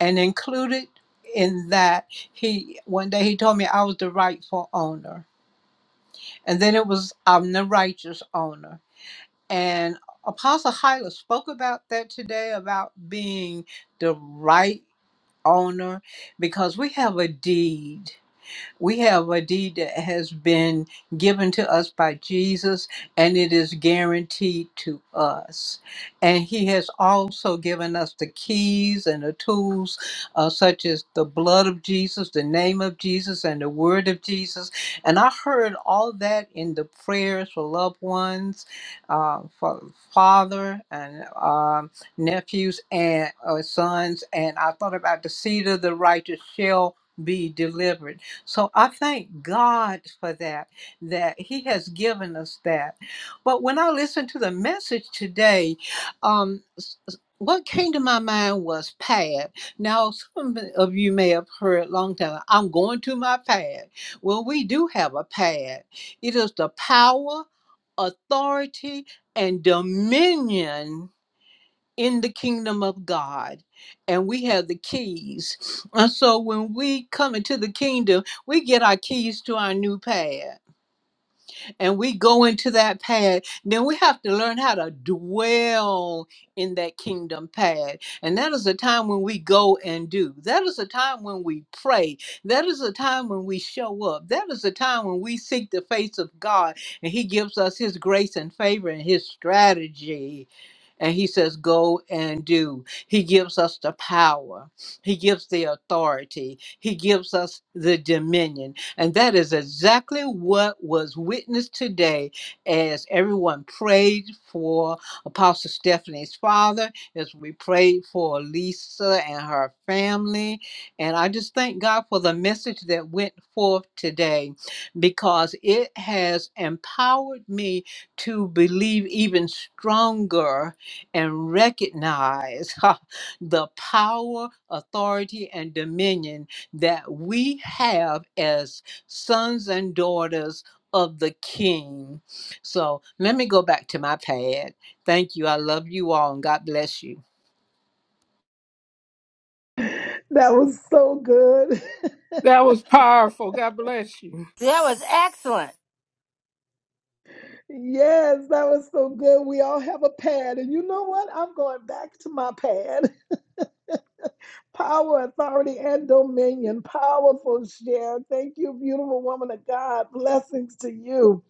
And included in that, He one day He told me I was the rightful owner, and then it was I'm the righteous owner. And Apostle Hyla spoke about that today about being the right. owner because we have a deed. We have a deed that has been given to us by Jesus, and it is guaranteed to us. And He has also given us the keys and the tools, uh, such as the blood of Jesus, the name of Jesus, and the word of Jesus. And I heard all that in the prayers for loved ones, uh, for father and um, nephews and uh, sons. And I thought about the seed of the righteous shall be delivered. So I thank God for that, that He has given us that. But when I listened to the message today, um, s- s- what came to my mind was pad. Now, some of you may have heard long time, I'm going to my pad. Well, we do have a pad. It is the power, authority, and dominion in the kingdom of God, and we have the keys. And so when we come into the kingdom, we get our keys to our new pad, and we go into that pad. Then we have to learn how to dwell in that kingdom pad, and that is a time when we go and do. That is a time when we pray. That is a time when we show up. That is a time when we seek the face of God, and He gives us His grace and favor and His strategy and he says go and do he gives us the power he gives the authority he gives us the dominion and that is exactly what was witnessed today as everyone prayed for apostle stephanie's father as we prayed for lisa and her family and i just thank god for the message that went forth today because it has empowered me to believe even stronger and recognize <laughs> ha, the power, authority, and dominion that we have as sons and daughters of the King. So let me go back to my pad. Thank you. I love you all, and God bless you.
That was so good. <laughs>
That was powerful. God bless you.
That was excellent.
Yes, that was so good. We all have a pad. And you know what? I'm going back to my pad. <laughs> Power, authority, and dominion. Powerful share. Thank you, beautiful woman of God. Blessings to you.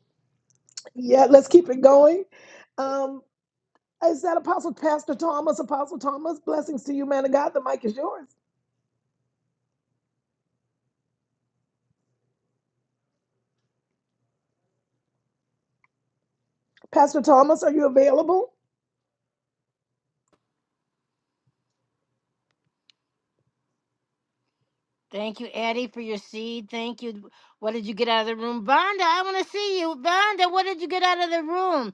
Yeah, let's keep it going. Um, is that Apostle Pastor Thomas? Apostle Thomas, blessings to you, man of God. The mic is yours. Pastor Thomas, are you available?
Thank you, Eddie, for your seed. Thank you. What did you get out of the room? Vonda, I want to see you. Vonda, what did you get out of the room?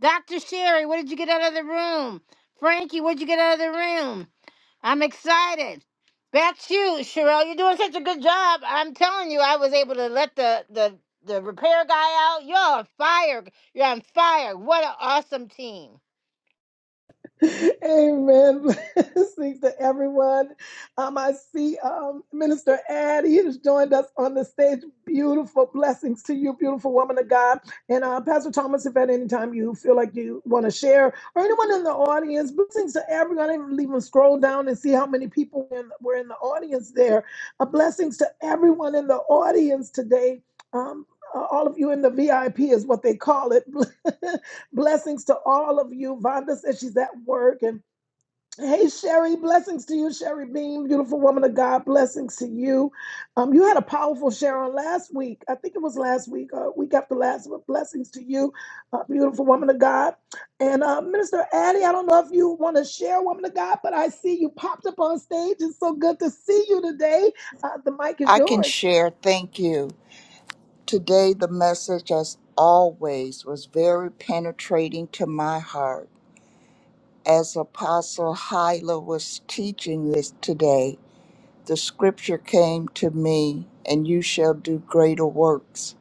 Dr. Sherry, what did you get out of the room? Frankie, what did you get out of the room? I'm excited. That's you, Sherelle. You're doing such a good job. I'm telling you, I was able to let the the the repair guy out. You're on fire. You're on fire. What an awesome team.
Amen. <laughs> Blessings to everyone. Um, I see um, Minister Addie has joined us on the stage. Beautiful blessings to you, beautiful woman of God. And uh, Pastor Thomas, if at any time you feel like you want to share, or anyone in the audience, blessings to everyone. I didn't really even scroll down and see how many people in, were in the audience there. Uh, blessings to everyone in the audience today. Um, uh, all of you in the VIP is what they call it. <laughs> Blessings to all of you. Vonda says she's at work. And hey, Sherry, blessings to you, Sherry Beam, beautiful woman of God. Blessings to you. Um, you had a powerful share on last week. I think it was last week, uh, week after last. But blessings to you, uh, beautiful woman of God. And uh, Minister Addie, I don't know if you want to share, woman of God, but I see you popped up on stage. It's so good to see you today. Uh, the mic is
I can
yours.
share. Thank you. Today, the message, as always, was very penetrating to my heart. As Apostle Hyla was teaching this today, the scripture came to me, and you shall do greater works.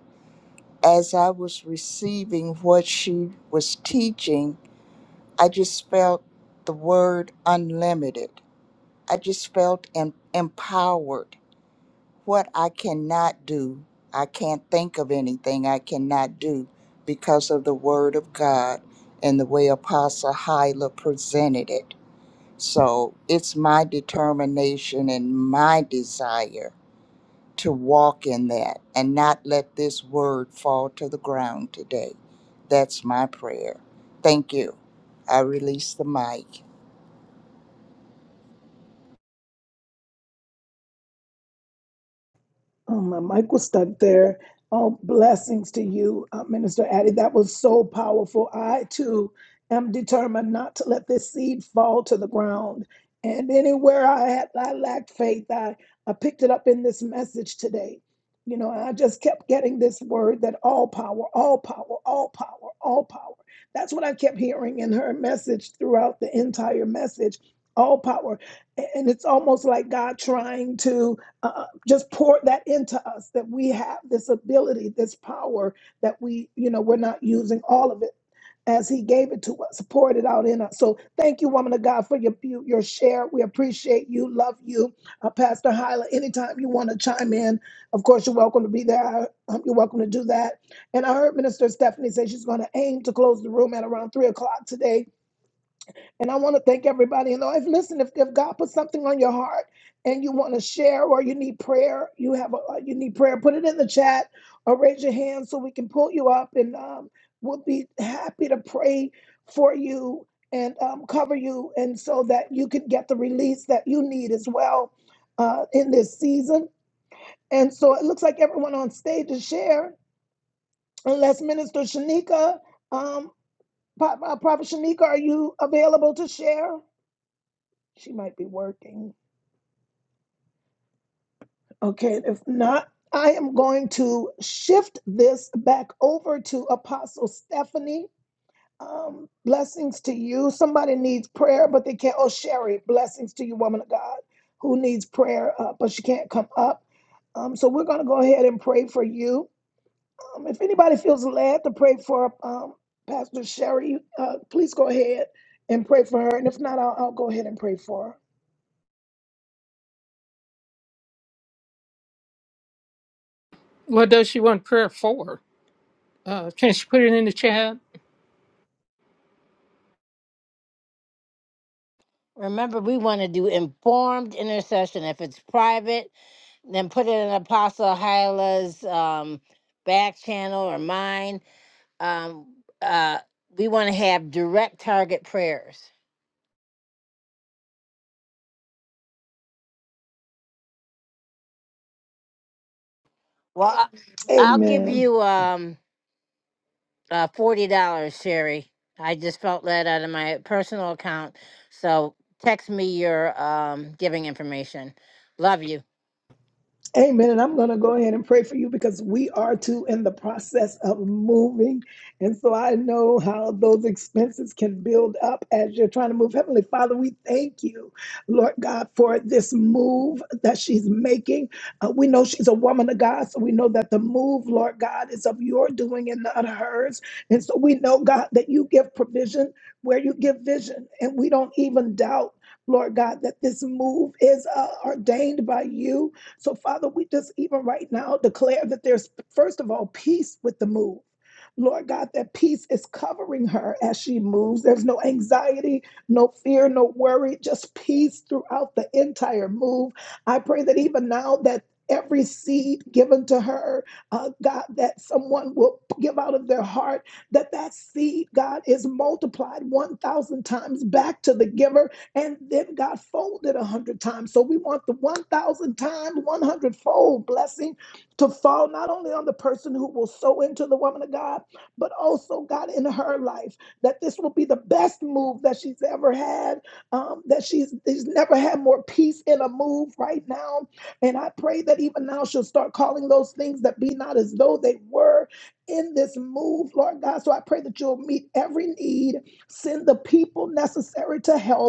As I was receiving what she was teaching, I just felt the word unlimited. I just felt em- empowered. what I cannot do. I can't think of anything I cannot do because of the Word of God and the way Apostle Hyla presented it. So it's my determination and my desire to walk in that and not let this Word fall to the ground today. That's my prayer. Thank you. I release the mic.
Um, my mic will start there. All blessings to you, uh, Minister Addie. That was so powerful. I too am determined not to let this seed fall to the ground. And anywhere I had I lacked faith, I, I picked it up in this message today. You know, I just kept getting this word that all power, all power, all power, all power. That's what I kept hearing in her message throughout the entire message. All power. A- And it's almost like God trying to uh, just pour that into us that we have this ability, this power that we, you know, we're not using all of it as He gave it to us, poured it out in us. So thank you, woman of God, for your you- your share. We appreciate you, love you, uh, Pastor Hyla. Anytime you want to chime in, of course you're welcome to be there. Um, you're welcome to do that. And I heard Minister Stephanie say she's going to aim to close the room at around three o'clock today and I want to thank everybody in life. Listen, if, if God put something on your heart and you want to share or you need prayer, you have a, uh, you need prayer, put it in the chat or raise your hand so we can pull you up and um, we'll be happy to pray for you and um, cover you and so that you can get the release that you need as well uh, in this season. And so it looks like everyone on stage is share, unless Minister Shanika, um, Pro- uh, Prophet Shanika, are you available to share? She might be working. Okay, if not, I am going to shift this back over to Apostle Stephanie. Um, blessings to you. Somebody needs prayer, but they can't. Oh, Sherry, blessings to you, woman of God, who needs prayer, uh, but she can't come up. Um, so we're going to go ahead and pray for you. Um, if anybody feels led to pray for um, Pastor Sherry, uh, please go ahead and pray for her. And if not, I'll, I'll go ahead and pray for her.
What does she want prayer for? Uh, can she put it in the chat?
Remember, we want to do informed intercession. If it's private, then put it in Apostle Hyla's um, back channel or mine. Um, uh, we want to have direct target prayers. Well, I- I'll give
Amen.
you um, uh, forty dollars, Sherry. I just felt that out of my personal account. So text me your um, giving information. Love you.
Amen. And I'm going to go ahead and pray for you because we are too in the process of moving. And so I know how those expenses can build up as you're trying to move. Heavenly Father, we thank you, Lord God, for this move that she's making. Uh, we know she's a woman of God, so we know that the move, Lord God, is of your doing and not hers. And so we know, God, that you give provision where you give vision. And we don't even doubt, Lord God, that this move is uh, ordained by you so, Father, we just even right now declare that there's, first of all, peace with the move. Lord God, that peace is covering her as she moves. There's no anxiety, no fear, no worry, just peace throughout the entire move. I pray that even now that every seed given to her, uh, God, that someone will give out of their heart, that that seed, God, is multiplied 1,000 times back to the giver and then God folded a hundred times. So we want the 1,000 times, 100 fold blessing to fall not only on the person who will sow into the woman of God, but also God in her life. That this will be the best move that she's ever had, um, that she's, she's never had more peace in a move right now. And I pray that even now she'll start calling those things that be not as though they were in this move, Lord God. So I pray that you'll meet every need, send the people necessary to help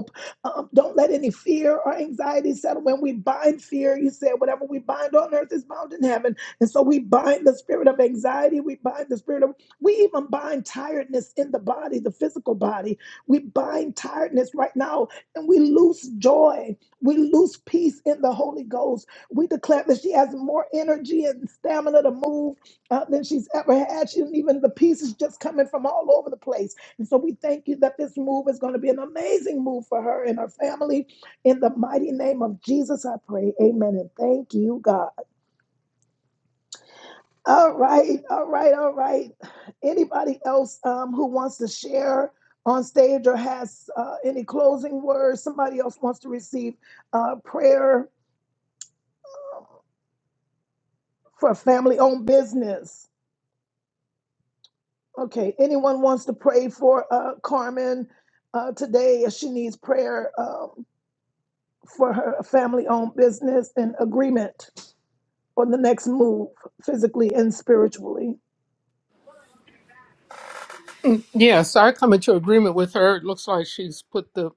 um, don't let any fear or anxiety settle. When we bind fear, you said, whatever we bind on earth is bound in heaven. And so we bind the spirit of anxiety. We bind the spirit of, we even bind tiredness in the body, the physical body. We bind tiredness right now and we lose joy. We lose peace in the Holy Ghost. We declare that she has more energy and stamina to move uh, than she's ever had. She didn't even, the peace is just coming from all over the place. And so we thank you that this move is going to be an amazing move for her and her family. In the mighty name of Jesus, I pray. Amen. And thank you, God. All right, all right, all right. Anybody else um, who wants to share on stage or has uh, any closing words? Somebody else wants to receive uh, prayer for family owned business. Okay, anyone wants to pray for uh, Carmen uh, today if she needs prayer? Uh, for her family owned business and agreement on the next move, physically and spiritually.
Yes, I come into agreement with her. It looks like she's put the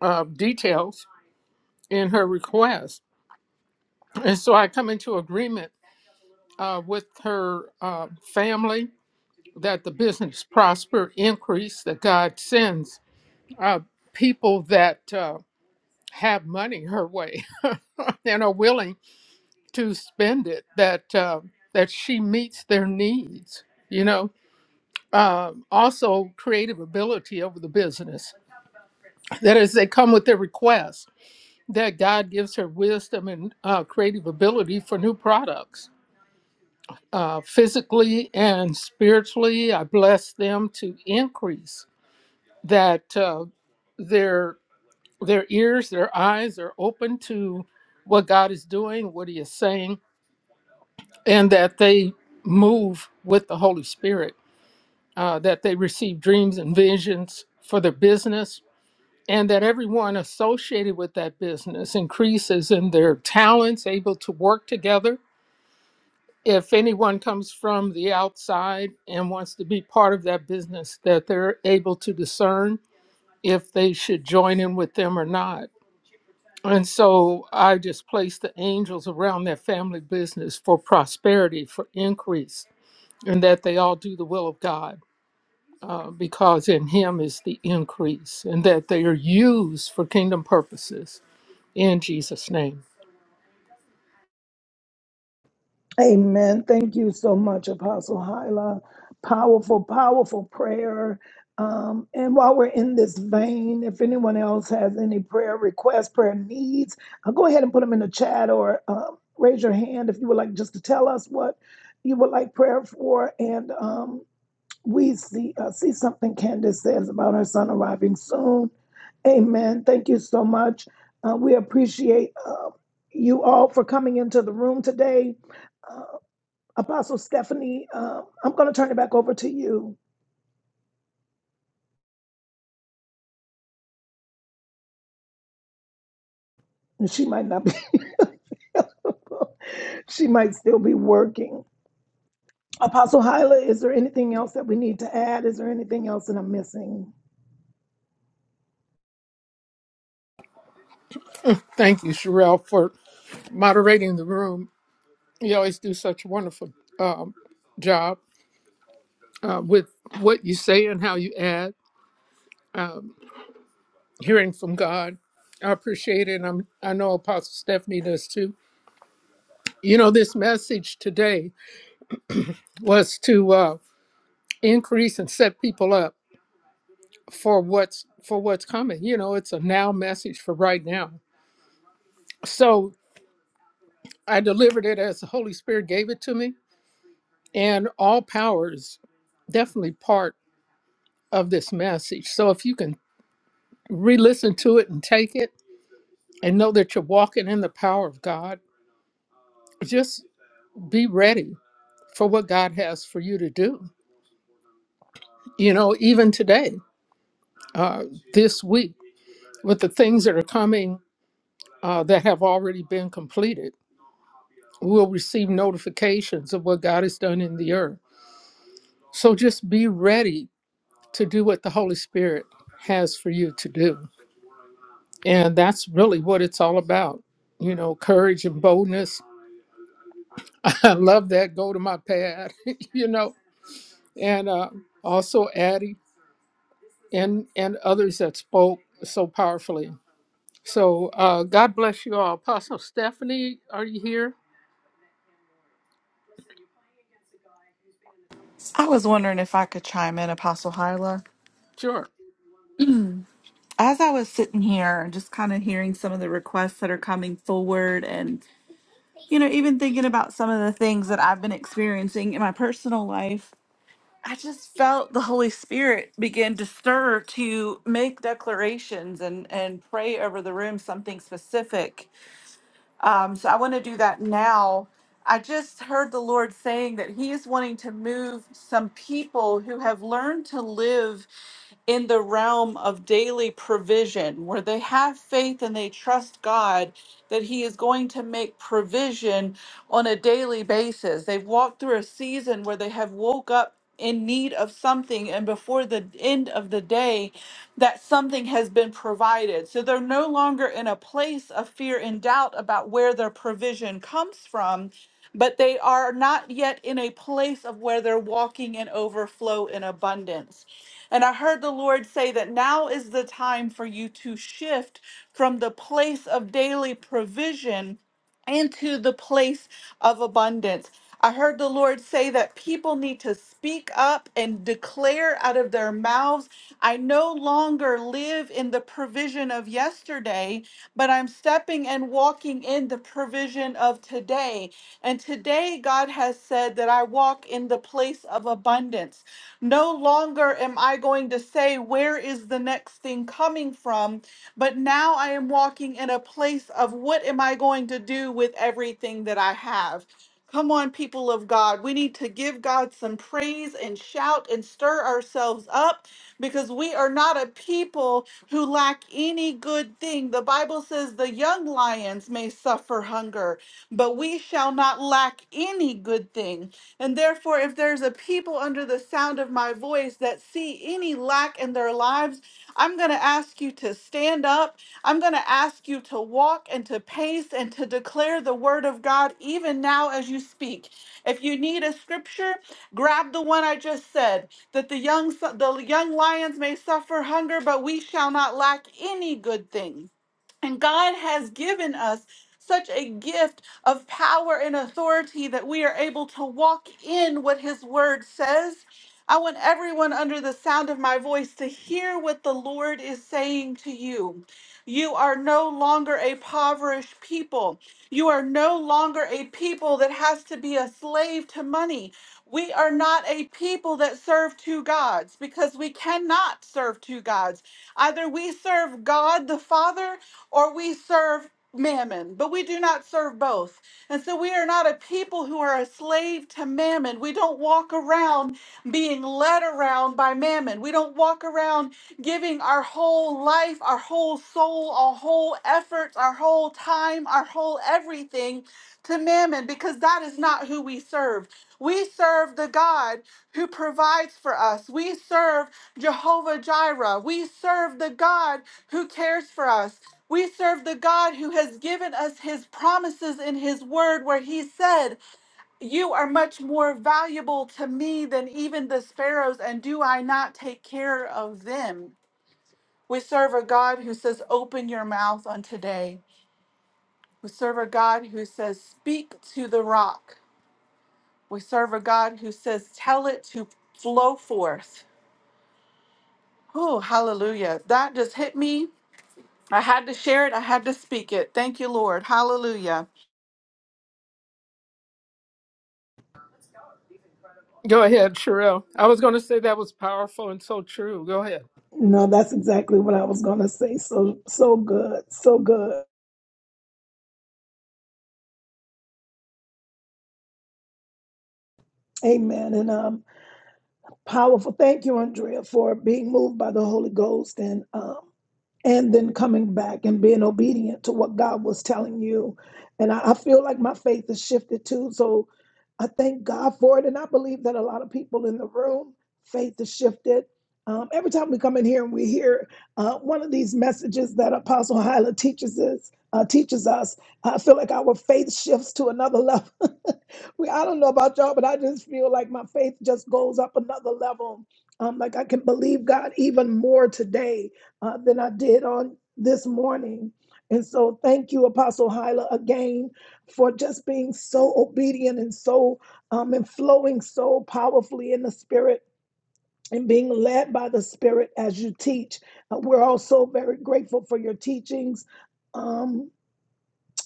uh, details in her request. And so I come into agreement uh, with her uh, family that the business prosper, increase that God sends uh, people that uh, have money her way <laughs> and are willing to spend it that uh, that she meets their needs you know um, also creative ability over the business that is they come with their requests that god gives her wisdom and uh, creative ability for new products uh, physically and spiritually i bless them to increase that uh, their their ears, their eyes are open to what God is doing, what He is saying, and that they move with the Holy Spirit, uh, that they receive dreams and visions for their business, and that everyone associated with that business increases in their talents, able to work together. If anyone comes from the outside and wants to be part of that business, that they're able to discern if they should join in with them or not And so I just placed the angels around their family business for prosperity, for increase, and that they all do the will of God uh, because in Him is the increase, and that they are used for kingdom purposes in Jesus' name.
Amen. Thank you so much, Apostle Hyla. Powerful, powerful prayer. Um, and while we're in this vein, if anyone else has any prayer requests, prayer needs, uh, go ahead and put them in the chat or um, raise your hand if you would like just to tell us what you would like prayer for. And um, We see, uh, see something Candace says about her son arriving soon. Amen. Thank you so much. Uh, we appreciate uh, you all for coming into the room today. Uh, Apostle Stephanie, uh, I'm going to turn it back over to you. She might not be, <laughs> she might still be working. Apostle Hyla, is there anything else that we need to add? Is there anything else that I'm missing?
Thank you, Sherelle, for moderating the room. You always do such a wonderful um, job uh, with what you say and how you add, um, hearing from God. I appreciate it. And I'm, I know Apostle Stephanie does too You know, this message today was to uh, increase and set people up for what's for what's coming. You know, it's a now message for right now. So I delivered it as the Holy Spirit gave it to me, and all power is definitely part of this message. So if you can re-listen to it and take it, and know that you're walking in the power of God, just be ready for what God has for you to do. You know, even today, uh, this week. with the things that are coming uh, that have already been completed. We'll receive notifications of what God has done in the earth. So just be ready to do what the Holy Spirit has for you to do. And that's really what it's all about. You know, courage and boldness. <laughs> I love that. Go to my pad, <laughs> you know, and uh, also Addie and, and others that spoke so powerfully. So uh, God bless you all. Apostle Stephanie, are you here?
I was wondering if I could chime in, Apostle Hyla.
Sure.
As I was sitting here and just kind of hearing some of the requests that are coming forward, and, you know, even thinking about some of the things that I've been experiencing in my personal life, I just felt the Holy Spirit begin to stir to make declarations and, and pray over the room something specific Um, so I want to do that now. I just heard the Lord saying that He is wanting to move some people who have learned to live in the realm of daily provision, where they have faith and they trust God that He is going to make provision on a daily basis. They've walked through a season where they have woke up in need of something, and before the end of the day, that something has been provided. So they're no longer in a place of fear and doubt about where their provision comes from. But they are not yet in a place of where they're walking in overflow and abundance. And I heard the Lord say that now is the time for you to shift from the place of daily provision into the place of abundance. I heard the Lord say that people need to speak up and declare out of their mouths, I no longer live in the provision of yesterday, but I'm stepping and walking in the provision of today today. And today, God has said that I walk in the place of abundance. No longer am I going to say, Where is the next thing coming from? But now I am walking in a place of what am I going to do with everything that I have? Come on, people of God. We need to give God some praise and shout and stir ourselves up because we are not a people who lack any good thing. The Bible says the young lions may suffer hunger but we shall not lack any good thing. And therefore, if there's a people under the sound of my voice that see any lack in their lives, I'm going to ask you to stand up. I'm going to ask you to walk and to pace and to declare the word of God even now as you speak. If you need a scripture, grab the one I just said that the young the young lions may suffer hunger, but we shall not lack any good thing. And God has given us such a gift of power and authority that we are able to walk in what His Word says. I want everyone under the sound of my voice to hear what the Lord is saying to you. You are no longer a impoverished people. You are no longer a people that has to be a slave to money. We are not a people that serve two gods because we cannot serve two gods. Either we serve God the Father or we serve mammon, but we do not serve both. And so we are not a people who are a slave to mammon. We don't walk around being led around by mammon. We don't walk around giving our whole life, our whole soul, our whole efforts, our whole time, our whole everything to mammon because that is not who we serve. We serve the God who provides for us. We serve Jehovah Jireh. We serve the God who cares for us. We serve the God who has given us his promises in his word, where he said, You are much more valuable to me than even the sparrows, and do I not take care of them? We serve a God who says, Open your mouth on today. We serve a God who says, Speak to the rock. We serve a God who says, Tell it to flow forth. Oh, hallelujah. That just hit me I had to share it. I had to speak it. Thank you, Lord. Hallelujah.
Go ahead, Sherelle. I was going to say that was powerful and so true. Go ahead.
No, that's exactly what I was going to say. So, so good. So good. Amen. And um. Powerful. Thank you, Andrea, for being moved by the Holy Ghost and um, and then coming back and being obedient to what God was telling you. And I, I feel like my faith has shifted too. So I thank God for it. And I believe that a lot of people in the room, faith has shifted. Um, every time we come in here and we hear uh, one of these messages that Apostle Hyla teaches us, uh, teaches us, I feel like our faith shifts to another level. <laughs> we, I don't know about y'all, but I just feel like my faith just goes up another level. Um, like I can believe God even more today uh, than I did on this morning. And so, thank you, Apostle Hyla, again for just being so obedient and so um, and flowing so powerfully in the Spirit and being led by the Spirit as you teach. Uh, we're also very grateful for your teachings. Um,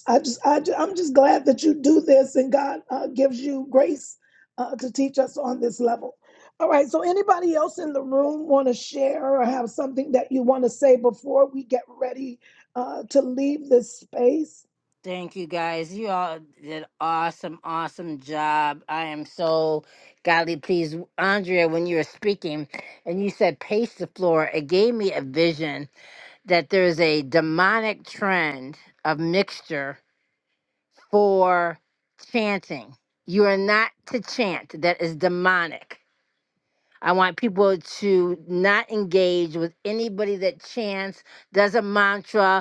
I just, I, I'm just glad that you do this and God uh, gives you grace uh, to teach us on this level. All right. So, anybody else in the room want to share or have something that you want to say before we get ready uh, to leave this space?
Thank you guys. You all did awesome, awesome job. I am so godly pleased. Andrea, when you were speaking and you said pace the floor, it gave me a vision that there's a demonic trend of mixture for chanting. You are not to chant. That is demonic. I want people to not engage with anybody that chants, does a mantra,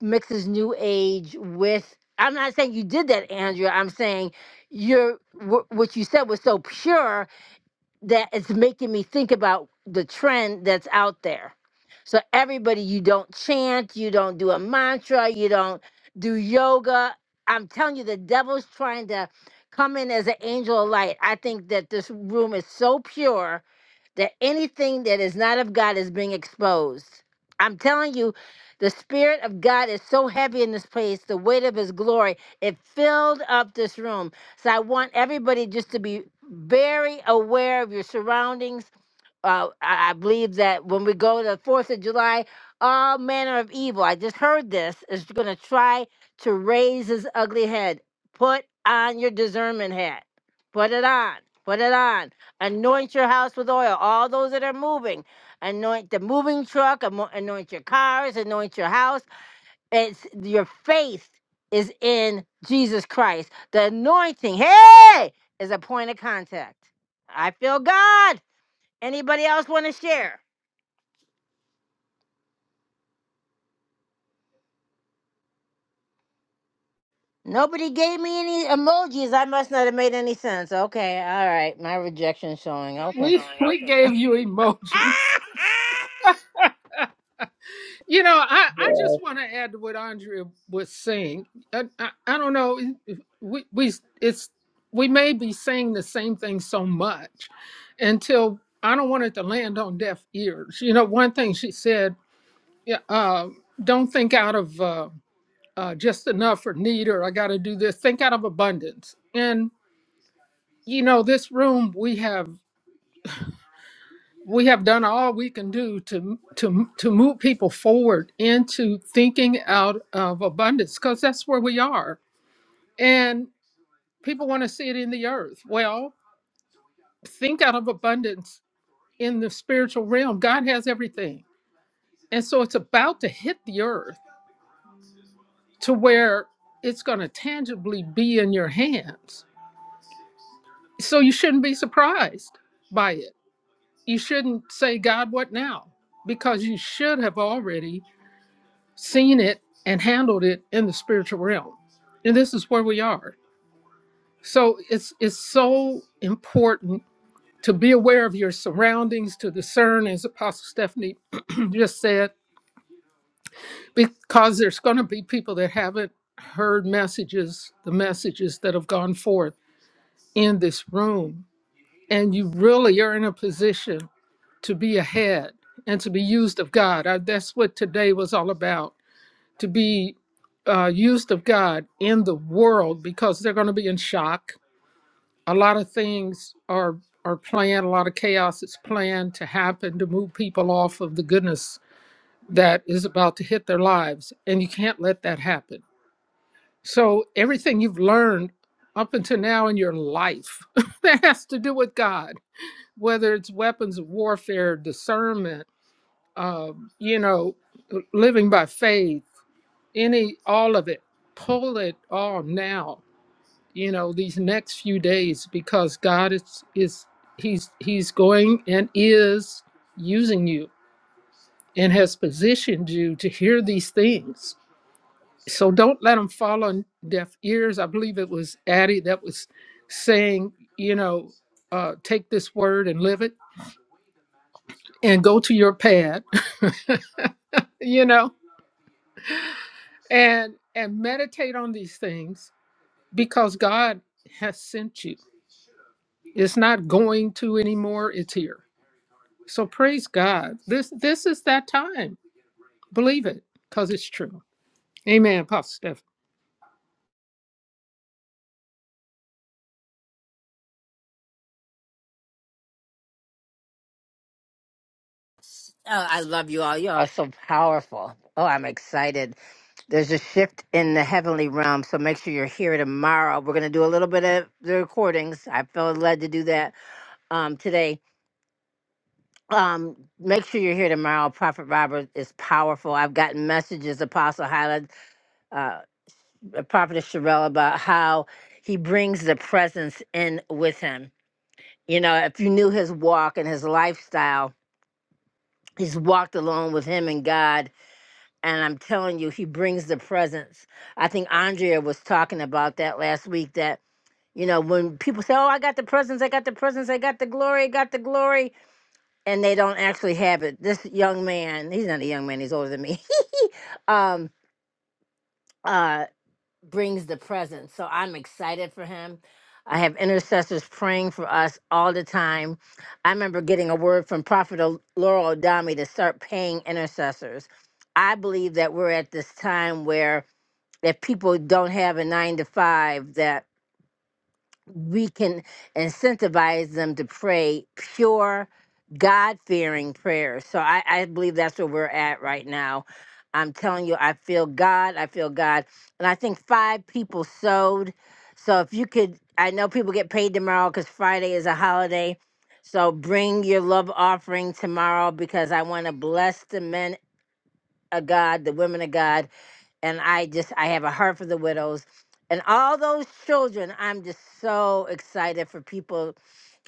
mixes new age with i'm not saying you did that andrea i'm saying you're wh- what you said was so pure that it's making me think about the trend that's out there so everybody you don't chant you don't do a mantra you don't do yoga i'm telling you the devil's trying to come in as an angel of light i think that this room is so pure that anything that is not of God is being exposed. I'm telling you, the Spirit of God is so heavy in this place, the weight of His glory, it filled up this room. So I want everybody just to be very aware of your surroundings. Uh, I, I believe that when we go to the 4th of July, all manner of evil, I just heard this, is going to try to raise his ugly head. Put on your discernment hat. Put it on. Put it on Anoint your house with oil. All those that are moving, anoint the moving truck, amo- anoint your cars, anoint your house. It's your faith is in Jesus Christ. The anointing, hey, is a point of contact. I feel God. Anybody else want to share? Nobody gave me any emojis. I must not have made any sense. Okay, all right. My rejection showing. Okay.
We Oh, <laughs> we okay. gave you emojis.
<laughs>
You know, I, I
yeah.
just want to add to what Andrea was saying. I, I, I don't know. if We we it's we may be saying the same thing so much until I don't want it to land on deaf ears. You know, one thing she said, yeah, uh, don't think out of uh, uh, just enough or need or I got to do this. Think out of abundance. And you know, this room we have. we have done all we can do to to to move people forward into thinking out of abundance because that's where we are and people want to see it in the earth well think out of abundance in the spiritual realm god has everything and so it's about to hit the earth to where it's going to tangibly be in your hands so you shouldn't be surprised by it you shouldn't say god what now because you should have already seen it and handled it in the spiritual realm. And this is where we are. So it's it's so important to be aware of your surroundings, to discern, as Apostle Stephanie <clears throat> just said, because there's going to be people that haven't heard messages, the messages that have gone forth in this room. And you really are in a position to be ahead and to be used of God. Uh, That's what today was all about to be uh, used of God in the world because they're going to be in shock. A lot of things are are planned. A lot of chaos is planned to happen to move people off of the goodness that is about to hit their lives, and you can't let that happen. So everything you've learned up until now in your life <laughs> that has to do with God, whether it's weapons of warfare, discernment, um, you know, living by faith any all of it pull it all now you know these next few days because god is is he's he's going and is using you and has positioned you to hear these things so don't let them fall on deaf ears i believe it was addie that was saying you know uh, take this word and live it and go to your pad <laughs> you know and and meditate on these things because god has sent you It's not going to anymore. It's here. So praise God. This this is that time. Believe it, because it's true. Amen, Apostle Stephen.
Oh, I love you all. You all are so powerful. Oh, I'm excited. There's a shift in the heavenly realm, so make sure you're here tomorrow. We're gonna do a little bit of the recordings. I felt led to do that um, today. Um, make sure you're here tomorrow. Prophet Robert is powerful. I've gotten messages, Apostle Highland, uh, Prophet Sherelle, about how he brings the presence in with him. You know, if you knew his walk and his lifestyle, he's walked alone with him and God And I'm telling you, he brings the presence. I think Andrea was talking about that last week that, you know, when people say, oh, I got the presence, I got the presence, I got the glory, I got the glory, and they don't actually have it. This young man, he's not a young man, he's older than me, <laughs> um, uh, brings the presence. So I'm excited for him. I have intercessors praying for us all the time. I remember getting a word from Prophet O- Laurel Adami to start paying intercessors. I believe that we're at this time where that people don't have a nine to five, that we can incentivize them to pray pure, God fearing prayers. So I, I believe that's where we're at right now. I'm telling you, I feel God. I feel God. And I think five people sowed. So if you could, I know people get paid tomorrow because Friday is a holiday. So bring your love offering tomorrow because I want to bless the men of God, the women of God and I just I have a heart for the widows and all those children. I'm just so excited for people.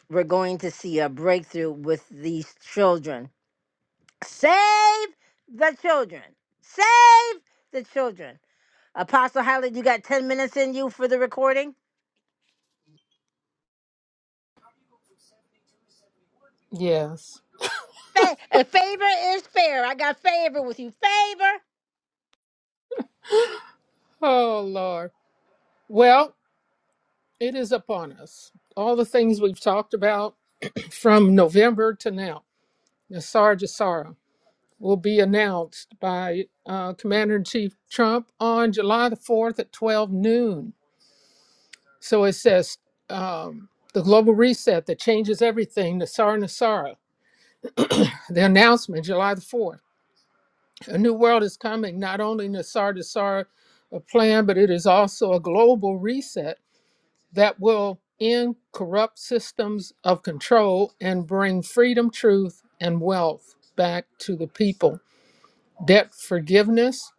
We're going to see a breakthrough with these children. Save the children. Save the children. Apostle Highland, you got 10 minutes in you for the recording?
Yes.
Fa- uh, favor is fair. I got favor with you. Favor,
Oh Lord. Well, it is upon us. All the things we've talked about from November to now. Nassar Jassara will be announced by uh, Commander in Chief Trump on July the 4th at 12 noon. So it says um, the global reset that changes everything, Nassar Nassara. The announcement, July the 4th. A new world is coming, not only Nassar to Sar a plan, but it is also a global reset that will end corrupt systems of control and bring freedom, truth, and wealth back to the people. Debt forgiveness,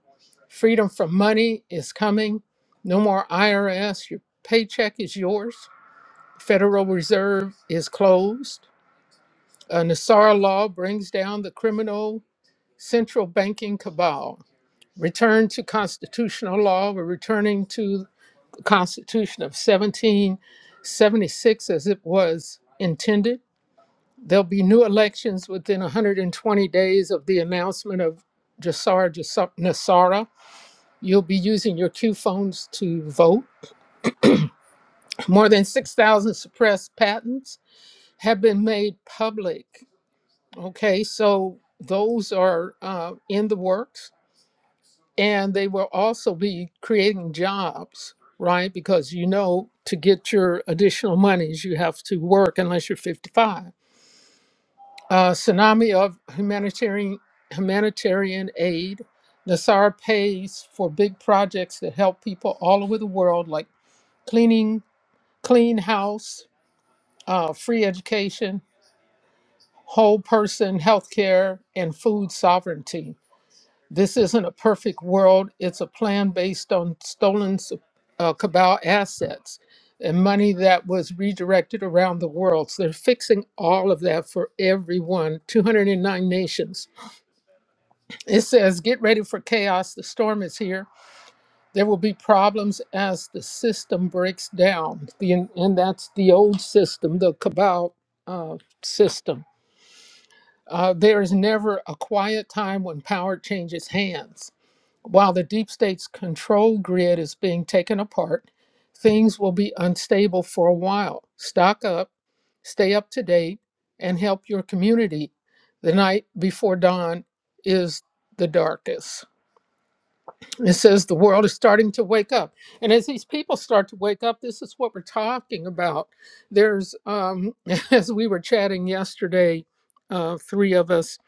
freedom from money is coming. No more IRS, your paycheck is yours. Federal Reserve is closed. A Nasara law brings down the criminal central banking cabal return to constitutional law. We're returning to the Constitution of 1776 as it was intended. There'll be new elections within 120 days of the announcement of Jassar Nassara. You'll be using your Q phones to vote. More than 6,000 suppressed patents have been made public. Okay, so those are uh, in the works. and they will also be creating jobs right because you know to get your additional monies you have to work unless you're 55 uh, tsunami of humanitarian humanitarian aid nasar pays for big projects that help people all over the world like cleaning clean house uh, free education whole person healthcare and food sovereignty This isn't a perfect world. It's a plan based on stolen uh, cabal assets and money that was redirected around the world. So they're fixing all of that for everyone, 209 nations. It says, Get ready for chaos. The storm is here. There will be problems as the system breaks down. The, and that's the old system, the cabal uh, system. Uh, there is never a quiet time when power changes hands. While the deep state's control grid is being taken apart, things will be unstable for a while. Stock up, stay up to date, and help your community. The night before dawn is the darkest. It says the world is starting to wake up. And as these people start to wake up, this is what we're talking about. There's, um, <laughs> as we were chatting yesterday, uh, three of us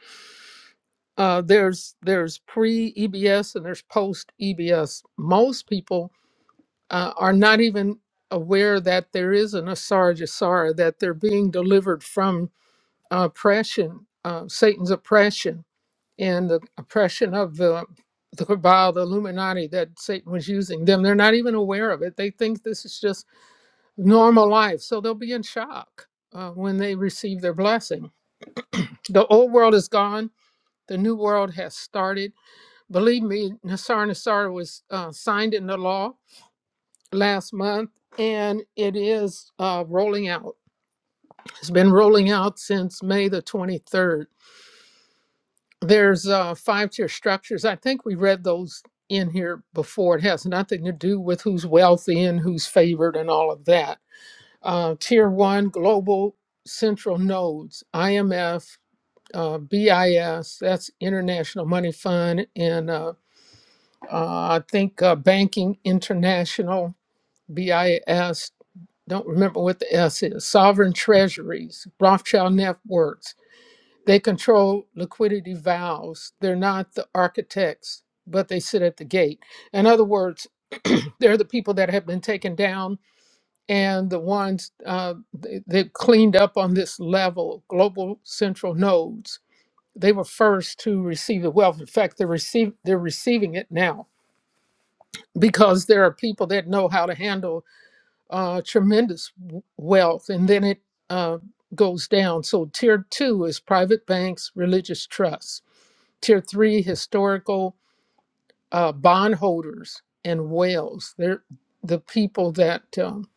uh, there's there's pre EBS and there's post EBS. Most people uh, are not even aware that there is an Asar Jasara, that they're being delivered from oppression, uh, Satan's oppression, and the oppression of the the cabal, the Illuminati that Satan was using them. They're not even aware of it. They think this is just normal life, so they'll be in shock uh, when they receive their blessing. The old world is gone. The new world has started Believe me, Nassar Nassar was uh, signed into law last month and it is uh, rolling out. It's been rolling out since May the 23rd. There's uh, five tier structures. I think we read those in here before. It has nothing to do with who's wealthy and who's favored and all of that. Uh, tier one global central nodes, IMF, uh, BIS, that's International Money Fund, and uh, Uh, I think uh, Banking International, BIS, don't remember what the S is, Sovereign Treasuries, Rothschild Networks. They control liquidity valves. They're not the architects, but they sit at the gate. In other words, <clears throat> they're the people that have been taken down and the ones uh, they, they've cleaned up on this level, global central nodes. They were first to receive the wealth. In fact, they're, receive, they're receiving it now because there are people that know how to handle uh, tremendous w- wealth, and then it uh, goes down. So, tier two is private banks, religious trusts. Tier three, historical uh, bondholders and whales. They're the people that um,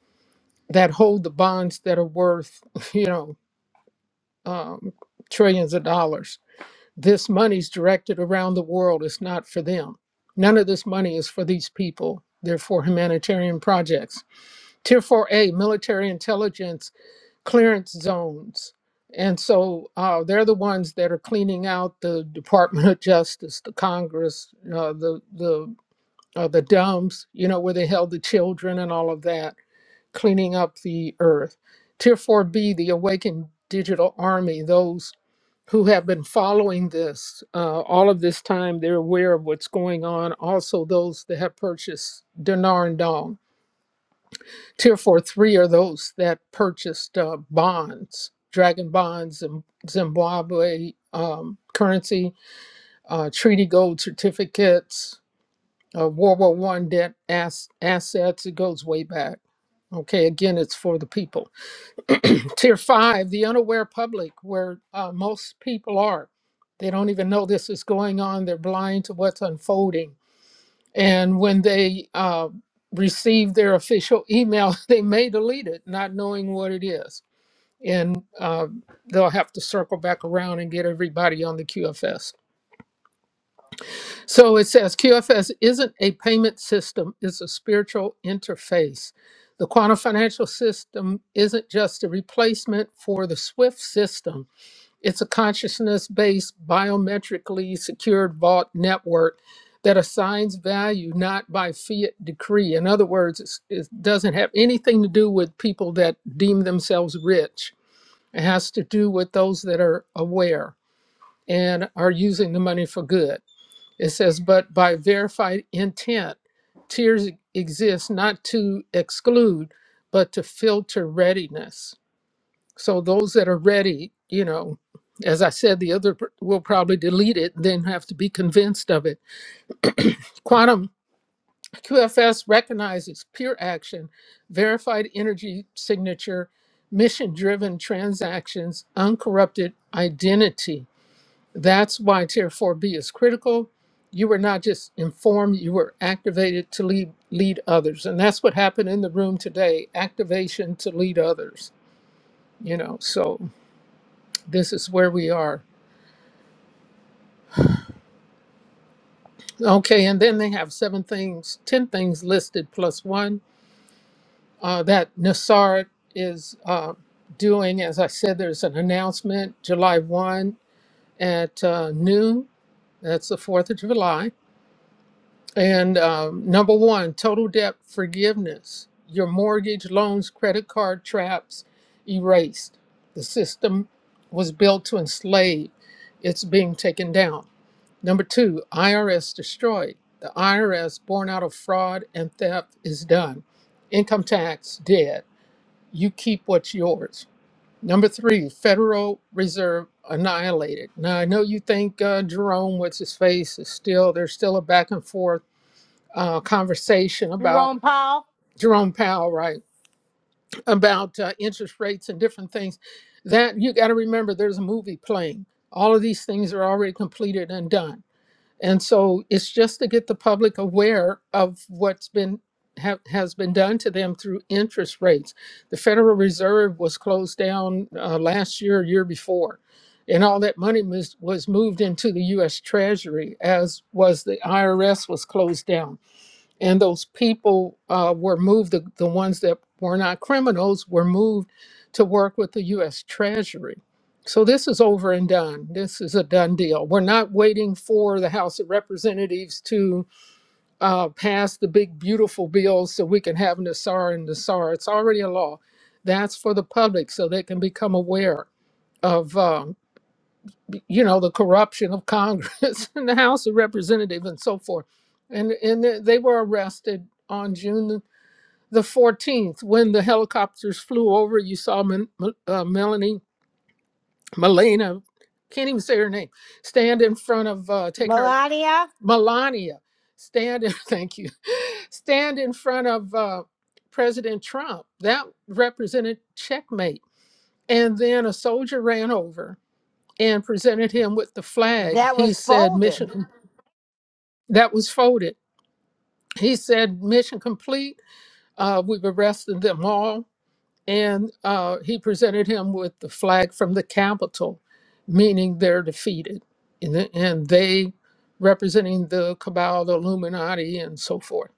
that hold the bonds that are worth, <laughs> you know, um, trillions of dollars. This money's directed around the world. It's not for them. None of this money is for these people. They're for humanitarian projects Tier 4A military intelligence clearance zones. And so uh, they're the ones that are cleaning out the <laughs> Department of Justice, the Congress, uh, the the uh, the dumps, you know, where they held the children and all of that, cleaning up the earth. Tier 4B, the awakened digital army, those who have been following this uh, all of this time, they're aware of what's going on. Also, those that have purchased Dinar and Dong Tier four three are those that purchased uh, bonds, dragon bonds, and Zimbabwe um, currency, uh, treaty gold certificates, uh, World War One debt ass- assets. It goes way back. Okay, again, it's for the people. <clears throat> Tier five, the unaware public, where uh, most people are. They don't even know this is going on. They're blind to what's unfolding and when they uh, received their official email, <laughs> they may delete it, not knowing what it is. And uh, they'll have to circle back around and get everybody on the QFS. So it says QFS isn't a payment system, it's a spiritual interface. The quantum financial system isn't just a replacement for the SWIFT system it's a consciousness based, biometrically secured vault network that assigns value not by fiat decree. In other words, it's, it doesn't have anything to do with people that deem themselves rich. It has to do with those that are aware and are using the money for good. It says, but by verified intent, tiers exist not to exclude, but to filter readiness. So those that are ready, you know, as I said, the other pr- will probably delete it, then have to be convinced of it. Quantum QFS recognizes peer action, verified energy signature, mission driven transactions, uncorrupted identity. That's why Tier 4B is critical. You were not just informed, you were activated to lead, lead others. And that's what happened in the room today activation to lead others. You know, so this is where we are Okay, and then they have seven things, ten things listed plus one uh, that Nassar is uh, doing. As I said, there's an announcement July 1 at uh, noon. That's the 4th of July. And um, number one, total debt forgiveness. Your mortgage, loans, credit card traps erased. The system was built to enslave, it's being taken down. Number two, IRS destroyed. The IRS, born out of fraud and theft, is done. Income tax, dead. You keep what's yours. Number three, Federal Reserve annihilated. Now, I know you think uh, Jerome, what's his face, is still, there's still a back and forth uh, conversation about
Jerome Paul.
Jerome Powell, right? About uh, interest rates and different things. That you got to remember, there's a movie playing. All of these things are already completed and done and so it's just to get the public aware of what's been ha- has been done to them through interest rates. The Federal Reserve was closed down uh, last year, year before, and all that money was, was moved into the U.S. Treasury, as was the IRS was closed down and those people uh, were moved the, the ones that were not criminals were moved to work with the u.s treasury so this is over and done this is a done deal we're not waiting for the house of representatives to uh, pass the big beautiful bill so we can have nasar and nasar it's already a law that's for the public so they can become aware of uh, you know the corruption of congress <laughs> and the house of representatives and so forth and and they were arrested on june the 14th when the helicopters flew over you saw Men, uh, melanie melena can't even say her name stand in front of uh, take her
Melania,
melania stand in <laughs> thank you stand in front of uh, president trump that represented checkmate and then a soldier ran over and presented him with the flag
that was
he said
folded.
mission that was folded. He said, Mission complete. Uh, we've arrested them all. And uh, he presented him with the flag from the Capitol, meaning they're defeated. And, the- and they representing the cabal, the Illuminati, and so forth.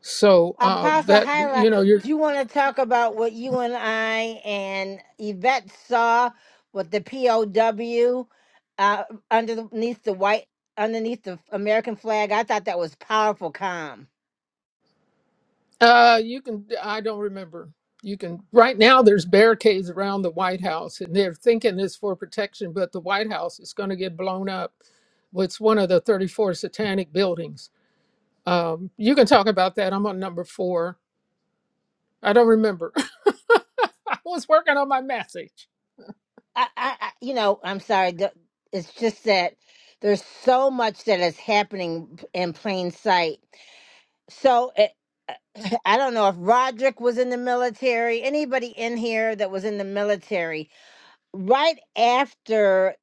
So uh,
Apostle
that,
Hyla,
you know, you're
do you want to talk about what you and I and Yvette saw with the POW uh, underneath the white, underneath the American flag? I thought that was powerful, calm.
Uh, you can. I don't remember. You can. Right now, there's barricades around the White House, and they're thinking it's for protection, but the White House is going to get blown up. It's one of the 34 satanic buildings. Um, you can talk about that. I'm on number four. I don't remember. <laughs> I was working on my message.
I, I, I you know, I'm sorry. the- It's just that there's so much that is happening in plain sight. So it, <clears throat> I don't know if Roderick was in the military, anybody in here that was in the military, right after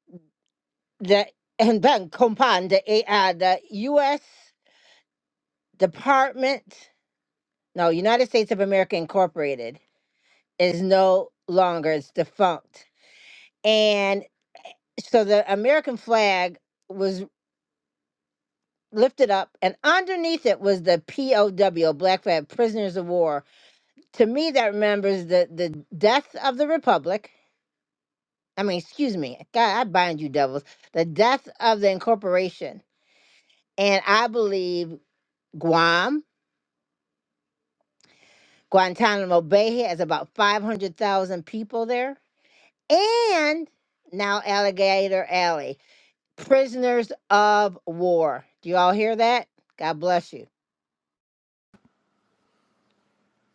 the and then compound the A- uh, the U.S. Department, no United States of America Incorporated is no longer it's defunct, and so the American flag was lifted up, and underneath it was the POW, Black Flag Prisoners of War. To me, that remembers the the death of the Republic. I mean, excuse me, God, I bind you, devils. The death of the incorporation, and I believe Guam Guantanamo Bay has about 500,000 people there. And now Alligator Alley, prisoners of war. Do you all hear that? God bless you.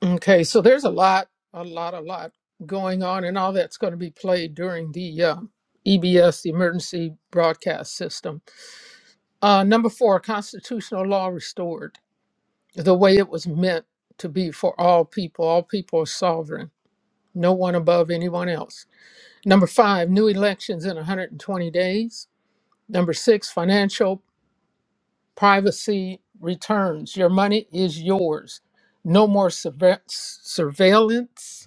Okay, so there's a lot, a lot, a lot going on, and all that's going to be played during the uh, EBS, the Emergency Broadcast System. Uh, number four, constitutional law restored the way it was meant to be for all people. All people are sovereign, no one above anyone else. Number five, new elections in 120 days. Number six, financial privacy returns. Your money is yours. No more surve- surveillance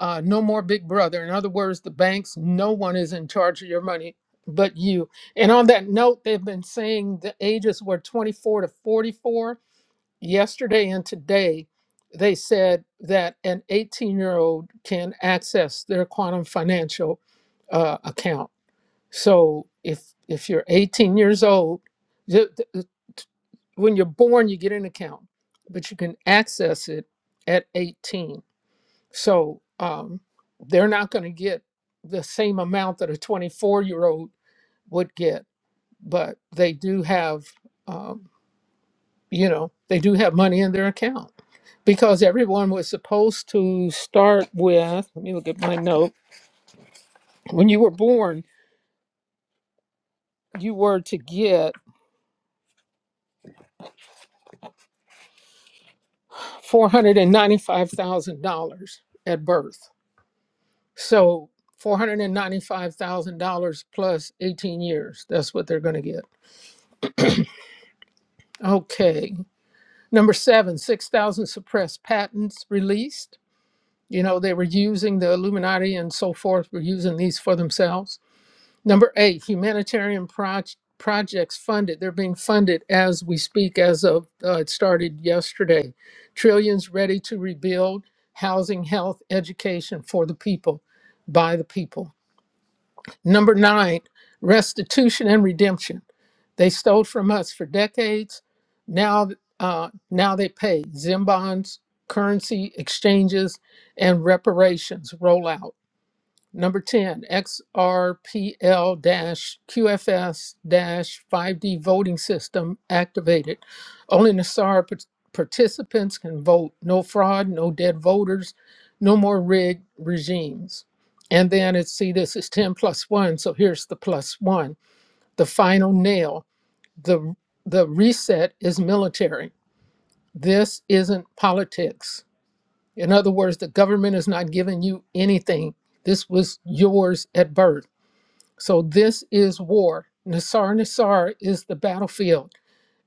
uh, no more big brother. In other words, the banks, no one is in charge of your money but you. And on that note, they've been saying the ages were 24 to 44. Yesterday and today, they said that an 18 year old can access their quantum financial uh, account. So if if you're 18 years old, the- the- when you're born, you get an account, but you can access it at 18 so um, they're not going to get the same amount that a 24 year old would get, but they do have, um, you know, they do have money in their account because everyone was supposed to start with. Let me look at my note. When you were born, you were to get $495,000 at birth. So $495,000 plus 18 years. That's what they're going to get. Okay. Number seven, 6,000 suppressed patents released. You know, they were using the Illuminati and so forth, were using these for themselves. Number eight, humanitarian proj- projects funded. They're being funded as we speak, as of uh, it started yesterday. Trillions ready to rebuild housing, health, education for the people, by the people. Number nine, restitution and redemption. They stole from us for decades. Now, uh, now they pay ZIM bonds, currency exchanges and reparations roll out. Number 10, XRPL QFS 5D voting system activated. Only Nassar par- participants can vote. No fraud, no dead voters, no more rigged regimes. And then it's see, this is 10 plus 1, so here's the plus 1. The final nail the the reset is military. This isn't politics. In other words, the government is not giving you anything. This was yours at birth. So this is war. Nasar Nasar is the battlefield.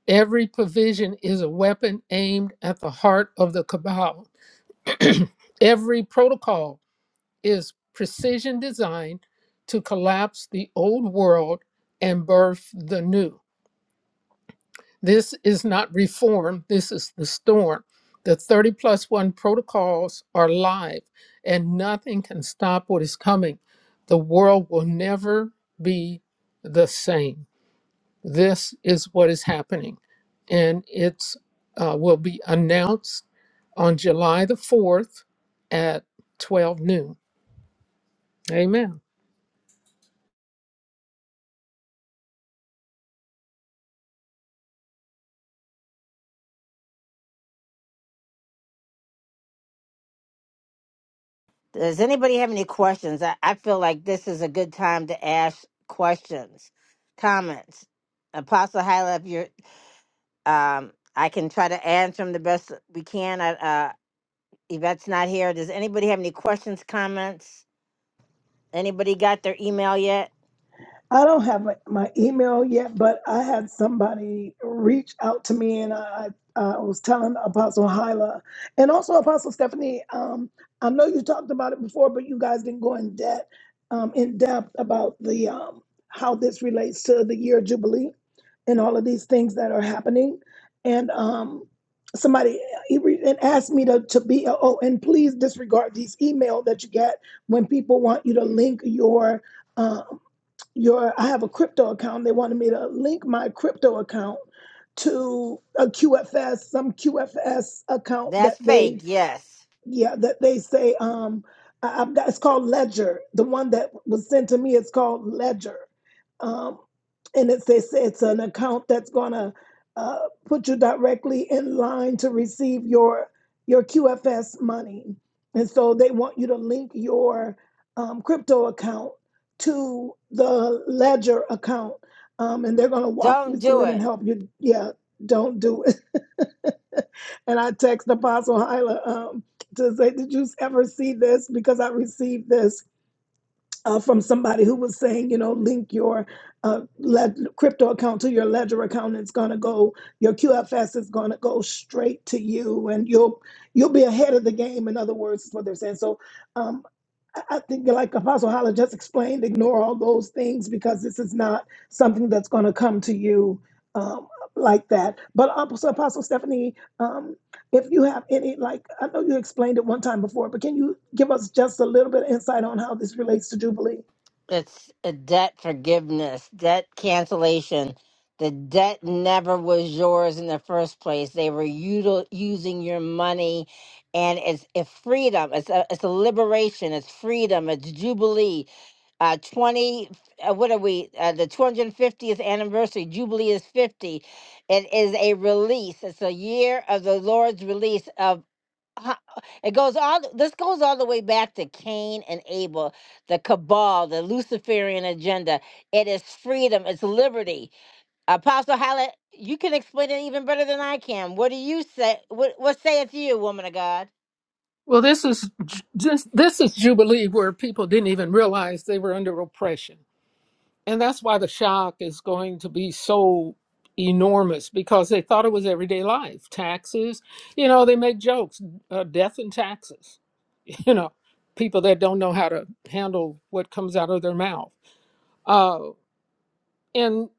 Every provision is a weapon aimed at the heart of the cabal. Every protocol is precision designed to collapse the old world and birth the new. This is not reform, this is the storm. The 30 plus 1 protocols are live, and nothing can stop what is coming. The world will never be the same. This is what is happening, and it's uh, will be announced on July the 4th at 12 noon. Amen.
Does anybody have any questions? I, I feel like this is a good time to ask questions, comments. Apostle Hyla, if you're, um, I can try to answer them the best we can. I, uh, Yvette's not here. Does anybody have any questions, comments? Anybody got their email yet?
I don't have my, my email yet, but I had somebody reach out to me, and I, I was telling Apostle Hyla and also Apostle Stephanie. Um, I know you talked about it before, but you guys didn't go in depth um, in depth about the um, how this relates to the year of jubilee and all of these things that are happening. And um, somebody he re- and asked me to to be oh, and please disregard these email that you get when people want you to link your. uh, your I have a crypto account. They wanted me to link my crypto account to a QFS, some QFS account that
That's
they
fake, yes.
yeah, that they say um I, I've got it's called Ledger. The one that was sent to me is called Ledger. Um and it's they it's an account that's gonna uh put you directly in line to receive your your QFS money. And so they want you to link your um, crypto account to the ledger account. Um, and they're gonna walk you
Don't do
through it and
it.
help you. Yeah, don't do it. <laughs> and I text Apostle Hyla um, to say, "Did you ever see this?" Because I received this uh, from somebody who was saying, you know, link your uh, led- crypto account to your Ledger account. And it's gonna go. Your QFS is gonna go straight to you, and you'll you'll be ahead of the game. In other words, is what they're saying. So. um, I think, like Apostle Holler just explained, ignore all those things because this is not something that's going to come to you um, like that. But Apostle, Apostle Stephanie, um, if you have any, like I know you explained it one time before, but can you give us just a little bit of insight on how this relates to Jubilee?
It's a debt forgiveness, debt cancellation. The debt never was yours in the first place. They were util- using your money, and it's a freedom. It's a it's a liberation. It's freedom. It's jubilee. Uh, twenty. Uh, what are we? Uh, the two hundred fiftieth anniversary. Jubilee is fifty. It is a release. It's a year of the Lord's release of. ho- it goes all this goes all the way back to cain and abel the cabal the luciferian agenda it is freedom it's liberty apostle Hallett, you can explain it even better than i can what do you say what, what saith you woman of god
Well, this is ju- this, this is Jubilee where people didn't even realize they were under oppression. And that's why the shock is going to be so enormous because they thought it was everyday life. Taxes, you know, they make jokes, uh, death and taxes, <laughs> you know, people that don't know how to handle what comes out of their mouth. Uh, and,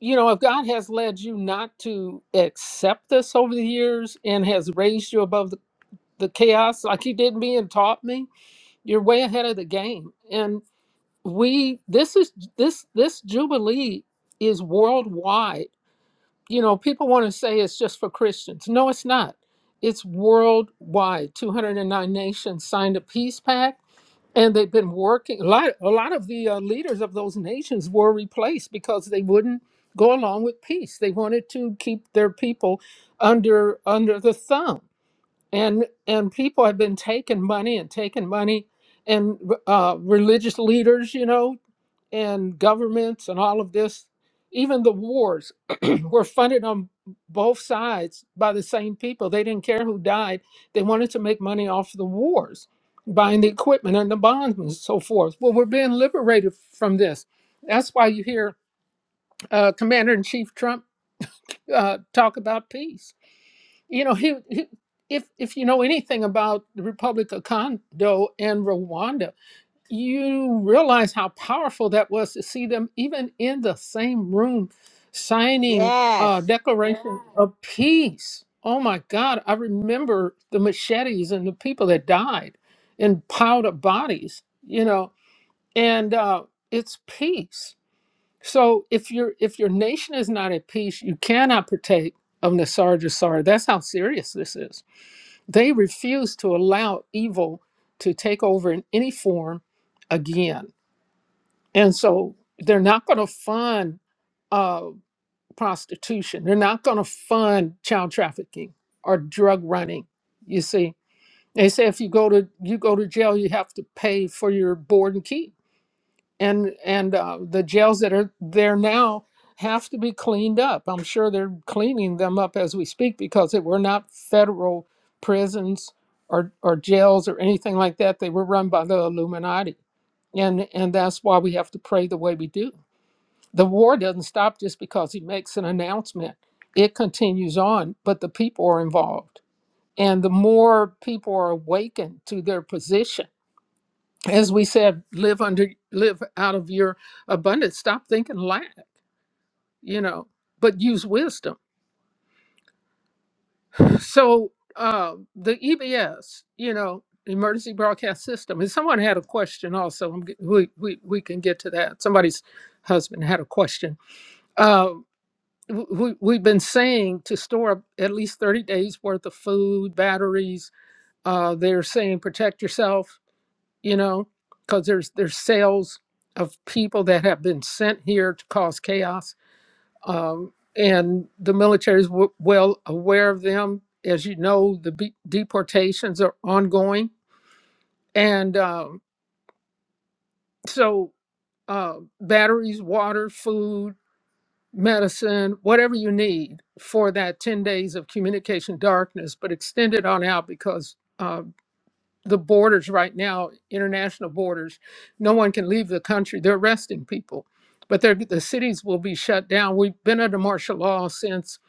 you know, if God has led you not to accept this over the years and has raised you above the, the chaos like He did me and taught me, you're way ahead of the game. And. we this is this this jubilee is worldwide you know people want to say it's just for christians no it's not it's worldwide 209 nations signed a peace pact and they've been working a lot, a lot of the uh, leaders of those nations were replaced because they wouldn't go along with peace they wanted to keep their people under under the thumb and and people have been taking money and taking money and uh, religious leaders, you know and governments and all of this, even the wars <clears throat> were funded on both sides by the same people. They didn't care who died. They wanted to make money off the wars, buying the equipment and the bonds and so forth. Well, we're being liberated from this. That's why you hear uh, Commander in Chief Trump uh, talk about peace. You know, he, he if if you know anything about the Republic of Congo and Rwanda, you realize how powerful that was to see them even in the same room signing a
yes
declaration Yeah. of peace. Oh my God, I remember the machetes and the people that died and piled up bodies, you know, and uh, it's peace. So if your if your nation is not at peace, you cannot partake of Nasar Jasar. That's how serious this is. They refuse to allow evil to take over in any form again and so they're not going to fund uh, prostitution. They're not going to fund child trafficking or drug running. You see, they say if you go to you go to jail, you have to pay for your board and keep. And and uh, the jails that are there now have to be cleaned up. I'm sure they're cleaning them up as we speak because they were not federal prisons or or jails or anything like that. They were run by the Illuminati, and and that's why we have to pray the way we do the war doesn't stop just because he makes an announcement. It continues on, but the people are involved. And the more people are awakened to their position, as we said, live under live out of your abundance. Stop thinking lack, you know, but use wisdom. So uh the EBS, you know, emergency broadcast system. And someone had a question also. I'm, g- we, we we can get to that. Somebody's husband had a question Uh, w- we, we've been saying to store up at least 30 days worth of food batteries uh, they're saying protect yourself you know because there's there's sales of people that have been sent here to cause chaos um, and the military is w- well aware of them as you know the be- deportations are ongoing and um, so uh, batteries water food medicine, whatever you need for that 10 days of communication darkness, but extend it on out because uh, the borders right now, international borders, no one can leave the country. They're arresting people, but they're, the cities will be shut down. We've been under martial law since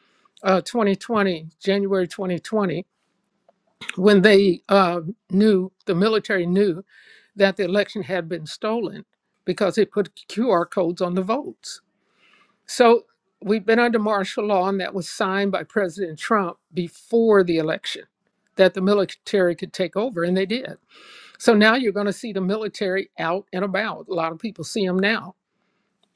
uh, 2020, January 2020, when they uh, knew, the military knew that the election had been stolen because they put QR codes on the votes so we've been under martial law, and that was signed by President Trump before the election that the military could take over, and they did. So now you're going to see the military out and about. A lot of people see them now.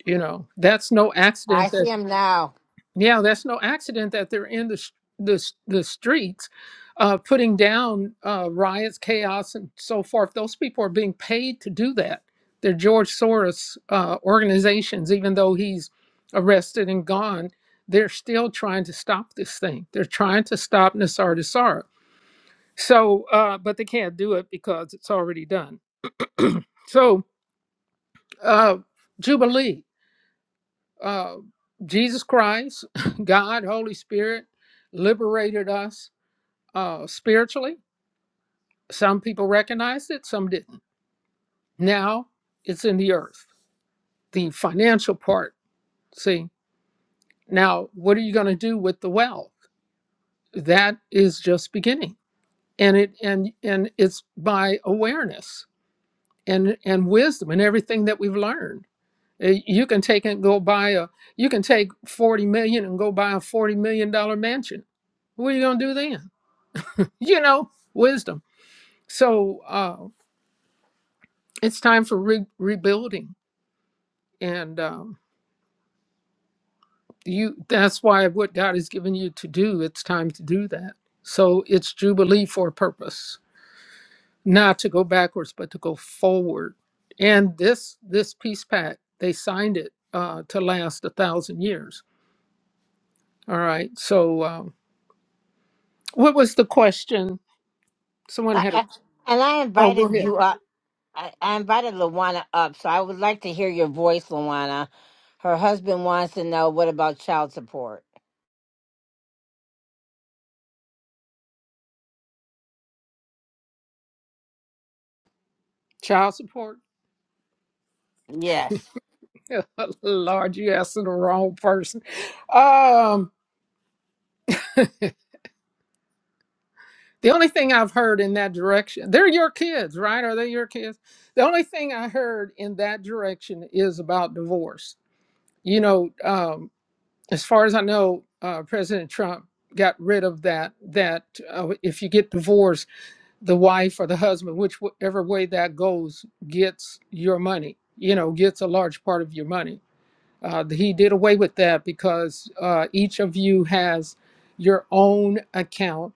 You know, that's no
i
accident that.
see him now
Yeah, that's no accident that they're in the s- the, s- the streets, uh, putting down uh, riots, chaos, and so forth. Those people are being paid to do that. They're George Soros uh, organizations, even though he's arrested and gone. They're still trying to stop this thing. They're trying to stop Nasar Nassar. So, uh, but they can't do it because it's already done. So, uh, Jubilee. uh, Jesus Christ, <laughs> God, Holy Spirit liberated us uh, spiritually. Some people recognized it, some didn't. Now it's in the earth, the financial part. See, now what are you going to do with the wealth? That is just beginning, and it and and it's by awareness and and wisdom and everything that we've learned. Uh, You can take and go buy a, you can take 40 million and go buy a 40 million dollar mansion. What are you going to do then? <laughs> You know, wisdom. So uh, it's time for re- rebuilding. And um, you, that's why what God has given you to do, it's time to do that. So it's Jubilee for a purpose, not to go backwards, but to go forward. And this, this peace pact, they signed it uh, to last a thousand years. All right. So, um, What was the question? Someone
I,
had a.
I- and i
Oh, go
invited
ahead.
you up I, I invited Luana up, so I would like to hear your voice, Luana. Her husband wants to know what about child support?
Child support.
Yes.
<laughs> Lord, you asking the wrong person. Um, <laughs> the only thing I've heard in that direction, they're your kids, right? Are they your kids? The only thing I heard in that direction is about divorce. You know, um, as far as I know, uh, President Trump got rid of that. That uh, if you get divorced. the wife or the husband, whichever way that goes, gets your money, you know, gets a large part of your money. Uh, he did away with that because uh, each of you has your own account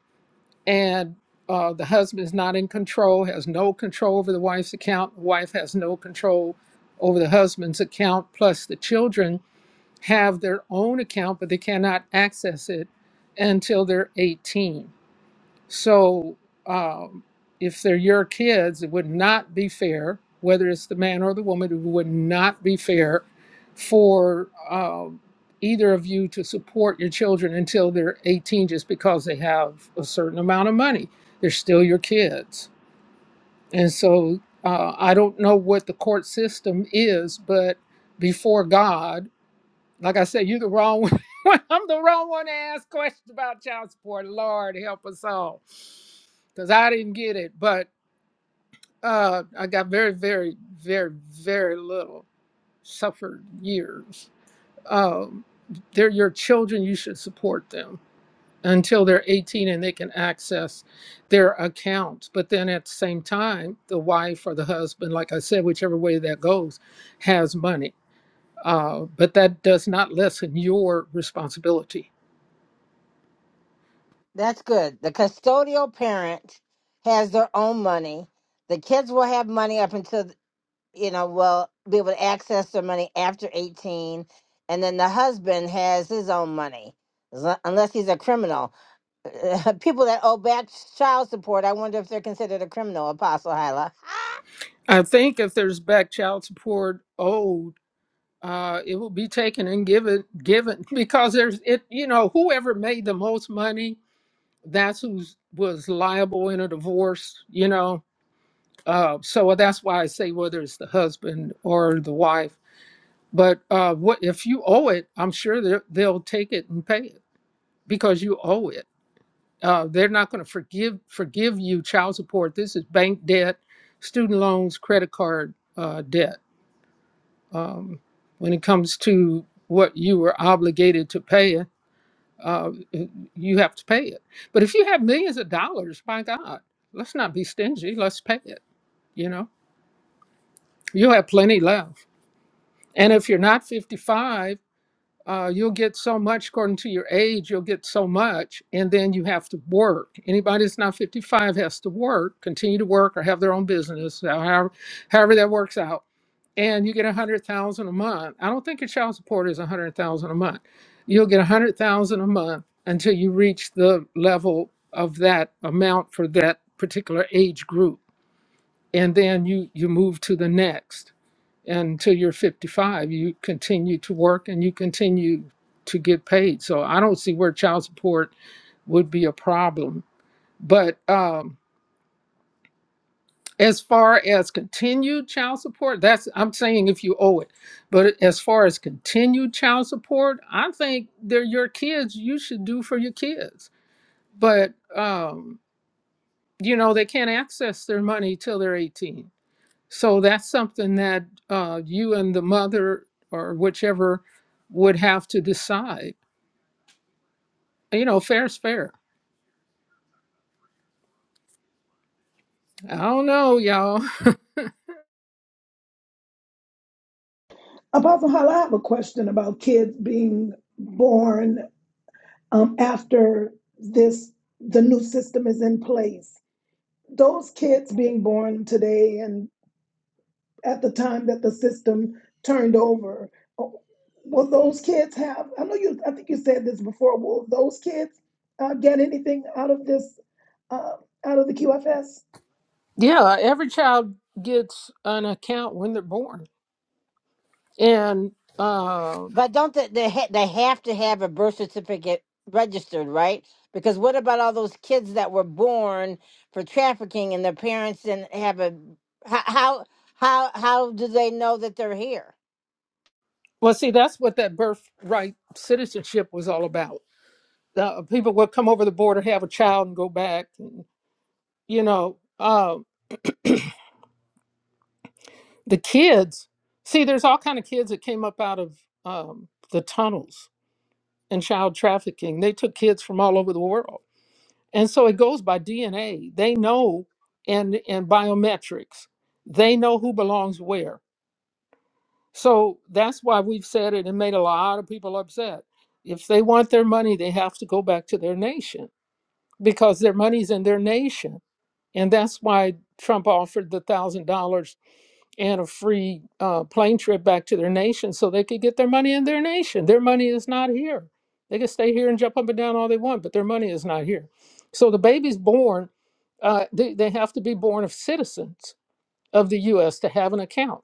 and uh, the husband is not in control, has no control over the wife's account. The wife has no control over the husband's account. Plus, the children have their own account, but they cannot access it until they're 18 so um, if they're your kids, it would not be fair, whether it's the man or the woman, it would not be fair for um, either of you to support your children until they're 18 just because they have a certain amount of money. They're still your kids. And so uh, I don't know what the court system is, but before God, like I said, you the wrong one. <laughs> I'm the wrong one to ask questions about child support. Lord help us all. Cause I didn't get it. But uh I got very, very, very, very little suffered years. Um they're your children, you should support them until they're 18 and they can access their accounts. But then at the same time, the wife or the husband, like I said, whichever way that goes, has money uh, but that does not lessen your responsibility.
That's good. The custodial parent has their own money. The kids will have money up until, you know, will be able to access their money after 18. And then the husband has his own money, as lo- unless he's a criminal. <laughs> People that owe back child support, I wonder if they're considered a criminal, Apostle Hyla.
I think if there's back child support owed, uh, it will be taken and given given <laughs> because there's it you know whoever made the most money that's who was liable in a divorce you know uh, so that's why I say whether it's the husband or the wife But uh, what if you owe it? I'm sure they'll they'll take it and pay it because you owe it. Uh, they're not going to forgive forgive you child support. This is bank debt, student loans, credit card uh, debt. Um, when it comes to what you were obligated to pay, uh, you have to pay it. But if you have millions of dollars, by God, let's not be stingy. Let's pay it. You know, you'll have plenty left. And if you're not 55 uh, you'll get so much according to your age you'll get so much and then you have to work anybody that's not 55 has to work continue to work or have their own business so however, however that works out and you get 100000 a month i don't think your child support is 100000 a month you'll get 100000 a month until you reach the level of that amount for that particular age group and then you you move to the next until you're 55 you continue to work and you continue to get paid so i don't see where child support would be a problem but um, as far as continued child support that's i'm saying if you owe it but as far as continued child support i think they're your kids you should do for your kids but um, you know they can't access their money till they're 18 So that's something that uh, you and the mother or whichever would have to decide. You know, fair's fair. I don't know, y'all. <laughs>
Apostle Hala, I have a question about kids being born um, after this the new system is in place. Those kids being born today and. at the time that the system turned over. Oh, Will those kids have? I know you. I think you said this before. Will those kids uh, get anything out of this? Uh, out of the QFS?
Yeah, every child gets an account when they're born. And, uh,
But don't they, they ha- they have to have a birth certificate registered, right? Because what about all those kids that were born for trafficking and their parents didn't have a how how how, how do they know that they're here?
well, see, that's what that birthright citizenship was all about. Uh, people would come over the border, have a child, and go back. And, you know, uh, the kids, see, there's all kind of kids that came up out of um, the tunnels and child trafficking. They took kids from all over the world. And so it goes by DNA. They know and and biometrics. They know who belongs where. So that's why we've said it and made a lot of people upset. If they want their money, they have to go back to their nation because their money's in their nation. And that's why Trump offered the $1,000 and a free uh, plane trip back to their nation so they could get their money in their nation. Their money is not here. They can stay here and jump up and down all they want, but their money is not here. So the baby's born, uh, they, they have to be born of citizens of the US to have an account.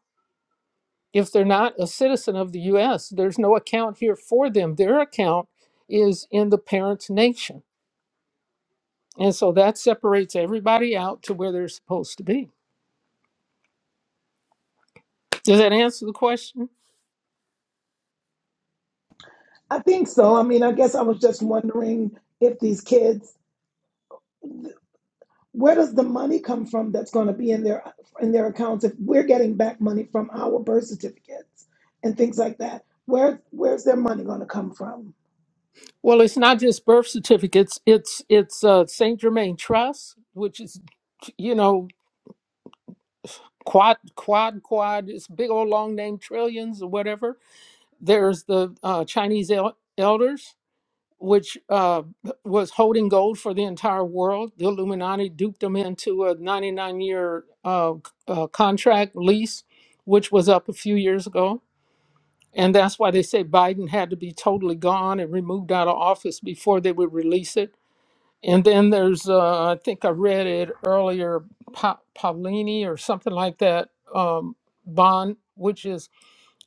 If they're not a citizen of the US, there's no account here for them. Their account is in the parent's nation. And so that separates everybody out to where they're supposed to be. Does that answer the question?
I think so. I mean, I guess I was just wondering if these kids where does the money come from that's going to be in their in their accounts if we're getting back money from our birth certificates and things like that where where's their money going to come from
Well, it's not just birth certificates. It's it's uh, Saint Germain Trust, which is you know quad quad quad. It's a big old long name, trillions or whatever. There's the uh, Chinese el- elders, which uh, was holding gold for the entire world. The Illuminati duped them into a 99 year uh, c- uh, contract lease, which was up a few years ago. And that's why they say Biden had to be totally gone and removed out of office before they would release it And then there's, uh, I think I read it earlier, pa- Paulini or something like that um, bond, which is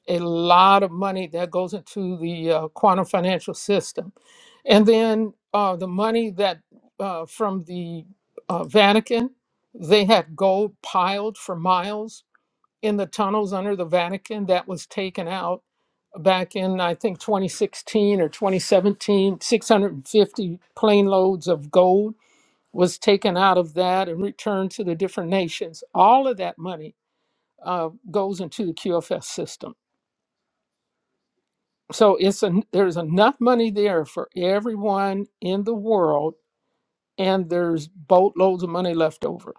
a lot of money that goes into the uh, quantum financial system. And then uh, the money that uh, from the uh, Vatican, they had gold piled for miles in the tunnels under the Vatican that was taken out back in I think 2016 or 2017, 650 plane loads of gold was taken out of that and returned to the different nations. All of that money uh, goes into the QFS system. So it's a, there's enough money there for everyone in the world, and there's boatloads of money left over.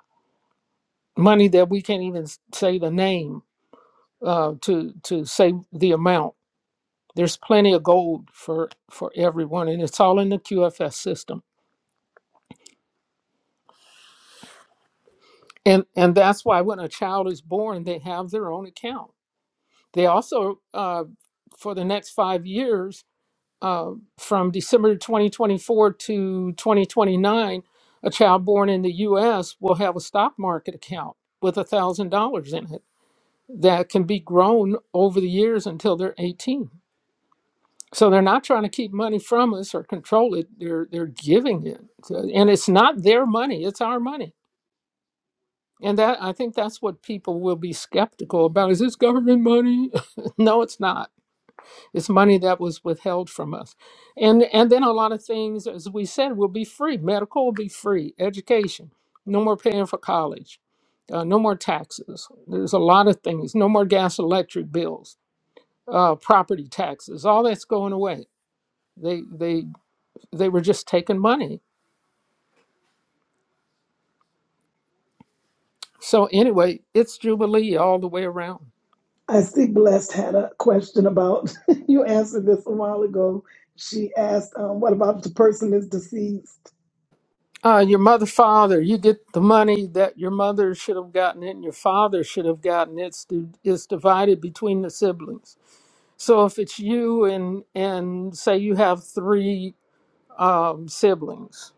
Money that we can't even s- say the name uh, to to say the amount. There's plenty of gold for for everyone, and it's all in the QFS system. And and that's why when a child is born, they have their own account They also, uh, for the next five years, uh, from December 2024 to 2029, a child born in the U.S. will have a stock market account with $1,000 in it that can be grown over the years until they're 18. So they're not trying to keep money from us or control it. They're they're giving it, So- and it's not their money; it's our money. And that I think that's what people will be skeptical about: is this government money? <laughs> no, it's not It's money that was withheld from us. And and then a lot of things, as we said, will be free. Medical will be free. Education, no more paying for college, uh, no more taxes. There's a lot of things. No more gas, electric bills, uh, property taxes. All that's going away. They they they were just taking money. So anyway, it's jubilee all the way around.
I see Blessed had a question about, <laughs> you answered this a while ago. She asked, um, what about if the person is deceased?
Uh, your mother, father, you get the money that your mother should have gotten it and your father should have gotten. it. It's di- it's divided between the siblings So if it's you and and say you have three um, siblings,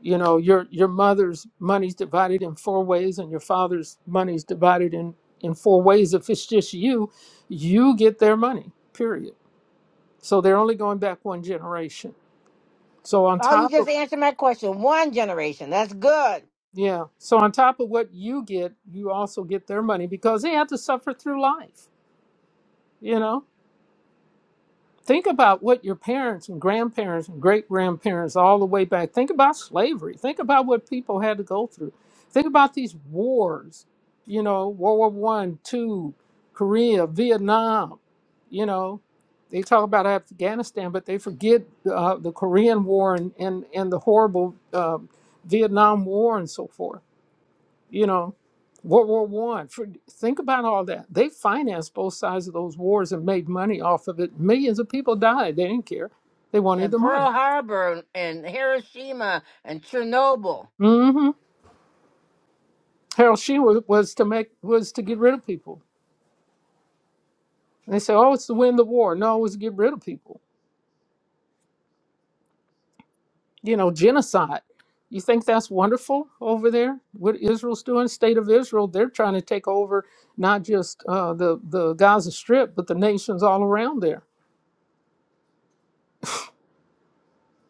you know your your mother's money's divided in four ways, and your father's money's divided in in four ways. If it's just you, you get their money. Period. So they're only going back one generation. So on
Oh, you
top of
just answered my question. One generation, that's good.
yeah, so on top of what you get, you also get their money because they have to suffer through life. You know. Think about what your parents and grandparents and great grandparents all the way back. Think about slavery. Think about what people had to go through. Think about these wars, you know, World War One, Two, Korea, Vietnam. You know, they talk about Afghanistan, but they forget uh, the Korean War and and, and the horrible uh, Vietnam War and so forth you know, World War One. For think about all that. They financed both sides of those wars and made money off of it. Millions of people died. They didn't care. They wanted
And
the money.
Pearl Harbor and Hiroshima and Chernobyl.
hmm Harold Sheen was, was to make was to get rid of people. And they said, "Oh, it's to win the war." No, it was to get rid of people. You know, genocide. You think that's wonderful over there? What Israel's doing, state of Israel, they're trying to take over not just uh, the the Gaza Strip, but the nations all around there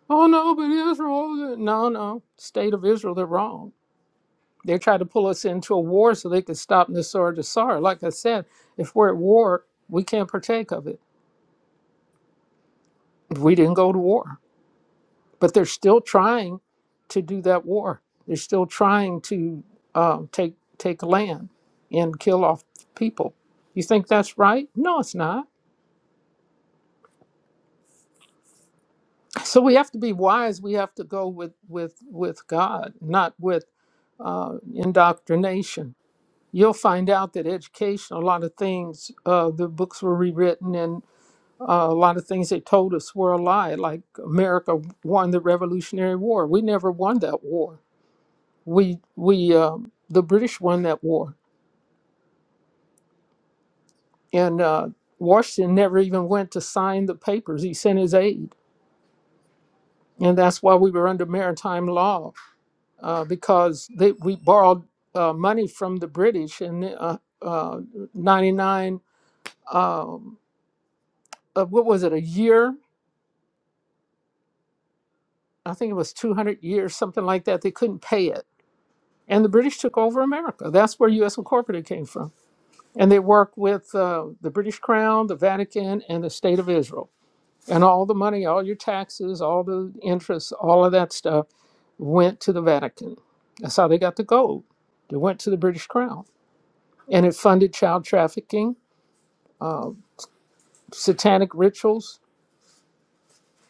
Oh no, but Israel, no, no, state of Israel, they're wrong. They tried to pull us into a war so they could stop Nisar Jasar. Like I said, if we're at war, we can't partake of it. We didn't go to war, but they're still trying to do that war. They're still trying to um, take take land and kill off people. You think that's right? No, it's not. So we have to be wise. We have to go with with with God, not with uh, indoctrination you'll find out that education, a lot of things, uh, the books were rewritten, and uh, a lot of things they told us were a lie. Like America won the Revolutionary War. We never won that war. We we um the British won that war, and uh, Washington never even went to sign the papers. He sent his aide, and that's why we were under maritime law uh, because they, we borrowed uh, money from the British in uh, uh, ninety nine. Um, uh, what was it? A year I think it was 200 years, something like that. They couldn't pay it. And the British took over America. That's where U.S. Incorporated came from. And they worked with uh, the British Crown, the Vatican, and the State of Israel. And all the money, all your taxes, all the interest, all of that stuff went to the Vatican. That's how they got the gold. They went to the British Crown. And it funded child trafficking, satanic rituals,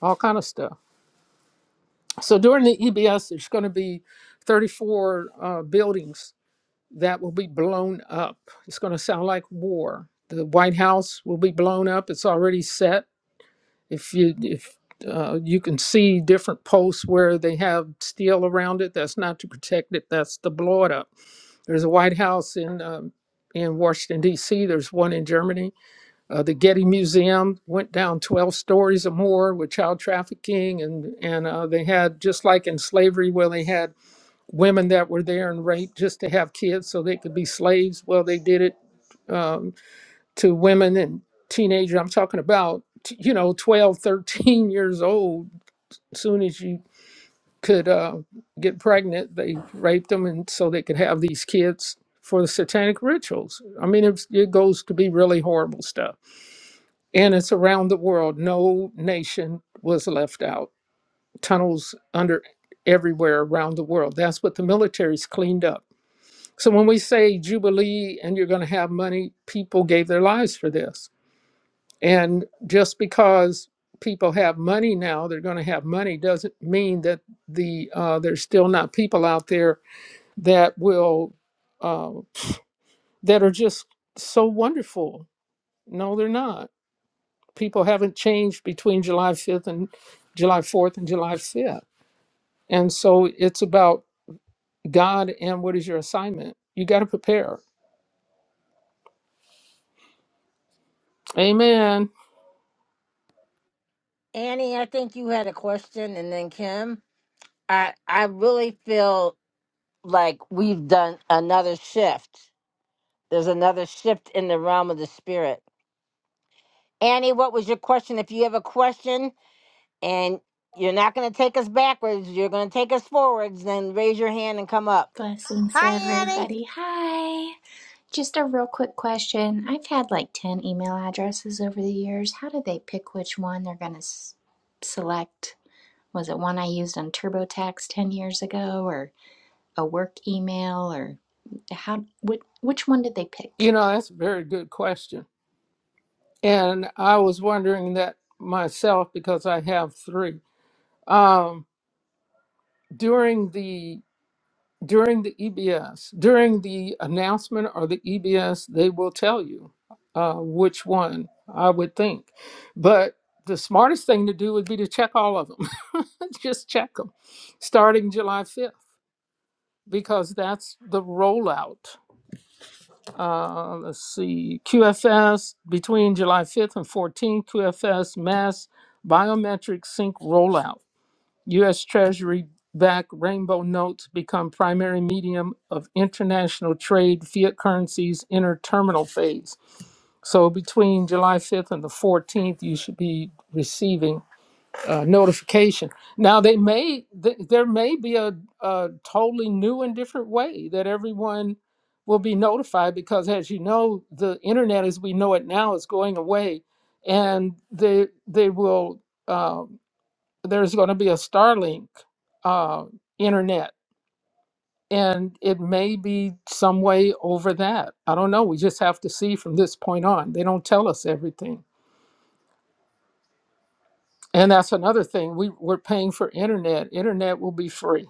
all kind of stuff. So during the EBS, there's going to be 34 uh, buildings that will be blown up. It's going to sound like war. The White House will be blown up. It's already set. If you if uh, you can see different posts where they have steel around it, that's not to protect it. That's to blow it up. There's a White House in um, in Washington D.C. There's one in Germany. Uh, the Getty Museum went down 12 stories or more with child trafficking, and and uh, they had just like in slavery where they had women that were there and raped just to have kids so they could be slaves. Well, they did it um, to women and teenagers. I'm talking about, t- you know, 12, 13 <laughs> years old. As soon as you could uh, get pregnant, they raped them and so they could have these kids for the satanic rituals. I mean, it's, it goes to be really horrible stuff. And it's around the world. No nation was left out. Tunnels under everywhere around the world. That's what the military's cleaned up so when we say Jubilee and you're going to have money, people gave their lives for this. And just because people have money now, they're going to have money doesn't mean that the uh, there's still not people out there that will uh, that are just so wonderful. No, they're not. People haven't changed between July 5th and July 4th and July 5th. And so it's about God and what is your assignment. You got to prepare. Amen.
Annie, I think you had a question, and then Kim. I I really feel like we've done another shift There's another shift in the realm of the spirit. Annie, what was your question? If you have a question and you're not going to take us backwards, you're going to take us forwards, then raise your hand and come up.
Blessings,
Hi, Annie.
everybody. Hi. Just a real quick question. I've had like 10 email addresses over the years. How do they pick which one they're going to s- select? Was it one I used on TurboTax 10 years ago or a work email or how what which one did they
You
pick?
know, that's a very good question. And I was wondering that myself because I have three. Um, during the during the EBS, during the announcement or the EBS, they will tell you uh, which one I would think. But the smartest thing to do would be to check all of them. <laughs> Just check them starting July 5th because that's the rollout. uh, let's see, QFS between July 5th and 14th, QFS mass biometric sync rollout. U.S. Treasury backed rainbow notes become primary medium of international trade, fiat currencies enter terminal phase. So between July 5th and the 14th, you should be receiving uh, notification. Now they may th- there may be a, a totally new and different way that everyone will be notified because, as you know, the internet as we know it now is going away, and they they will um, there's going to be a Starlink uh, internet, and it may be some way over that. I don't know. We just have to see from this point on. They don't tell us everything. And that's another thing. We, we're paying for internet. Internet will be free.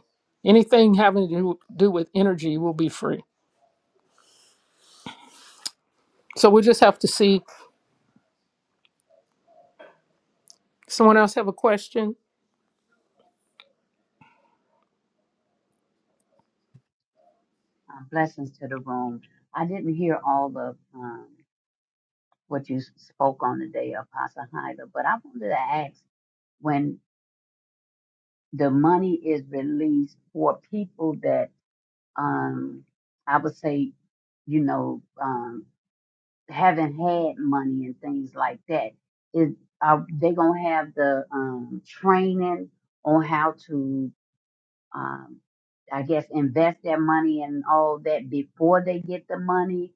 Anything having to do, do with energy will be free. So we just have to see. Someone else have a question?
Um, blessings to the room. I didn't hear all of um, what you spoke on today, Apostle Hyla, but I wanted to ask when the money is released for people that um, I would say, you know, um, haven't had money and things like that, is are they gonna have the um, training on how to, um, I guess, invest their money and all that before they get the money?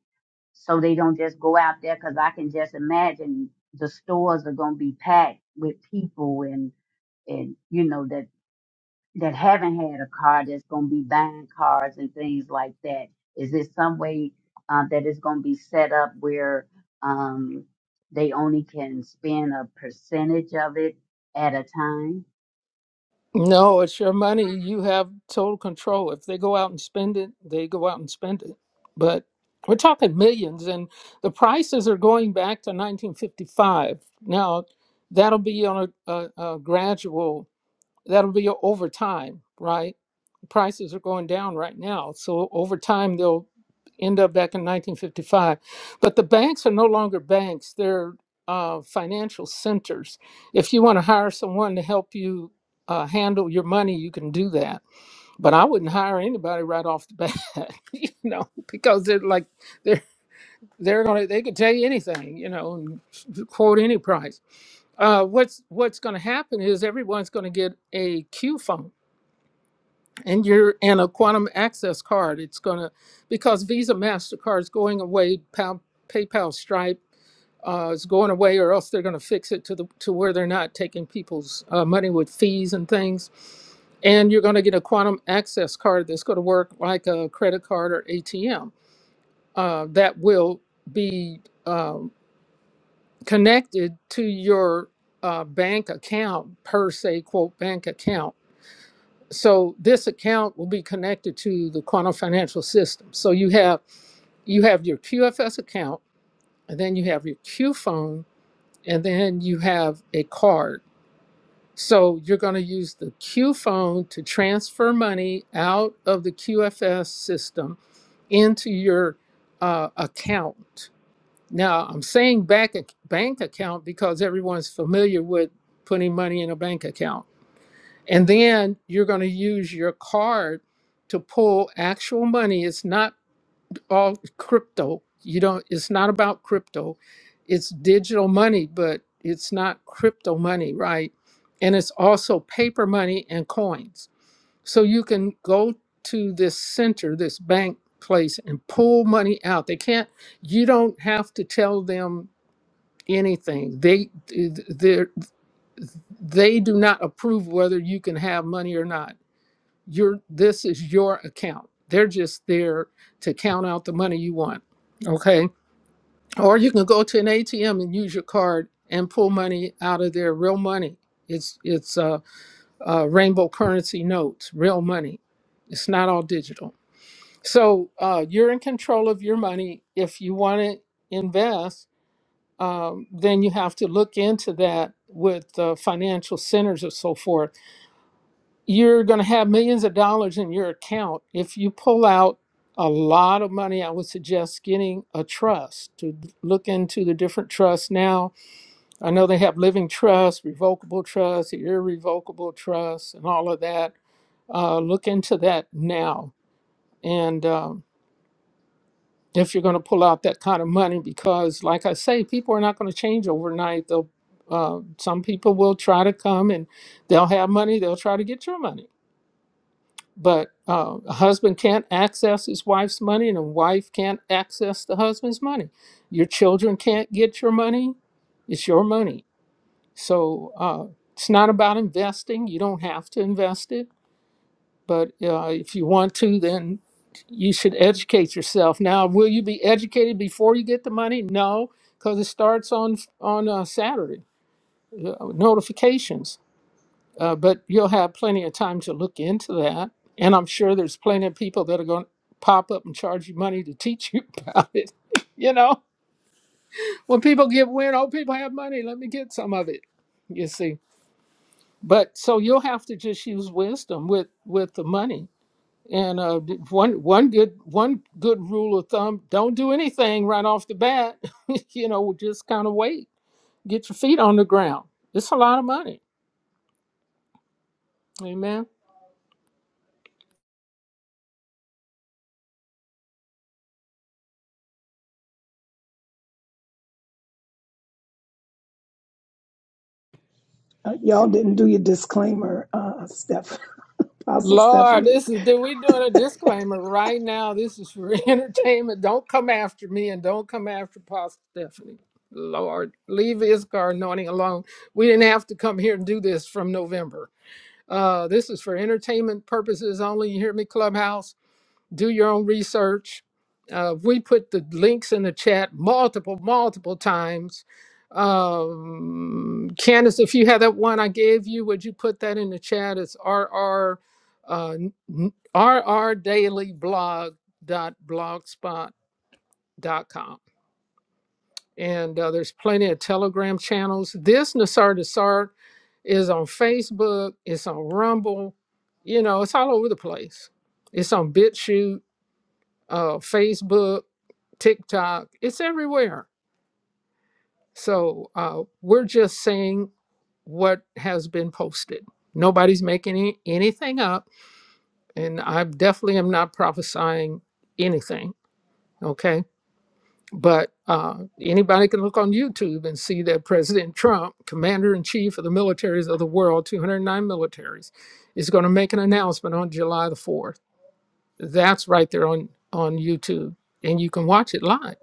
so they don't just go out there because I can just imagine the stores are going to be packed with people and and you know that that haven't had a car that's going to be buying cars and things like that. Is there some way um, that it's going to be set up where um, they only can spend a percentage of it at a time?
No, it's your money. You have total control. If they go out and spend it, they go out and spend it. But we're talking millions, and the prices are going back to 1955. Now, that'll be on a, a, a gradual that'll be over time, right? Prices are going down right now. So over time, they'll end up back in 1955. But the banks are no longer banks, they're uh, financial centers. If you want to hire someone to help you uh, handle your money, you can do that. But I wouldn't hire anybody right off the bat, <laughs> you know, because they're like, they're. They're gonna. They could tell you anything, you know, and quote any price. Uh, what's What's gonna happen is everyone's gonna get a Q phone, and you're in a quantum access card it's going to because visa mastercard's going away Pal, paypal stripe uh, is going away or else they're going to fix it to the to where they're not taking people's uh, money with fees and things and you're going to get a quantum access card that's going to work like a credit card or atm uh, that will be um, connected to your uh, bank account per se quote bank account so this account will be connected to the quantum financial system so you have you have your qfs account and then you have your q phone and then you have a card so you're going to use the q phone to transfer money out of the qfs system into your uh, account now i'm saying back bank bank account because everyone's familiar with putting money in a bank account and then you're going to use your card to pull actual money. It's not all crypto. You don't it's not about crypto. It's digital money, but it's not crypto money, right? And it's also paper money and coins. So you can go to this center, this bank place and pull money out. They can't you don't have to tell them anything. They they they do not approve whether you can have money or not your this is your account. They're just there to count out the money you want. Okay. Or you can go to an ATM and use your card and pull money out of there, real money. It's it's uh, uh, rainbow currency notes, real money. It's not all digital. So uh, you're in control of your money. If you want to invest, um, then you have to look into that with uh, financial centers or so forth you're going to have millions of dollars in your account. If you pull out a lot of money, I would suggest getting a trust to look into the different trusts now. I know they have living trust, revocable trust, irrevocable trust, and all of that. Uh, look into that now. And um, if you're going to pull out that kind of money, because like I say, people are not going to change overnight. They'll, uh, some people will try to come and they'll have money, they'll try to get your money but uh, a husband can't access his wife's money and a wife can't access the husband's money your children can't get your money it's your money so uh, it's not about investing you don't have to invest it but uh, if you want to then you should educate yourself now will you be educated before you get the money no because it starts on on uh, saturday uh, notifications uh, but you'll have plenty of time to look into that. And I'm sure there's plenty of people that are going to pop up and charge you money to teach you <laughs> about it. <laughs> you know, when people give wind, oh, people have money. Let me get some of it. You see. But so you'll have to just use wisdom with with the money. And uh, d- one one good one good rule of thumb: don't do anything right off the bat. <laughs> you know, just kind of wait, get your feet on the ground. It's a lot of money. Amen.
Uh, y'all didn't do your disclaimer, uh, Steph, <laughs> Apostle
Lord,
Stephanie.
this is do we doing a disclaimer right now? This is for <laughs> entertainment. Don't come after me and don't come after Pastor Stephanie. Lord, leave Iskar anointing alone. We didn't have to come here and do this from November. Uh, this is for entertainment purposes only. You hear me, Clubhouse? do your own research. Uh, we put the links in the chat multiple, multiple times. Um, Candace, if you had that one I gave you, would you put that in the chat? It's RR, uh, n- n- rrdailyblog.blogspot.com. And uh, there's plenty of Telegram channels. This Nassar Desart is on Facebook, it's on Rumble, you know, it's all over the place. It's on BitChute, uh, Facebook TikTok, it's everywhere. So uh, we're just saying what has been posted. Nobody's making any, anything up, and I definitely am not prophesying anything. Okay, but uh, anybody can look on YouTube and see that President Trump, Commander in Chief of the militaries of the world, 209 militaries, is going to make an announcement on July the 4th. That's right there on on YouTube, and you can watch it live.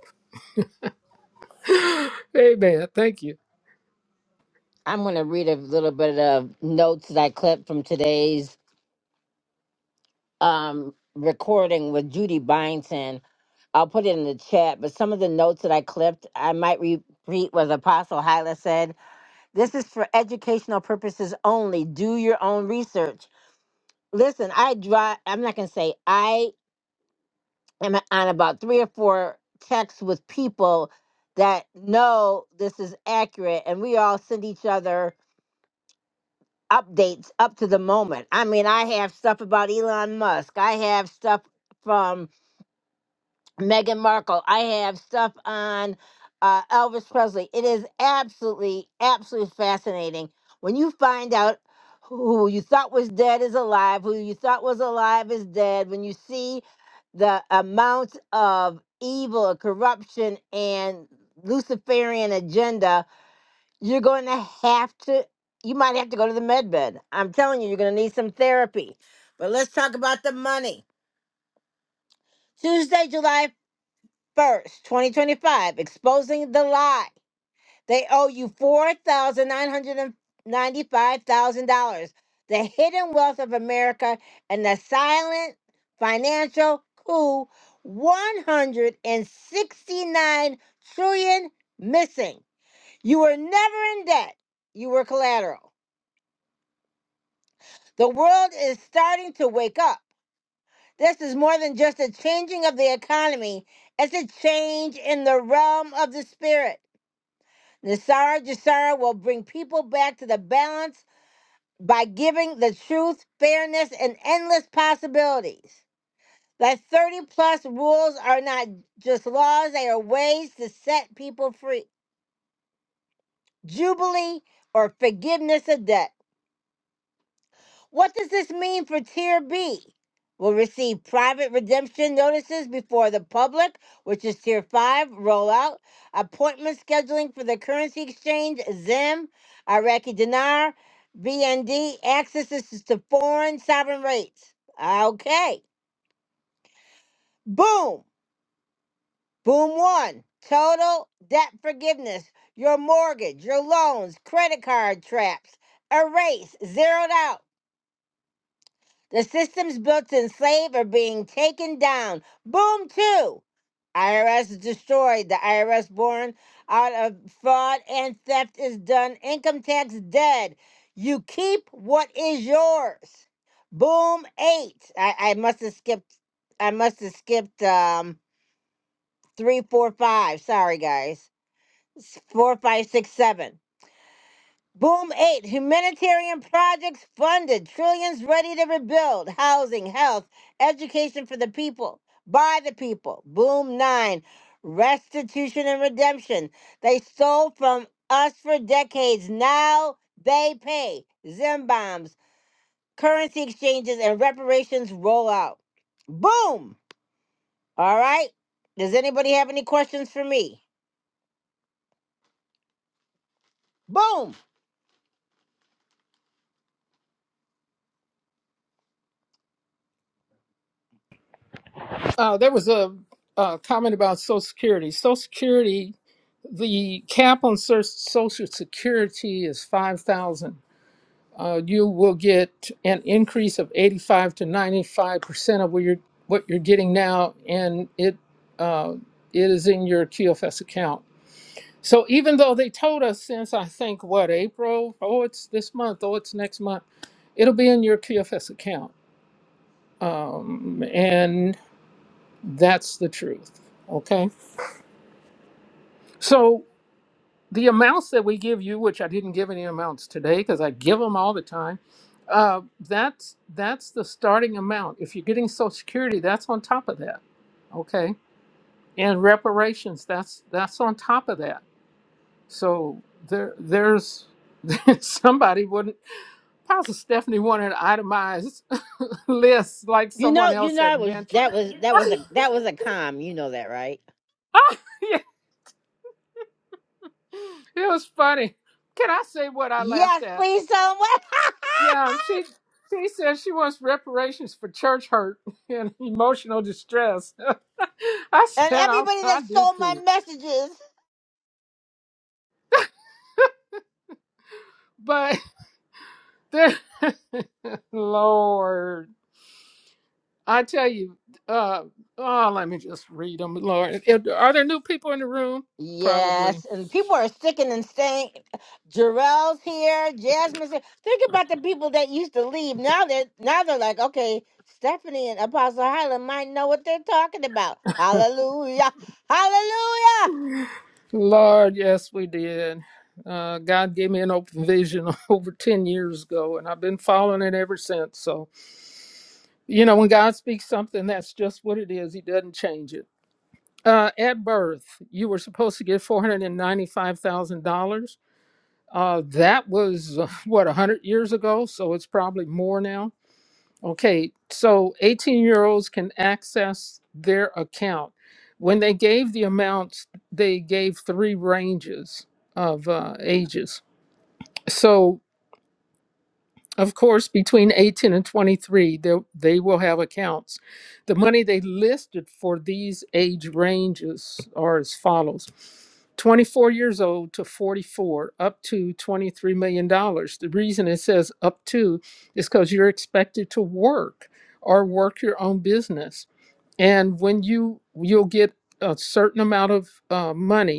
Hey man, thank you.
I'm going to read a little bit of notes that I clipped from today's um, recording with Judy Byington. I'll put it in the chat, but some of the notes that I clipped, I might repeat what Apostle Hyla said. This is for educational purposes only. Do your own research. Listen, I drive. I'm not gonna say I am on about three or four texts with people that know this is accurate, and we all send each other updates up to the moment. I mean, I have stuff about Elon Musk. I have stuff from Meghan Markle. I have stuff on uh, Elvis Presley. It is absolutely, absolutely fascinating when you find out who you thought was dead is alive, who you thought was alive is dead. When you see the amount of evil, corruption, and Luciferian agenda, you're going to have to. You might have to go to the med bed. I'm telling you, you're going to need some therapy. But let's talk about the money. Tuesday, July 1st, 2025, exposing the lie. They owe you four thousand nine hundred and ninety-five thousand dollars the hidden wealth of America, and the silent financial coup 169 trillion dollars missing. You were never in debt, you were collateral. The world is starting to wake up. This is more than just a changing of the economy, it's a change in the realm of the spirit. Nisara Jasara will bring people back to the balance by giving the truth, fairness, and endless possibilities. The 30 plus rules are not just laws, they are ways to set people free. Jubilee or forgiveness of debt. What does this mean for Tier B? Will receive private redemption notices before the public, which is Tier 5 rollout, appointment scheduling for the currency exchange, ZIM, Iraqi dinar, BND, access is to foreign sovereign rates. Okay. Boom. Boom one. Total debt forgiveness. Your mortgage, your loans, credit card traps, erase, zeroed out The systems built to enslave are being taken down. Boom, two. IRS destroyed. The IRS born out of fraud and theft is done. Income tax dead. You keep what is yours. Boom, eight. I, I must have skipped. I must have skipped um three, four, five. Sorry, guys. S- Four, five, six, seven. Boom eight, humanitarian projects funded, trillions ready to rebuild, housing, health, education for the people, by the people. Boom nine, restitution and redemption. They stole from us for decades. Now they pay. Zim bombs, currency exchanges, and reparations roll out. Boom. All right. Does anybody have any questions for me? Boom.
Uh, there was a, uh comment about Social Security. Social Security, the cap on Cer- Social Security is five thousand. Uh, you will get an increase of eighty-five to ninety-five percent of what you're what you're getting now, and it uh, it is in your QFS account. So even though they told us since I think what April, oh it's this month, oh it's next month, it'll be in your QFS account, um, and that's the truth. Okay. So the amounts that we give you, which I didn't give any amounts today because I give them all the time, uh, that's that's the starting amount. If you're getting Social Security, that's on top of that, okay? And reparations, that's that's on top of that. So there there's <laughs> somebody wouldn't. Pastor Stephanie wanted an itemized <laughs> list like
You know,
someone
you
else
know,
had
I was
mentioned.
that was that was a that was a calm. You know that, right?
<laughs> yeah, it was funny. Can I say what I laughed
Yes,
at?
please tell them what.
Yeah, she she says she wants reparations for church hurt <laughs> and emotional distress. <laughs> I
<laughs> and
said I
everybody that
I do
stole my
too,
messages.
but there, <laughs> Lord, I tell you, uh, oh, let me just read them, Lord. If- Are there new people in the room? Probably,
Yes, and people are sticking and staying. Jarrell's here, Jasmine's here. Think about the people that used to leave. Now they're now they're like, okay, Stephanie and Apostle Hyla might know what they're talking about. Hallelujah, Hallelujah.
Lord. Yes, we did. Uh, God gave me an open vision <laughs> over ten years ago, and I've been following it ever since. So, you know, when God speaks something, that's just what it is. He doesn't change it Uh, at birth, you were supposed to get four hundred and ninety-five thousand dollars. Uh, that was uh, <laughs> what a hundred years ago, so it's probably more now. Okay, so eighteen-year-olds can access their account. When they gave the amounts, they gave three ranges of uh, ages. So of course, between 18 and 23, they, they will have accounts. The money they listed for these age ranges are as follows 24 years old to 44, up to $23 million. dollars. The reason it says up to is because you're expected to work or work your own business. And when you, you'll get a certain amount of uh, money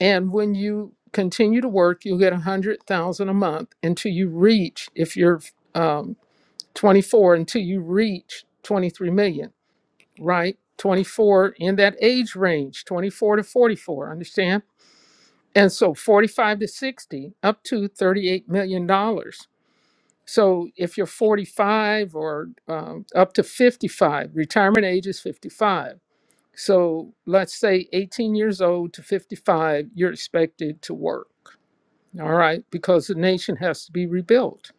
and when you continue to work, you'll get a hundred thousand a month until you reach, if you're um, 24, until you reach 23 million, right? 24 in that age range, 24 to 44, understand? And so 45 to 60, up to 38 million dollars. So if you're 45 or um, up to 55, retirement age is 55. So let's say 18 years old to 55, you're expected to work all right, because the nation has to be rebuilt.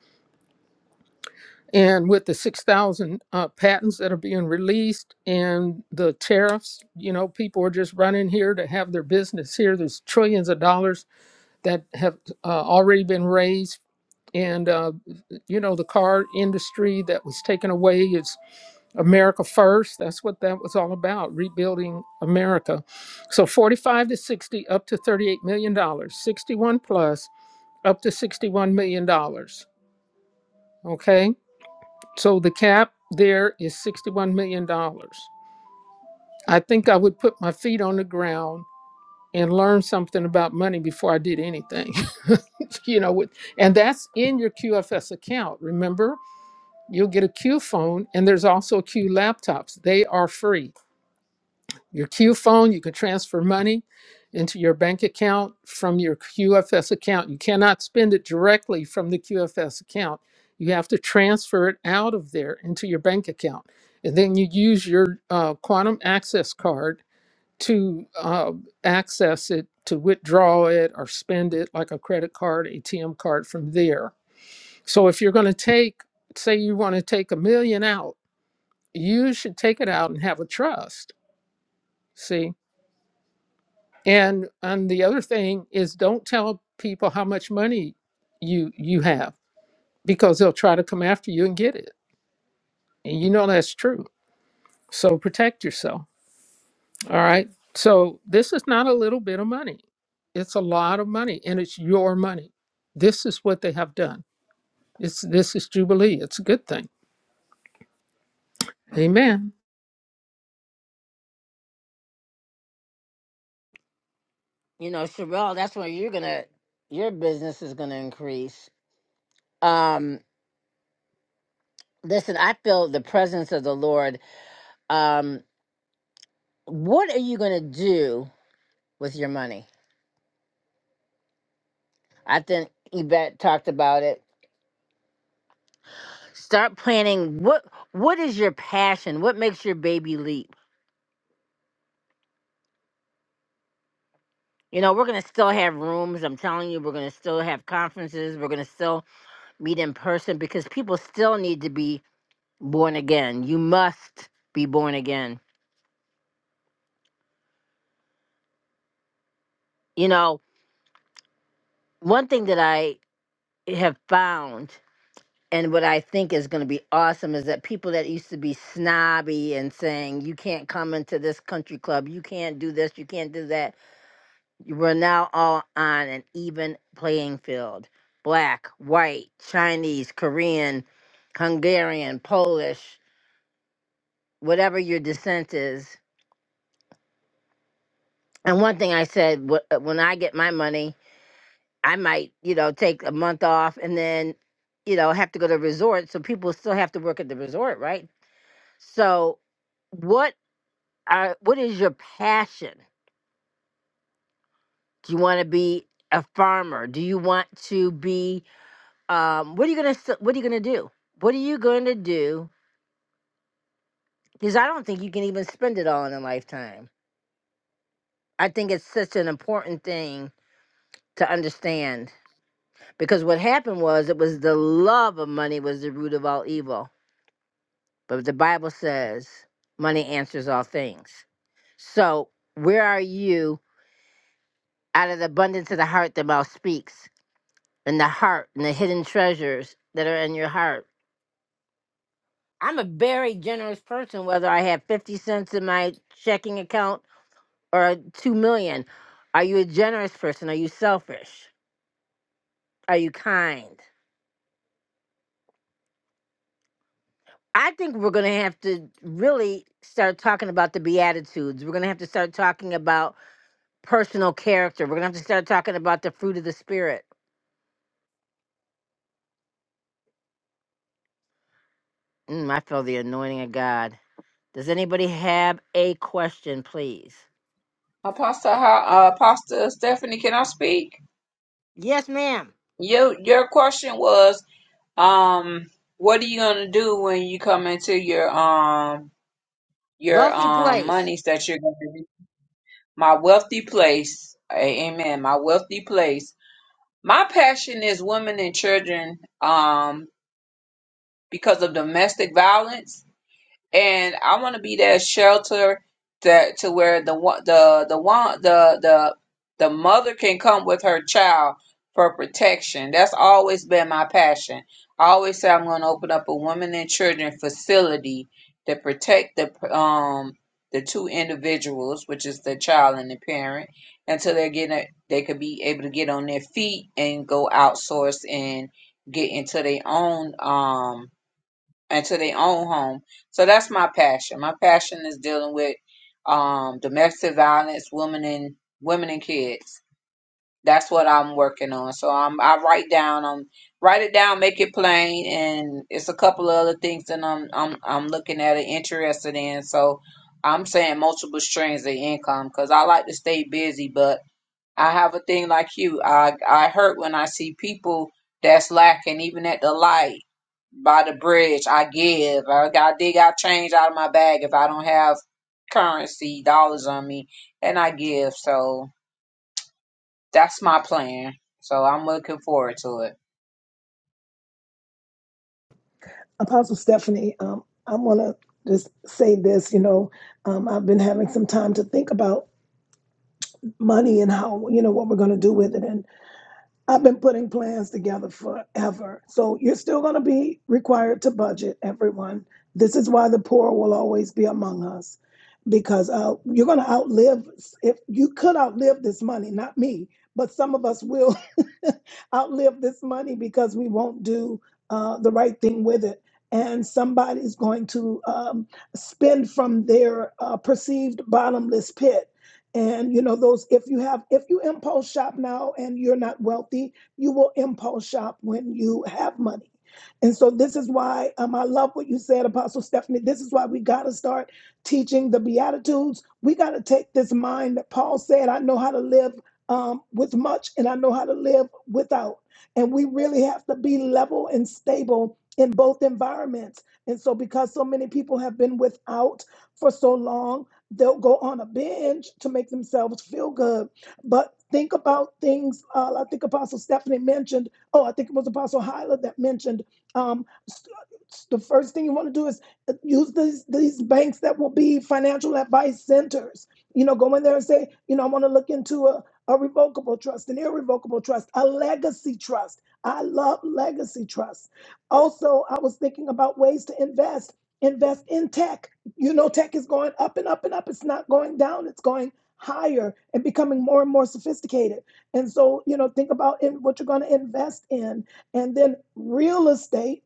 And with the 6,000 uh, patents that are being released and the tariffs, you know, people are just running here to have their business here. There's trillions of dollars that have uh, already been raised. And, uh, you know, the car industry that was taken away is America First. That's what that was all about, rebuilding America. So 45 to 60, up to $38 million, dollars, 61 plus, up to $61 million dollars. Okay, so the cap there is $61 million. dollars. I think I would put my feet on the ground and learn something about money before I did anything. <laughs> you know, with- and that's in your QFS account. Remember, you'll get a Q phone and there's also Q laptops. They are free. Your Q phone, you can transfer money into your bank account from your QFS account. You cannot spend it directly from the QFS account. You have to transfer it out of there into your bank account. And then you use your uh, quantum access card to uh, access it, to withdraw it or spend it like a credit card, ATM card from there. So if you're going to take, say, you want to take a million out, you should take it out and have a trust. See? And and the other thing is don't tell people how much money you you have because they'll try to come after you and get it. And you know that's true. So protect yourself. All right. So this is not a little bit of money. It's a lot of money and it's your money. This is what they have done. It's this is Jubilee. It's a good thing. Amen.
You know, Sherelle, that's where you're gonna your business is gonna increase. Um, listen, I feel the presence of the Lord. Um, what are you gonna do? with your money. I think Yvette talked about it. Start planning what what is your passion? What makes your baby leap? You know, we're gonna still have rooms. I'm telling you, we're gonna still have conferences. We're gonna still meet in person because people still need to be born again. You must be born again. You know, one thing that I have found and what I think is going to be awesome is that people that used to be snobby and saying, you can't come into this country club, you can't do this, you can't do that, We're now all on an even playing field. Black, white, Chinese, Korean, Hungarian, Polish, whatever your descent is. And one thing I said, wh- uh, when I get my money, I might, you know, take a month off and then, you know, have to go to a resort. So people still have to work at the resort, right? So what are what is your passion? Do you want to be a farmer? Do you want to be um, what are you gonna s- What are you gonna do? What are you going to do? Because I don't think you can even spend it all in a lifetime. I think it's such an important thing to understand because what happened was it was the love of money was the root of all evil. But the Bible says money answers all things. So where are you? Out of the abundance of the heart, the mouth speaks, and the heart and the hidden treasures that are in your heart. I'm a very generous person, whether I have 50 cents in my checking account or 2 million. Are you a generous person? Are you selfish? Are you kind? I think we're going to have to really start talking about the Beatitudes. We're going to have to start talking about personal character. We're going to have to start talking about the fruit of the Spirit. Mm, I feel the anointing of God. Does anybody have a question, please?
Apostle how uh, Apostle Stephanie, can I speak?
Yes, ma'am.
Your your question was um what are you gonna do when you come into your um your
Wealthy
um
place.
monies that you're gonna do? My wealthy place. A- Amen. My wealthy place. My passion is women and children. Um because of domestic violence, and I want to be that shelter that to where the one the the one the the the mother can come with her child for protection. That's always been my passion. I always say I'm going to open up a women and children facility to protect the um the two individuals, which is the child and the parent, until they're getting a, they could be able to get on their feet and go outsource and get into their own um into their own home. So that's my passion. My passion is dealing with um, domestic violence, women and women and kids. That's what I'm working on. So I'm I write down, um, write it down, make it plain, and it's a couple of other things that I'm I'm I'm looking at and interested in. So I'm saying multiple streams of income because I like to stay busy, but I have a thing like you. I I hurt when I see people that's lacking, even at the light by the bridge. I give. I got dig out change out of my bag if I don't have currency dollars on me, and I give. So that's my plan. So I'm looking forward to it.
Apostle Stephanie, um, I want to just say this, you know, um, I've been having some time to think about money and how, you know, what we're going to do with it. I've been putting plans together forever. So you're still going to be required to budget, everyone. This is why the poor will always be among us because uh, you're going to outlive, if you could outlive this money, not me, but some of us will <laughs> outlive this money because we won't do uh, the right thing with it. And somebody's going to um, spend from their uh, perceived bottomless pit and you know those if you have if you impulse shop now and you're not wealthy you will impulse shop when you have money and so this is why um, i love what you said apostle stephanie this is why we got to start teaching the beatitudes we got to take this mind that paul said i know how to live um, with much and i know how to live without and we really have to be level and stable in both environments and so because so many people have been without for so long They'll go on a binge to make themselves feel good. But think about things. Uh, I think Apostle Stephanie mentioned, oh, I think it was Apostle Hyla that mentioned um, s- the first thing you want to do is uh, use these, these banks that will be financial advice centers. You know, go in there and say, you know, I want to look into a, a revocable trust, an irrevocable trust, a legacy trust. I love legacy trusts. Also, I was thinking about ways to invest. Invest in tech you know, tech is going up and up and up. It's not going down, it's going higher and becoming more and more sophisticated. And so, you know, think about in what you're going to invest in. And then real estate.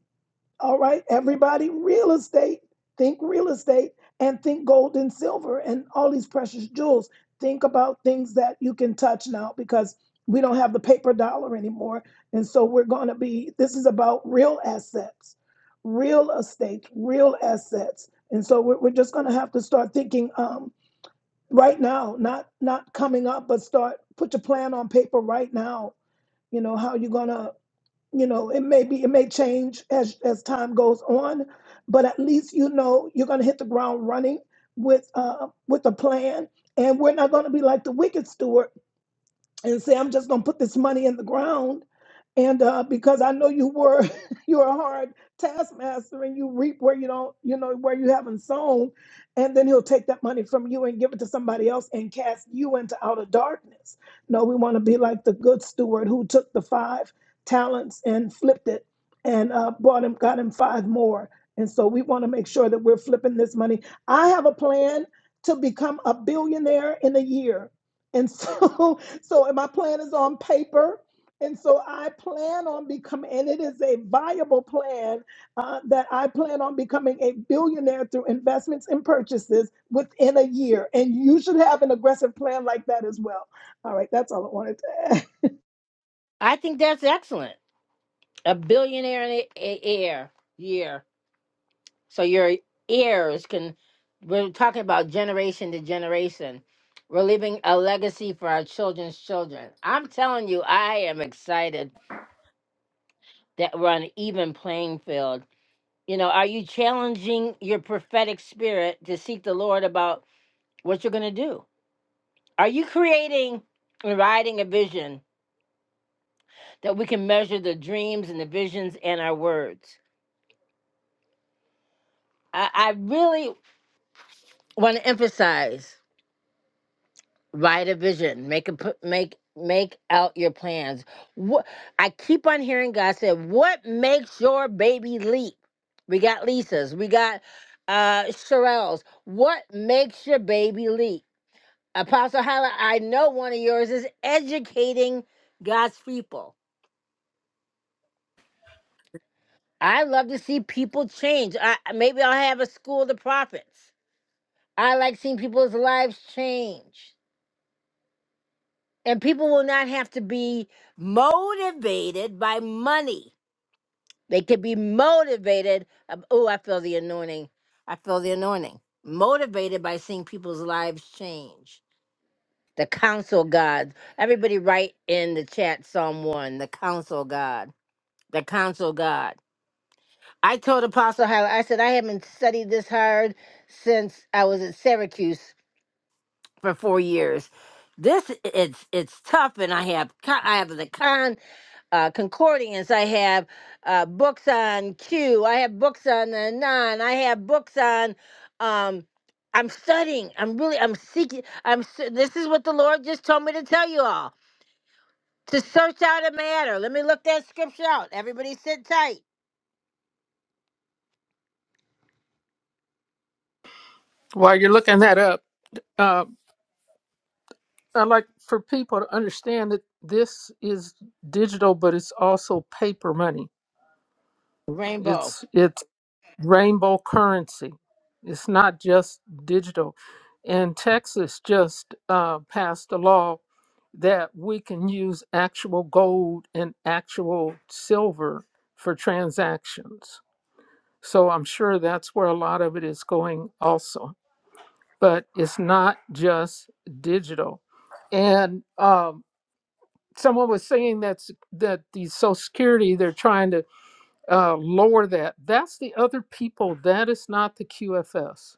All right, everybody, real estate. Think real estate and think gold and silver and all these precious jewels. Think about things that you can touch now because we don't have the paper dollar anymore. And so we're going to be, this is about real assets, real estate, real assets. And so we're, we're just going to have to start thinking um, right now, not not coming up, but start put your plan on paper right now. You know how you're gonna you know it may be it may change as as time goes on but at least you know you're going to hit the ground running with uh with a plan and we're not going to be like the wicked steward and say, I'm just going to put this money in the ground. And uh, because I know you were <laughs> you're a hard taskmaster and you reap where you don't, you know, where you haven't sown. And then he'll take that money from you and give it to somebody else and cast you into outer darkness. No, we want to be like the good steward who took the five talents and flipped it and uh, bought him, got him five more. And so we want to make sure that we're flipping this money. I have a plan to become a billionaire in a year. And so <laughs> so my plan is on paper and so i plan on becoming and it is a viable plan uh, that i plan on becoming a billionaire through investments and purchases within a year and you should have an aggressive plan like that as well all right that's all i wanted to <laughs> add
I think that's excellent. a billionaire in a, heir year. So your heirs can. We're talking about generation to generation. We're leaving a legacy for our children's children. I'm telling you, I am excited that we're on an even playing field. You know, are you challenging your prophetic spirit to seek the Lord about what you're going to do? Are you creating and writing a vision that we can measure the dreams and the visions and our words? I, I really want to emphasize Write a vision. Make a p- make make out your plans. What I keep on hearing God say, "What makes your baby leap?" We got Lisa's. We got uh Sherelle's. What makes your baby leap? Apostle Hala, I know one of yours is educating God's people. I love to see people change. I, maybe I'll have a school of the prophets. I like seeing people's lives change. And people will not have to be motivated by money. They could be motivated. Oh, I feel the anointing. I feel the anointing. Motivated by seeing people's lives change. The counsel of God. Everybody write in the chat Psalm 1, the counsel of God. The counsel of God. I told Apostle Hyla, I said, I haven't studied this hard since I was at Syracuse for four years. This it's it's tough, and I have co- I have the con. uh, concordance. I have uh, books on Q. I have books on the non. I have books on. Um, I'm studying. I'm really. I'm seeking. I'm. s- This is what the Lord just told me to tell you all to search out a matter. Let me look that scripture out. Everybody, sit tight.
While you're looking that up, uh, I'd like for people to understand that this is digital, but it's also paper money.
Rainbow.
It's it's. rainbow currency. It's not just digital. And Texas just uh, passed a law that we can use actual gold and actual silver for transactions. So I'm sure that's where a lot of it is going also. But it's not just digital. And um, someone was saying that's that the Social Security they're trying to uh, lower that. That's the other people. That is not the QFS.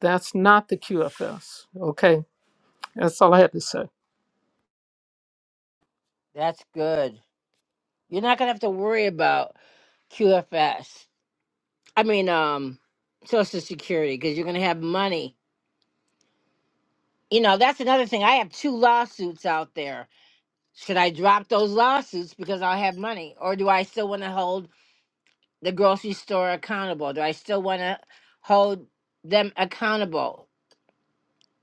That's not the QFS. Okay, that's all I had to say.
That's good. You're not gonna have to worry about QFS. I mean, um, Social Security because you're gonna have money. You know, that's another thing. I have two lawsuits out there Should I drop those lawsuits because I'll have money? Or do I still want to hold the grocery store accountable? Do I still want to hold them accountable?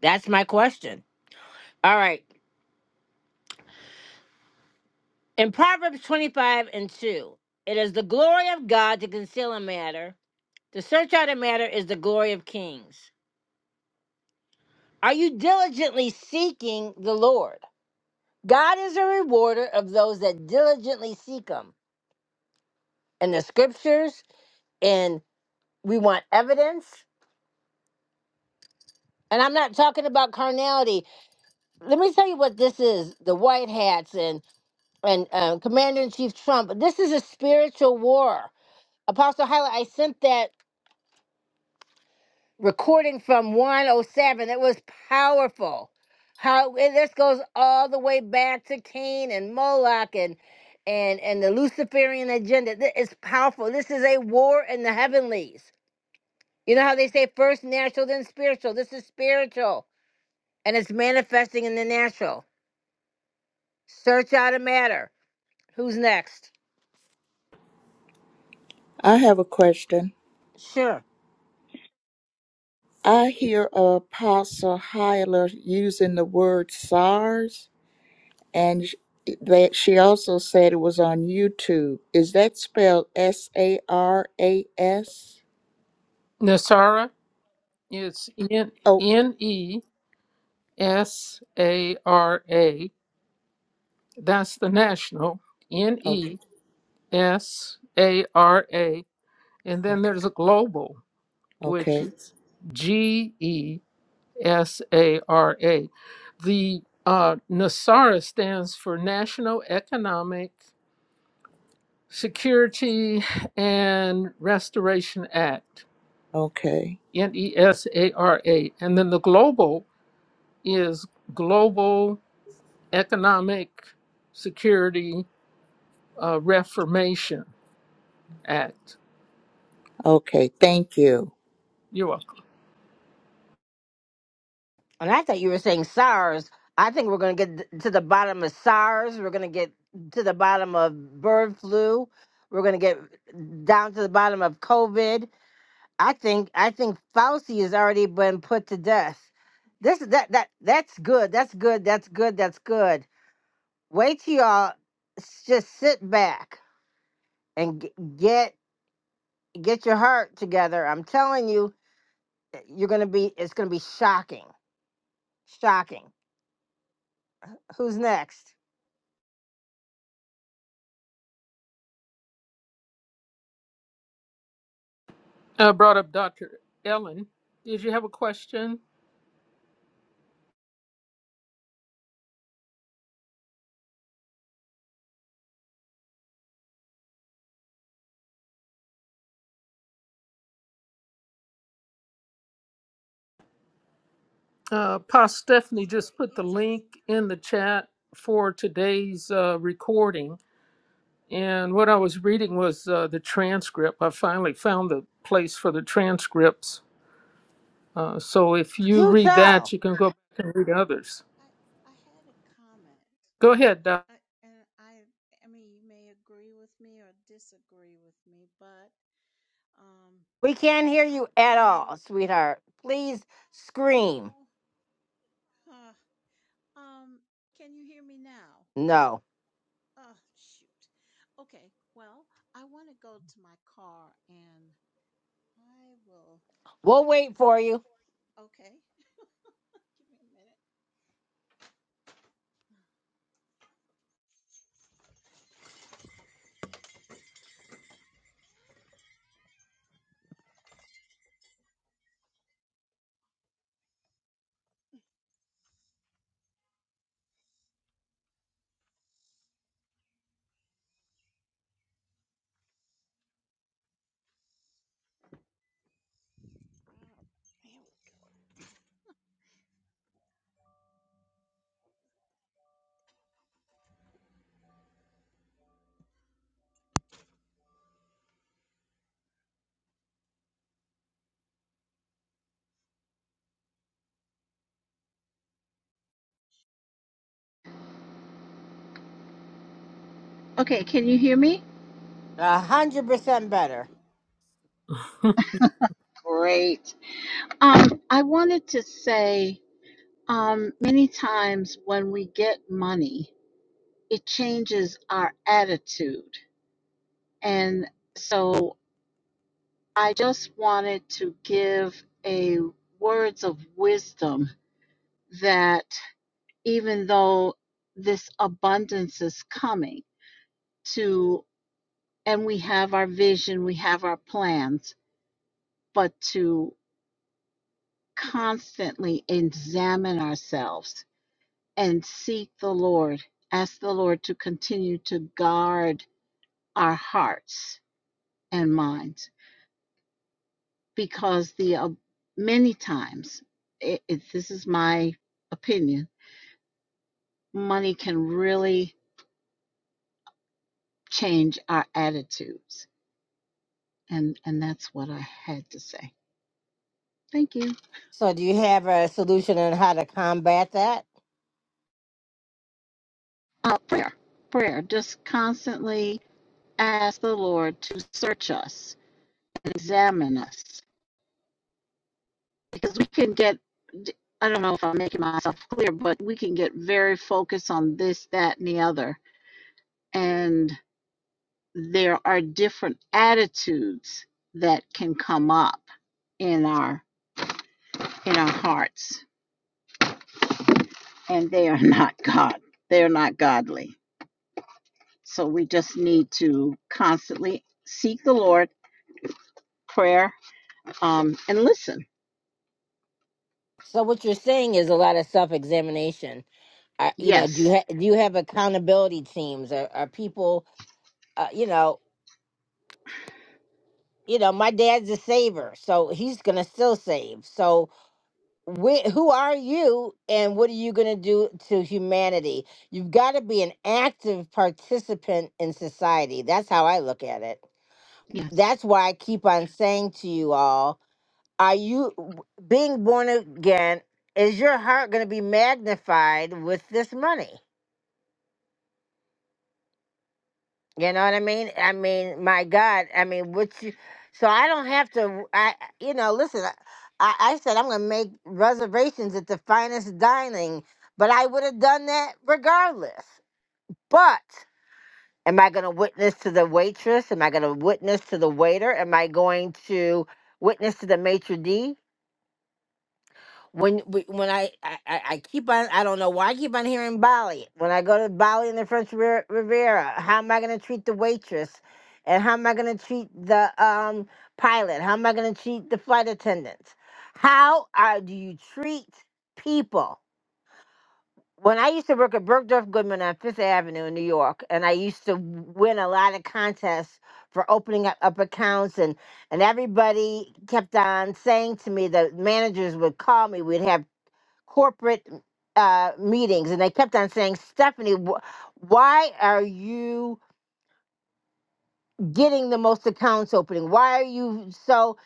That's my question. All right. In Proverbs 25 and 2, it is the glory of God to conceal a matter. To search out a matter is the glory of kings. Are you diligently seeking the Lord? God is a rewarder of those that diligently seek Him. In the scriptures, and we want evidence. And I'm not talking about carnality. Let me tell you what this is the white hats and, and um, Commander in Chief Trump. This is a spiritual war. Apostle Hyla, I sent that recording from 107. It was powerful. How and this goes all the way back to Cain and Moloch and and and the Luciferian agenda. Th- It's powerful. This is a war in the heavenlies. You know how they say first natural, then spiritual. This is spiritual, and it's manifesting in the natural. Search out a matter. Who's next?
I have a question.
Sure.
I hear Apostle Hyla using the word SARS. And sh- that she also said it was on YouTube. Is that spelled S A R A S?
Nasara, it's N
Oh,
N E S A R A. That's the national. N
okay,
E S A R A. And then
okay,
there's a global, which
okay,
is G E S A R A. The uh, NASARA stands for National Economic. Security and Restoration Act,
okay,
NESARA. And then the global is Global Economic Security uh, Reformation Act.
okay. Thank you.
You're welcome.
And I thought you were saying SARS. I think we're going to get th- to the bottom of SARS. We're going to get to the bottom of bird flu. We're going to get down to the bottom of COVID. I think I think Fauci has already been put to death. This that that that's good. That's good. That's good. That's good. Wait till y'all s- just sit back and g- get get your heart together. I'm telling you, eh, you're going to be it's going to be shocking Shocking. Who's next?
I brought up Dr. Ellen. Did you have a question? Uh, Pa Stephanie
Sorry,
just put the
it takes.
link in the chat for today's uh, recording. And what I was reading was uh, the transcript. I finally found the place for the transcripts Uh, so if you
Do
read that,
tell.
you can go back and read others.
I I had a comment,
Go ahead. Doc.
I, and I I mean you may agree with me or disagree with me, but um,
We can't
yeah,
hear
I
you at
you
all,
know
sweetheart. Please scream.
oh huh, um, can you hear me now?
No.
Oh shoot, okay. Well, I want to go to my car, and I will. I,
We'll wait for you.
I okay. <laughs> Give me a minute. Okay, can you hear me?
A hundred percent better.
Great. Um, I wanted to say. Um, many times when we get money, it changes our attitude. And so I just wanted to give a words of wisdom that even though this abundance is coming to and we have our vision, we have our plans, but to constantly examine ourselves and seek the Lord, ask the Lord to continue to guard our hearts and minds because the uh, many times it, it, this is my opinion money can really change our attitudes and and that's what i had to say thank you
So do you have a solution on how to combat that?
uh, prayer prayer just constantly ask the lord to search us and examine us because we can get i don't know if i'm making myself clear but we can get very focused on this that and the other and there are different attitudes that can come up in our in our hearts and they are <laughs> not god they are not godly so we just need to constantly seek the lord prayer um and listen
So what you're saying is a lot of self-examination. Uh, you know, do you
yes
ha- do you have accountability teams? Are, are people, uh, you know, you know, my dad's a saver, so he's gonna still save. So wh- who are you and what are you going to do to humanity? You've got to be an active participant in society. That's how I look at it.
yes
That's why I keep on saying to you all, are you w- being born again? Is your heart going to be magnified with this money? You know what I mean? I mean, my God, I mean, what you, so I don't have to, I, you know, listen, I, I I said I'm going to make reservations at the finest dining, but I would have done that regardless. But am I going to witness to the waitress? Am I going to witness to the waiter? Am I going to witness to the maitre d'? when we- when I, I I I keep on I don't know why I keep on hearing Bali. When I go to Bali in the French Riv- Riviera, how am I going to treat the waitress, and how am I going to treat the um pilot? How am I going to treat the flight attendants? How are do you treat people? When I used to work at Bergdorf Goodman on Fifth Avenue in New York, and I used to win a lot of contests for opening up, up accounts and and everybody kept on saying to me that managers would call me. We'd have corporate uh, meetings, and they kept on saying, Stephanie, wh- why are you getting the most accounts opening? Why are you so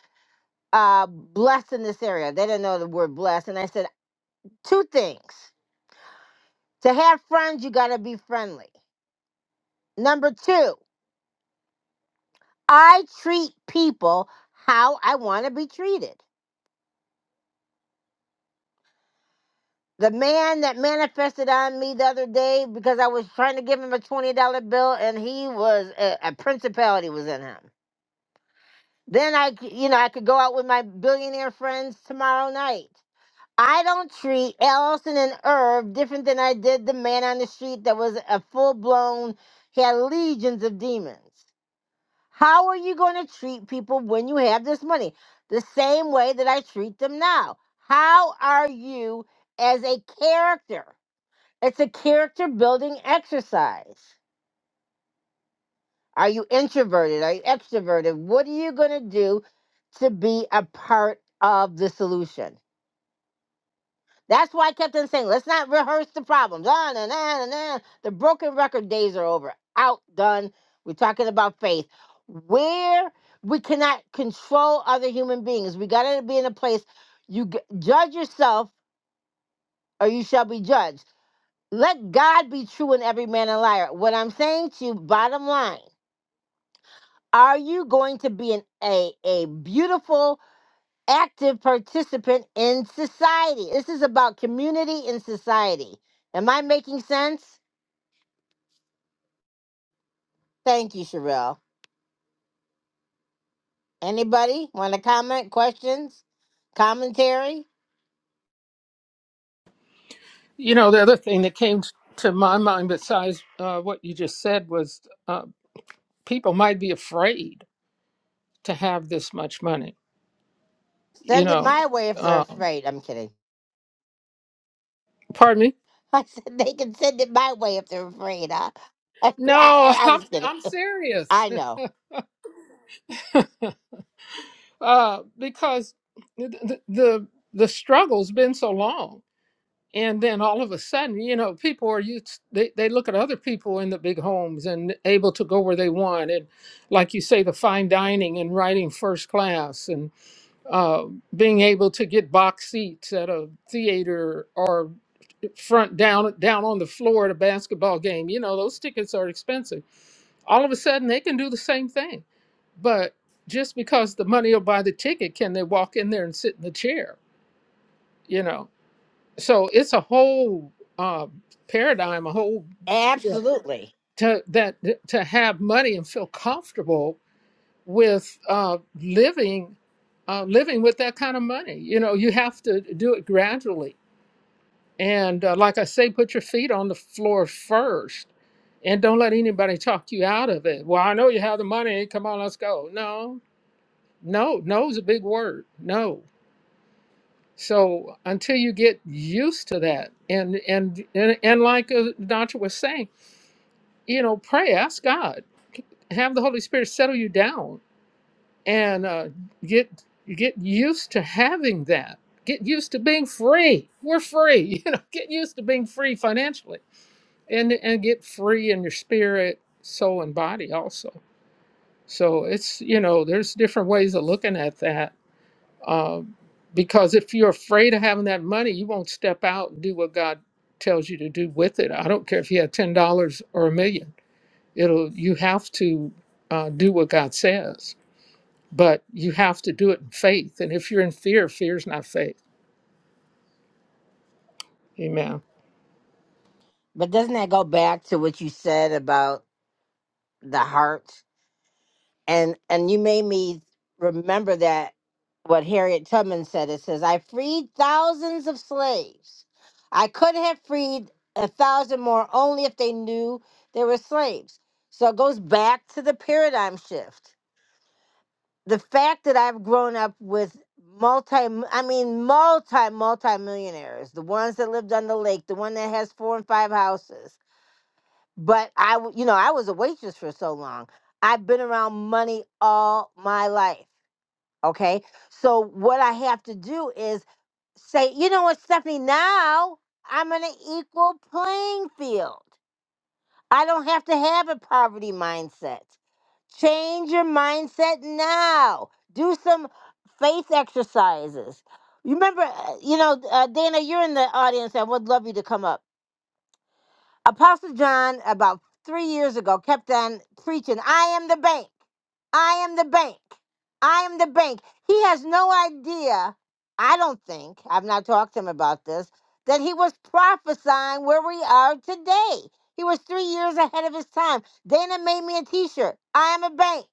uh, blessed in this area? They didn't know the word blessed. And I said, two things. To have friends, you got to be friendly. Number two, I treat people how I want to be treated. The man that manifested on me the other day because I was trying to give him a $20 bill and he was, a, a principality was in him. Then I, c- you know, I could go out with my billionaire friends tomorrow night. I don't treat Allison and Irv different than I did the man on the street that was a full blown, he had legions of demons. How are you going to treat people when you have this money? The same way that I treat them now. How are you as a character? It's a character building exercise. Are you introverted? Are you extroverted? What are you going to do to be a part of the solution? That's why I kept on saying, let's not rehearse the problems. Ah, na, na, na, na. The broken record days are over. Out, done. We're talking about faith. Where we cannot control other human beings. We got to be in a place you g- judge yourself or you shall be judged. Let God be true and every man a liar. What I'm saying to you, bottom line. Are you going to be an, a, a beautiful, active participant in society? This is about community and society. Am I making sense? Thank you, Sherelle. Anybody want to comment, questions, commentary?
<laughs> you know, the other thing that came to my mind, besides uh, what you just said, was uh, people might be afraid to have this much money. You
Send it
know,
my way if they're
um,
afraid. I'm kidding.
pardon me.
<laughs> I said they can send it my way if they're afraid. Huh? <laughs> I,
No,
I,
<laughs>
I
I'm
was kidding.
I'm
<laughs>
serious
I know.
<laughs> uh, because the, the the struggle's been so long. and then all of a sudden you know people are used they, they look at other people in the big homes and able to go where they want and like you say the fine dining and riding first class and uh, being able to get box seats at a theater or front down down on the floor at a basketball game you know those tickets are expensive all of a sudden they can do the same thing but just because the money will buy the ticket can they walk in there and sit in the chair you know so it's a whole uh, paradigm, a whole yeah.
Absolutely.
to that to have money and feel comfortable with uh, living uh, living with that kind of money. You know, you have to do it gradually, and uh, like I say, put your feet on the floor first, and don't let anybody talk you out of it. Well, I know you have the money. Come on, let's go. No, no, no is a big word. No, So until you get used to that, and and and, and like uh, Doctor was saying, you know, pray, ask God, have the Holy Spirit settle you down, and uh, get get used to having that. Get used to being free. We're free, <laughs> you know. Get used to being free financially, and and get free in your spirit, soul, and body also. So it's you know, there's different ways of looking at that uh, because if you're afraid of having that money, you won't step out and do what God tells you to do with it. I don't care if you have ten dollars or a million; it'll you have to uh, do what God says, but you have to do it in faith. And if you're in fear, fear's not faith. Amen.
But doesn't that go back to what you said about the heart? and and you made me remember that what Harriet Tubman said. It says, "I freed thousands of slaves. I could have freed a thousand more only if they knew they were slaves." So it goes back to the paradigm shift. The fact that I've grown up with multi I mean multi multi millionaires, the ones that lived on the lake, the one that has four and five houses, but I, w- you know, I was a waitress for so long. I've been around money all my life. Okay. So what I have to do is say, you know what, Stephanie, now I'm on an equal playing field. I don't have to have a poverty mindset. Change your mindset now. Do some faith exercises. You remember, uh, you know, uh, Dana, you're in the audience. I would love you to come up Apostle John, about three years ago, kept on preaching, I am the bank. I am the bank. I am the bank. He has no idea, I don't think, I've not talked to him about this, that he was prophesying where we are today. He was three years ahead of his time. Dana made me a t shirt. I am a bank.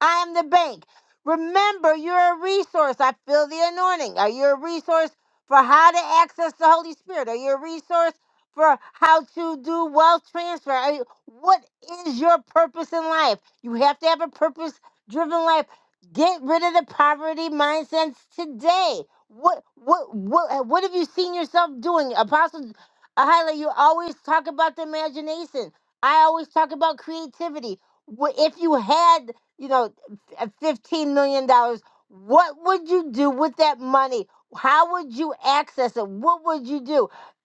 I am the bank. Remember, you're a resource. I feel the anointing. Are you a resource for how to access the Holy Spirit? Are you a resource? for how to do wealth transfer. I- What is your purpose in life? You have to have a purpose driven life. Get rid of the poverty mindsets today. What what what what have you seen yourself doing? Apostle highlight you always talk about the imagination. I always talk about creativity. Wh- If you had, you know, f- $15 million, dollars, what would you do with that money? How would you access it? What would you do?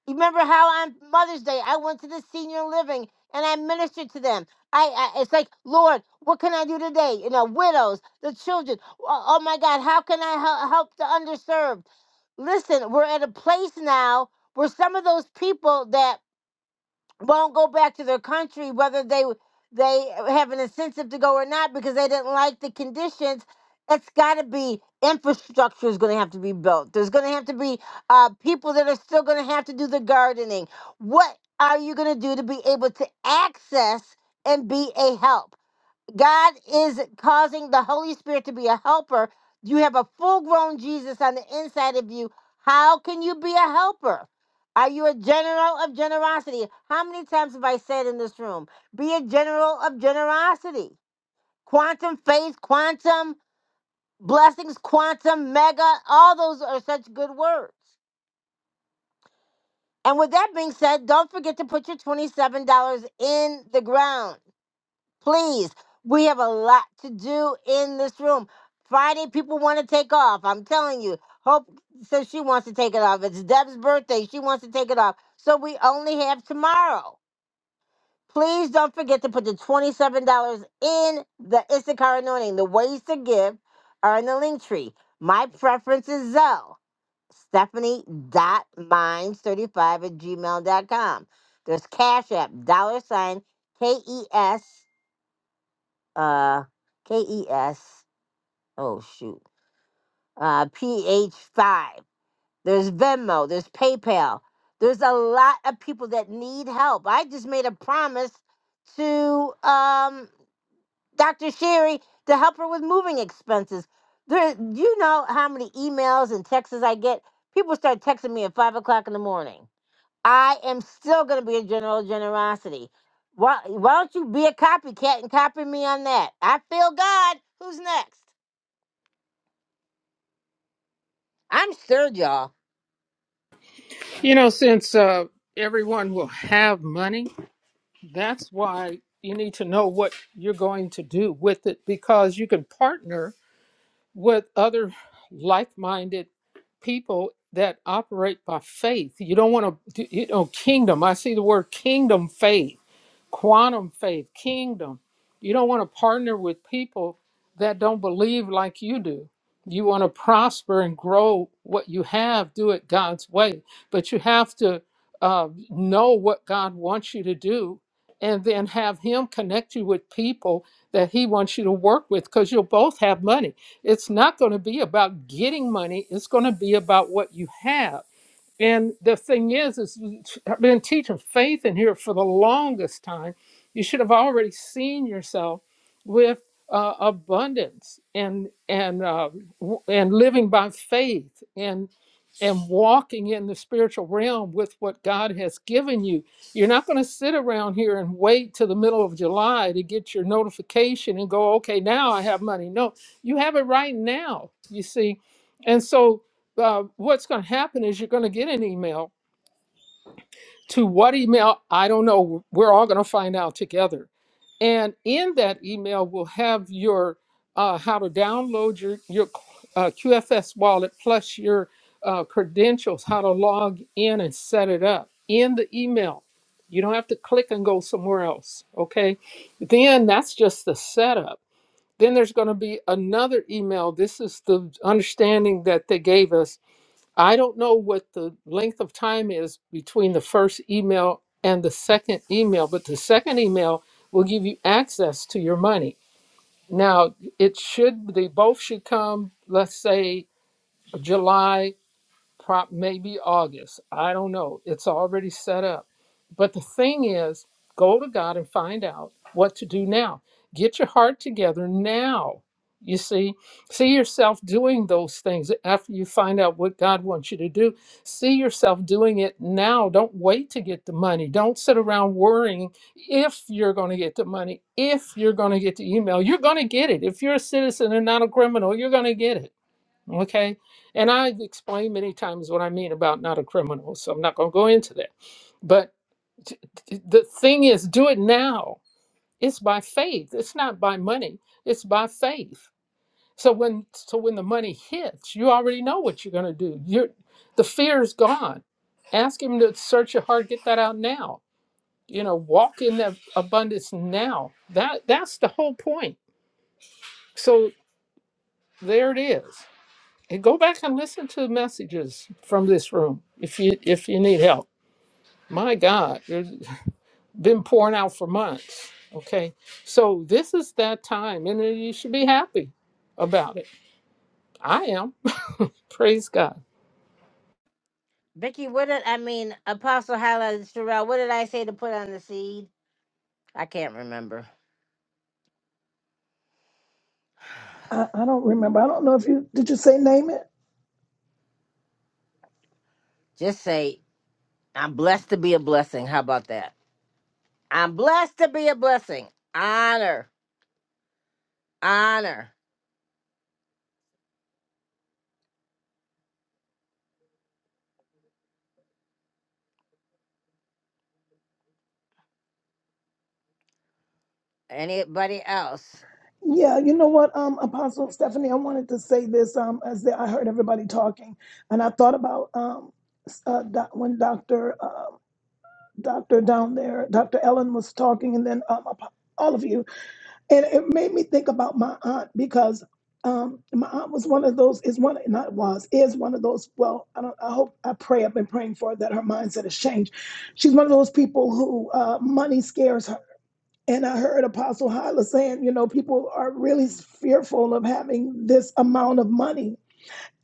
You Remember how on Mother's Day I went to the senior living and I ministered to them. I, I it's like Lord, what can I do today? You know, widows, the children. Oh, oh my God, how can I hel- help the underserved? Listen, we're at a place now where some of those people that won't go back to their country, whether they they have an incentive to go or not, because they didn't like the conditions. It's got to be infrastructure is going to have to be built. There's going to have to be uh, people that are still going to have to do the gardening. What are you going to do to be able to access and be a help? God is causing the Holy Spirit to be a helper. You have a full grown Jesus on the inside of you. How can you be a helper? Are you a general of generosity? How many times have I said in this room, be a general of generosity? Quantum faith, quantum blessings, quantum mega, all those are such good words. And with that being said, don't forget to put your $27 in the ground. Please, we have a lot to do in this room. Friday, people want to take off. I'm telling you. Hope says she wants to take it off. It's Deb's birthday. She wants to take it off. So we only have tomorrow. Please don't forget to put the $27 in the Issachar anointing. The ways to give are in the link tree. My preference is Zelle. Stephanie.minds35 at gmail dot com. There's Cash App, dollar sign, K E S uh KES. Oh shoot. Uh PH5. There's Venmo, there's PayPal. There's a lot of people that need help. I just made a promise to um Dr. Sherry to help her with moving expenses. There you know how many emails and texts I get. People start texting me at five o'clock in the morning. I am still going to be a general generosity. Why, why don't you be a copycat and copy me on that? I feel God. Who's next? I'm stirred, y'all.
You know, since uh, everyone will have money, that's why you need to know what you're going to do with it, because you can partner with other like-minded people that operate by faith. You don't want to, you know, kingdom. I see the word kingdom faith quantum faith, kingdom. You don't want to partner with people that don't believe like you do. You want to prosper and grow what you have, do it God's way. But you have to uh, know what God wants you to do and then have Him connect you with people that He wants you to work with because you'll both have money. It's not going to be about getting money, it's going to be about what you have and the thing is, is I've been teaching faith in here for the longest time. You should have already seen yourself with uh, abundance and and uh, w- and living by faith and and walking in the spiritual realm with what God has given you. You're not going to sit around here and wait till the middle of July to get your notification and go, okay, now I have money. No, you have it right now. You see, and so uh, what's going to happen is you're going to get an email to what email i don't know we're all going to find out together and in that email we'll have your uh, how to download your your uh, qfs wallet plus your uh, credentials how to log in and set it up in the email you don't have to click and go somewhere else okay then that's just the setup then there's going to be another email this is the understanding that they gave us I don't know what the length of time is between the first email and the second email, but the second email will give you access to your money. Now, it should, they both should come, let's say, July prop maybe August. I don't know. It's already set up. But the thing is, go to God and find out what to do now. Get your heart together now. You see, see yourself doing those things after you find out what God wants you to do. See yourself doing it now. Don't wait to get the money. Don't sit around worrying if you're going to get the money, if you're going to get the email. You're going to get it. If you're a citizen and not a criminal, you're going to get it Okay. And I've explained many times what I mean about not a criminal, so I'm not going to go into that. But t- t- the thing is, do it now. It's by faith. It's not by money. It's by faith. So when so when the money hits, you already know what you're going to do. You're, the fear is gone. Ask him to search your heart, get that out now. You know, walk in that abundance now. That that's the whole point. So there it is. and go back and listen to messages from this room if you if you need help my god it's been pouring out for months okay so this is that time and you should be happy about it i am <laughs> praise god
Vicky, what did I mean? Apostle highlighted Sherelle. What did I say to put on the seed? I can't remember.
i, I don't remember i don't know if you did you say name it
Just say, I'm blessed to be a blessing. How about that? I'm blessed to be a blessing. Honor, honor. Anybody else?
yeah, you know what, um, Apostle Stephanie, I wanted to say this um, as the, I heard everybody talking, and I thought about um, s- uh, doc, when Doctor doctor down there, Dr. Ellen was talking, and then um, all of you, and it made me think about my aunt because um, my aunt was one of those is one not was is one of those. Well, I don't. I hope I pray. I've been praying for her that her mindset has changed. She's one of those people who uh, money scares her. And I heard Apostle Hyla saying, you know, people are really fearful of having this amount of money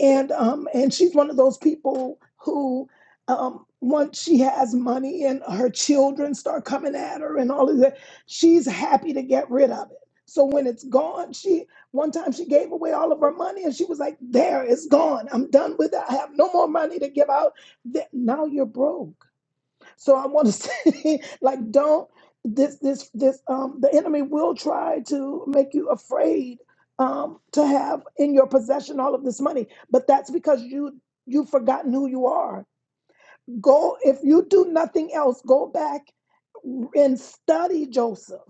and um and she's one of those people who um once she has money and her children start coming at her and all of that she's happy to get rid of it so when it's gone she one time she gave away all of her money and she was like there it's gone i'm done with it i have no more money to give out Th- now you're broke so I want to <laughs> say, like, don't this this this um the enemy will try to make you afraid um to have in your possession all of this money, but that's because you you've forgotten who you are. Go if you do nothing else, go back and study Joseph.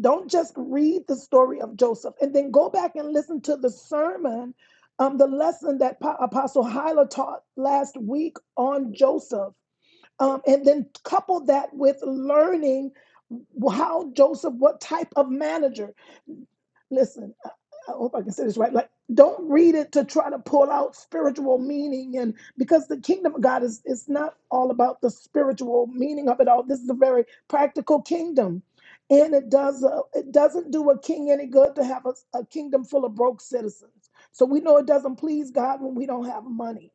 Don't just read the story of Joseph and then go back and listen to the sermon, um, the lesson that Pa- Apostle Hyla taught last week on Joseph um, and then couple that with learning how Joseph, what type of manager. Listen, I hope I can say this right. Like, don't read it to try to pull out spiritual meaning, and because the kingdom of God is it's not all about the spiritual meaning of it all. This is a very practical kingdom, and it does uh, it doesn't do a king any good to have a, a kingdom full of broke citizens. So we know it doesn't please God when we don't have money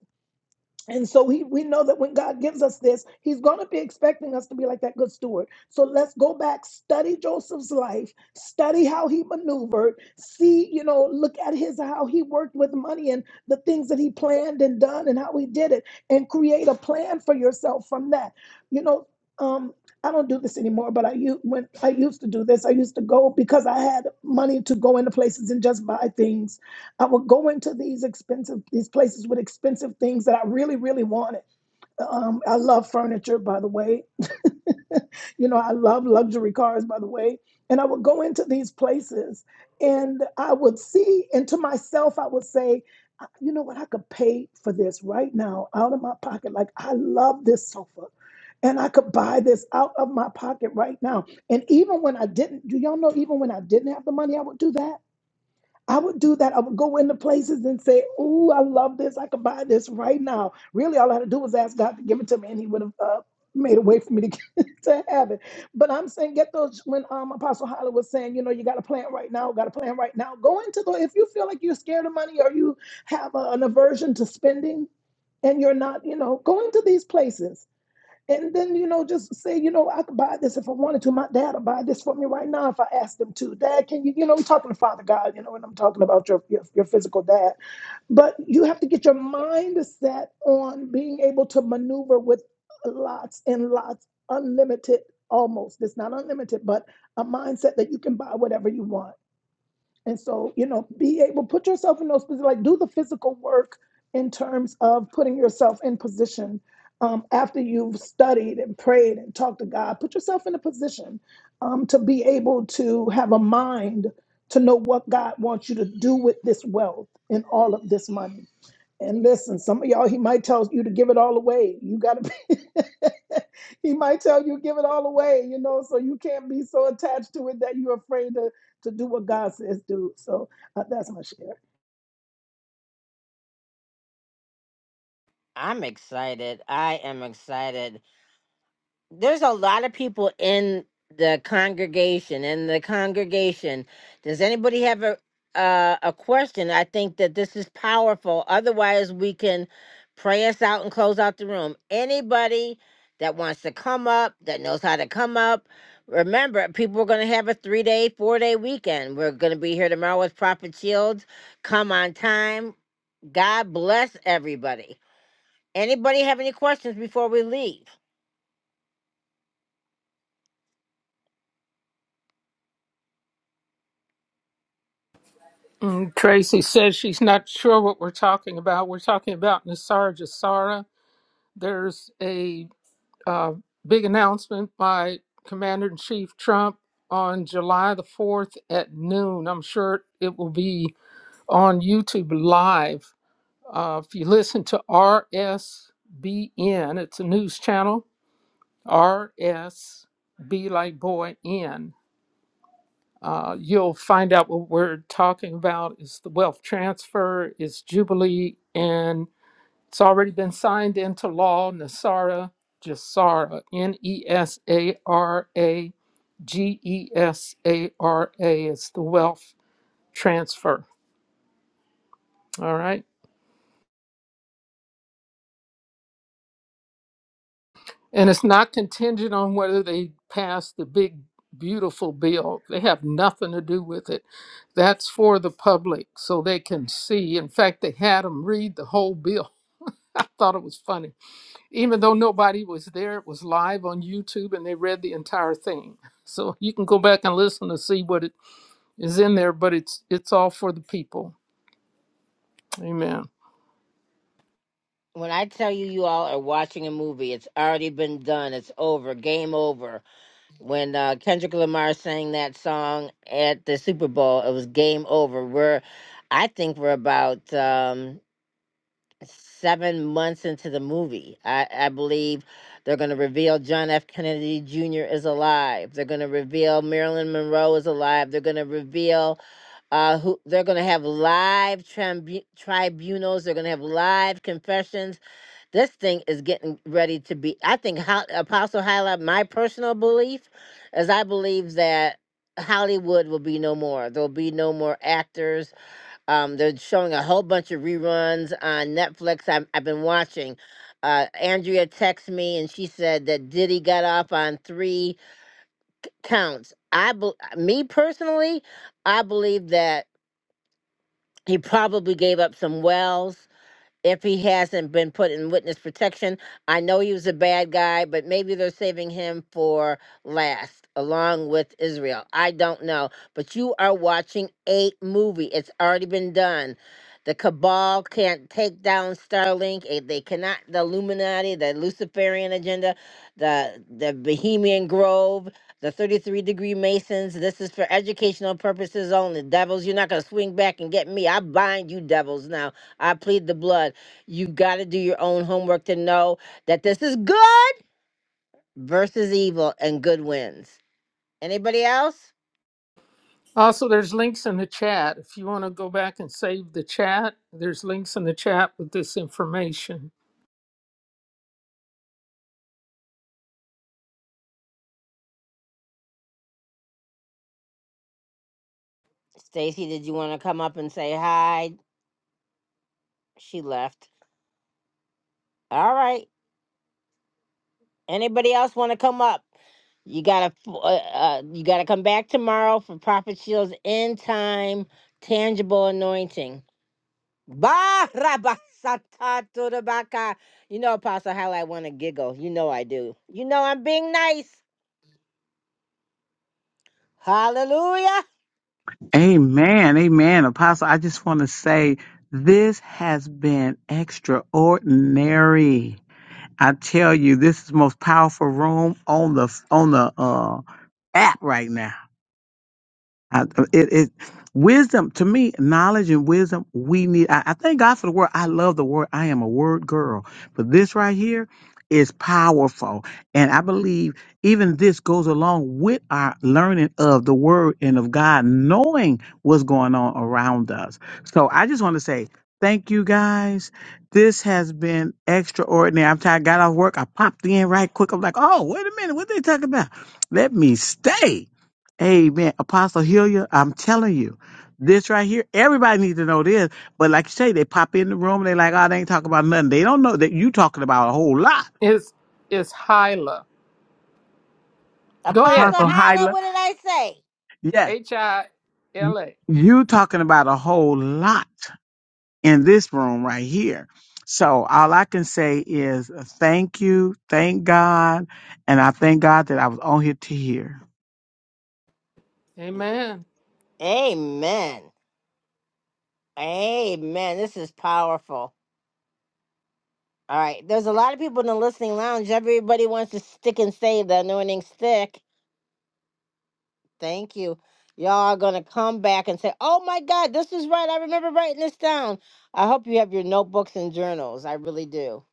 and so he, we know that when God gives us this, he's going to be expecting us to be like that good steward. So let's go back, study Joseph's life, study how he maneuvered, see, you know, look at his, how he worked with money and the things that he planned and done and how he did it and create a plan for yourself from that. You know, um, I don't do this anymore, but I u- when I used to do this, I used to go because I had money to go into places and just buy things I would go into these expensive these places with expensive things that I really really wanted. Um, I love furniture, by the way. <laughs> You know, I love luxury cars, by the way. And I would go into these places, and I would see, and to myself, I would say, "I- you know what, I could pay for this right now out of my pocket. Like I love this sofa. And I could buy this out of my pocket right now. And even when I didn't, do y'all know, even when I didn't have the money, I would do that? I would do that. I would go into places and say, "Oh, I love this. I could buy this right now." Really, all I had to do was ask God to give it to me, and He would have uh, made a way for me to get, <laughs> to have it. But I'm saying, get those. When um, Apostle Holly was saying, you know, you got a plan right now. Got a plan right now. Go into the. If you feel like you're scared of money or you have uh an aversion to spending, and you're not, you know, go into these places and then, you know, just say, you know, I could buy this if I wanted to. My dad will buy this for me right now if I asked him to. Dad, can you, you know, I'm talking to Father God, you know, and I'm talking about your, your, your physical dad. But you have to get your mind set on being able to maneuver with lots and lots, unlimited almost. It's not unlimited, but a mindset that you can buy whatever you want and so, you know, be able put yourself in those positions, like do the physical work in terms of putting yourself in position um, after you've studied and prayed and talked to God. Put yourself in a position um, to be able to have a mind to know what God wants you to do with this wealth and all of this money. And listen, some of y'all, he might tell you to give it all away. You got to be, <laughs> he might tell you give it all away, you know, so you can't be so attached to it that you're afraid to, to do what God says do. So uh, that's my share.
I'm excited. I am excited. there's a lot of people in the congregation in the congregation does anybody have a uh, a question i think that this is powerful otherwise we can pray us out and close out the room anybody that wants to come up that knows how to come up remember people are going to have a three day four day weekend we're going to be here tomorrow with prophet shields come on time god bless everybody anybody have any questions before we leave
Mm, tracy says she's not sure what we're talking about we're talking about nisara jasara there's a uh, big announcement by commander-in-chief trump on july the 4th at noon i'm sure it will be on YouTube Live. Uh, if you listen to RSBN, it's a news channel, RSB like boy N. Uh, you'll find out what we're talking about is the wealth transfer, is Jubilee, and it's already been signed into law. Nesara Gesara. N E S A R A G E S A R A is the wealth transfer. All right. And it's not contingent on whether they pass the big, beautiful bill. They have nothing to do with it. That's for the public so they can see. In fact, they had them read the whole bill. <laughs> I thought it was funny. Even though nobody was there, it was live on YouTube and they read the entire thing. So you can go back and listen to see what it is in there, but it's it's all for the people. Amen.
when I tell you you all are watching a movie, it's already been done. It's over. Game over. When uh, Kendrick Lamar sang that song at the Super Bowl, it was game over. We're, I think we're about um, seven months into the movie. I, I believe they're going to reveal John F. Kennedy Jr. is alive. They're going to reveal Marilyn Monroe is alive. They're going to reveal uh, who. They're going to have live tribu- tribunals. They're going to have live confessions this thing is getting ready to be. I think how, Apostle Hyla, my personal belief is I believe that Hollywood will be no more. There'll be no more actors. Um, they're showing a whole bunch of reruns on Netflix. I'm, I've been watching. Uh, Andrea texted me and she said that Diddy got off on three counts. I, be, me personally, I believe that he probably gave up some wells if he hasn't been put in witness protection. I know he was a bad guy, but maybe they're saving him for last, along with Israel. I don't know. But you are watching a movie, it's already been done. The cabal can't take down Starlink. eh, They cannot. The Illuminati, the Luciferian agenda, the the Bohemian Grove, the 33 degree Masons. This is for educational purposes only. Devils, you're not gonna swing back and get me. I bind you, devils. Now I plead the blood. You got to do your own homework to know that this is good versus evil and good wins. Anybody else?
Also, there's links in the chat. If you want to go back and save the chat, there's links in the chat with this information.
Stacy, did you want to come up and say hi? She left. All right. Anybody else want to come up? You gotta, f- uh, uh, you gotta come back tomorrow for Prophet Shield's end time tangible anointing. Ba raba sata to the baka. You know, Apostle, how I want to giggle. You know I do. You know I'm being nice. Hallelujah.
Amen. Amen. Apostle, I just want to say this has been extraordinary. I tell you, this is the most powerful room on the on the uh app right now. I, uh, it, it wisdom to me, knowledge and wisdom. We need. I, I thank God for the word. I love the word. I am a word girl, but this right here is powerful, and I believe even this goes along with our learning of the word and of God, knowing what's going on around us. So I just want to say. Thank you guys. This has been extraordinary. I'm tired. I got off work. I popped in right quick. I'm like, oh, wait a minute. What they talking about? Let me stay. Amen. Apostle Hillier, I'm telling you, this right here, everybody needs to know this. But like you say, they pop in the room, they like, oh, they ain't talking about nothing. They don't know that you talking about a whole lot.
It's it's Hyla. Go ahead.
Apostle
Apostle
You
Hyla,
Hyla,
what did I
yes,
H I L A.
you talking about a whole lot in this room right here. So all I can say is thank you, thank God, and I thank God that I was on here to hear.
say?
Amen.
Amen. Amen. This is powerful. All right. There's a lot of people in the listening lounge. Everybody wants to stick and save the anointing stick. Thank you. Y'all are going to come back and say, oh my God, this is right. I remember writing this down. I hope you have your notebooks and journals. I really do.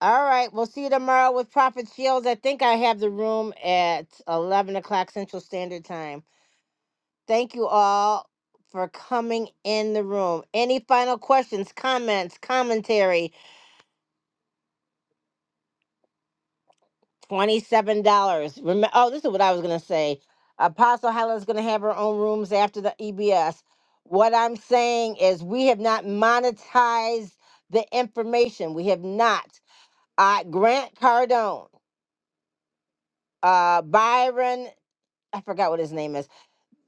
All right. We'll see you tomorrow with Prophet Shields. I think I have the room at 11 o'clock Central Standard Time. Thank you all for coming in the room. Any final questions, comments, commentary? $27. Remember, oh, this is what I was going to say. Apostle Helen's going to have her own rooms after the EBS. What I'm saying is, we have not monetized the information. We have not. Uh, Grant Cardone, uh, Byron, I forgot what his name is.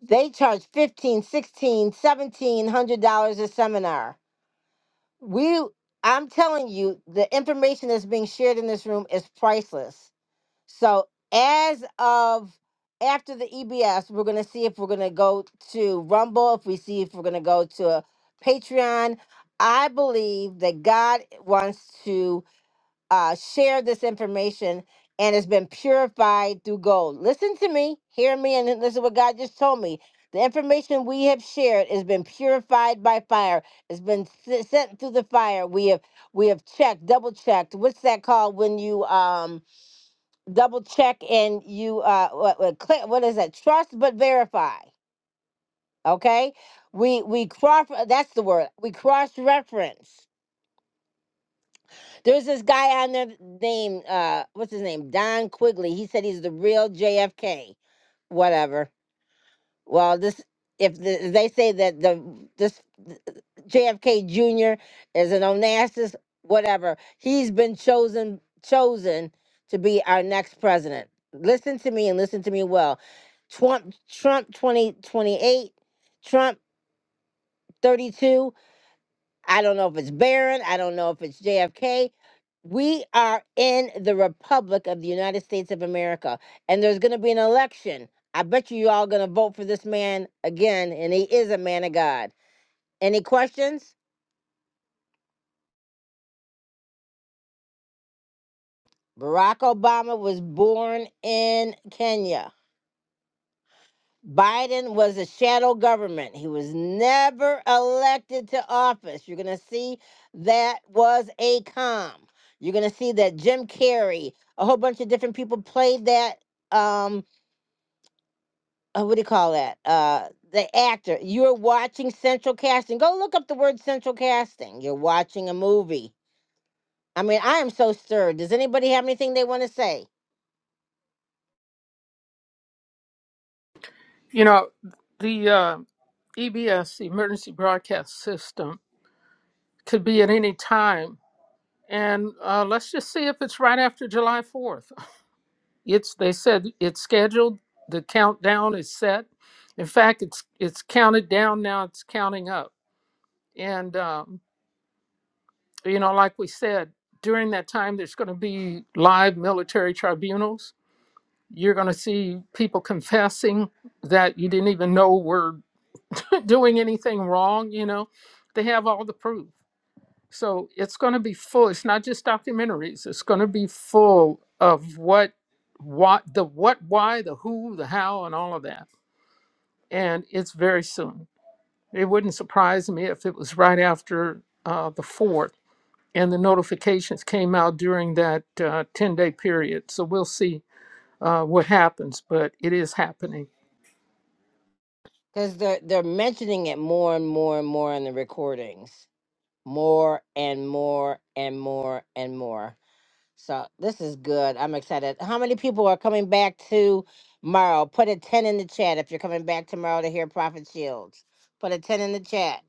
They charge fifteen, sixteen, seventeen hundred dollars a seminar we i'm telling you the information that's being shared in this room is priceless so as of after the ebs we're going to see if we're going to go to rumble if we see if we're going to go to patreon i believe that god wants to uh, shared this information and it's been purified through gold. Listen to me, hear me, and then listen to what God just told me. The information we have shared has been purified by fire. It's been s- sent through the fire. We have we have checked, double checked. What's that called when you um double check and you uh what what, cl- what is that? Trust but verify. Okay, we we cross. That's the word. We cross reference There's this guy on there named uh what's his name? Don Quigley. He said he's the real JFK. Whatever. Well, this if the, they say that the this JFK Jr. is an Onassis, whatever. He's been chosen chosen to be our next president. Listen to me and listen to me well. Trump Trump 2028, Trump 32. I don't know if it's Barron. I don't know if it's JFK. We are in the Republic of the United States of America, and there's going to be an election. I bet you you all going to vote for this man again, and he is a man of God. Any questions? Barack Obama was born in Kenya. Biden was a shadow government. He was never elected to office. You're going to see that was a com. You're going to see that Jim Carrey, a whole bunch of different people played that. Um, uh, what do you call that? Uh, the actor. You're watching Central Casting. Go look up the word Central Casting. You're watching a movie. I mean, I am so stirred. Does anybody have anything they want to say?
You know, the uh, EBS emergency broadcast system could be at any time. And uh, let's just see if it's right after July 4th. It's they said it's scheduled. The countdown is set. In fact, it's it's counted down now. It's counting up. And um, you know, like we said, during that time, there's going to be live military tribunals You're going to see people confessing that you didn't even know were <laughs> doing anything wrong. You know, they have all the proof. So it's going to be full. It's not just documentaries. It's going to be full of what, what, the what, why, the who, the how, and all of that. And it's very soon. It wouldn't surprise me if it was right after uh, the fourth and the notifications came out during that uh, 10 day period. So we'll see uh, what happens, but it is happening.
Because they're they're mentioning it more and more and more in the recordings. more and more and more and more. So this is good. I'm excited. How many people are coming back tomorrow? Put a 10 in the chat if you're coming back tomorrow to hear Prophet Shields. Put a 10 in the chat.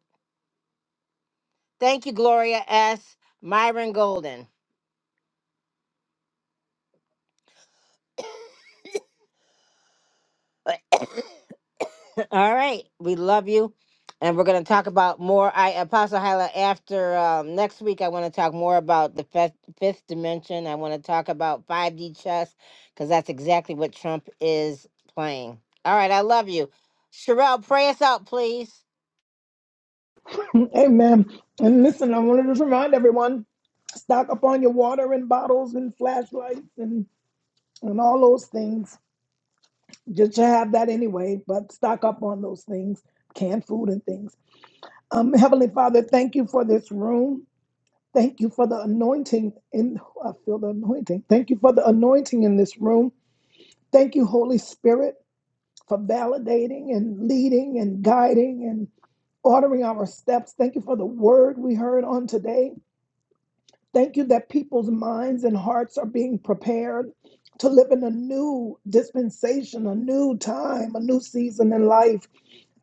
Thank you, Gloria S. Myron Golden. <coughs> All right. We love you. And we're going to talk about more. I Apostle Hyla, after um, next week, I want to talk more about the fifth, fifth dimension. I want to talk about 5D chess because that's exactly what Trump is playing. All right. I love you. Sherelle, pray us out, please.
<laughs> Amen. And listen, I wanted to remind everyone stock up on your water and bottles and flashlights and, and all those things. Just to have that anyway, but stock up on those things, canned food and things. Um, Heavenly Father, thank you for this room. Thank you for the anointing. In, I feel the anointing. Thank you for the anointing in this room. Thank you, Holy Spirit, for validating and leading and guiding and ordering our steps. Thank you for the word we heard on today. Thank you that people's minds and hearts are being prepared to live in a new dispensation, a new time, a new season in life.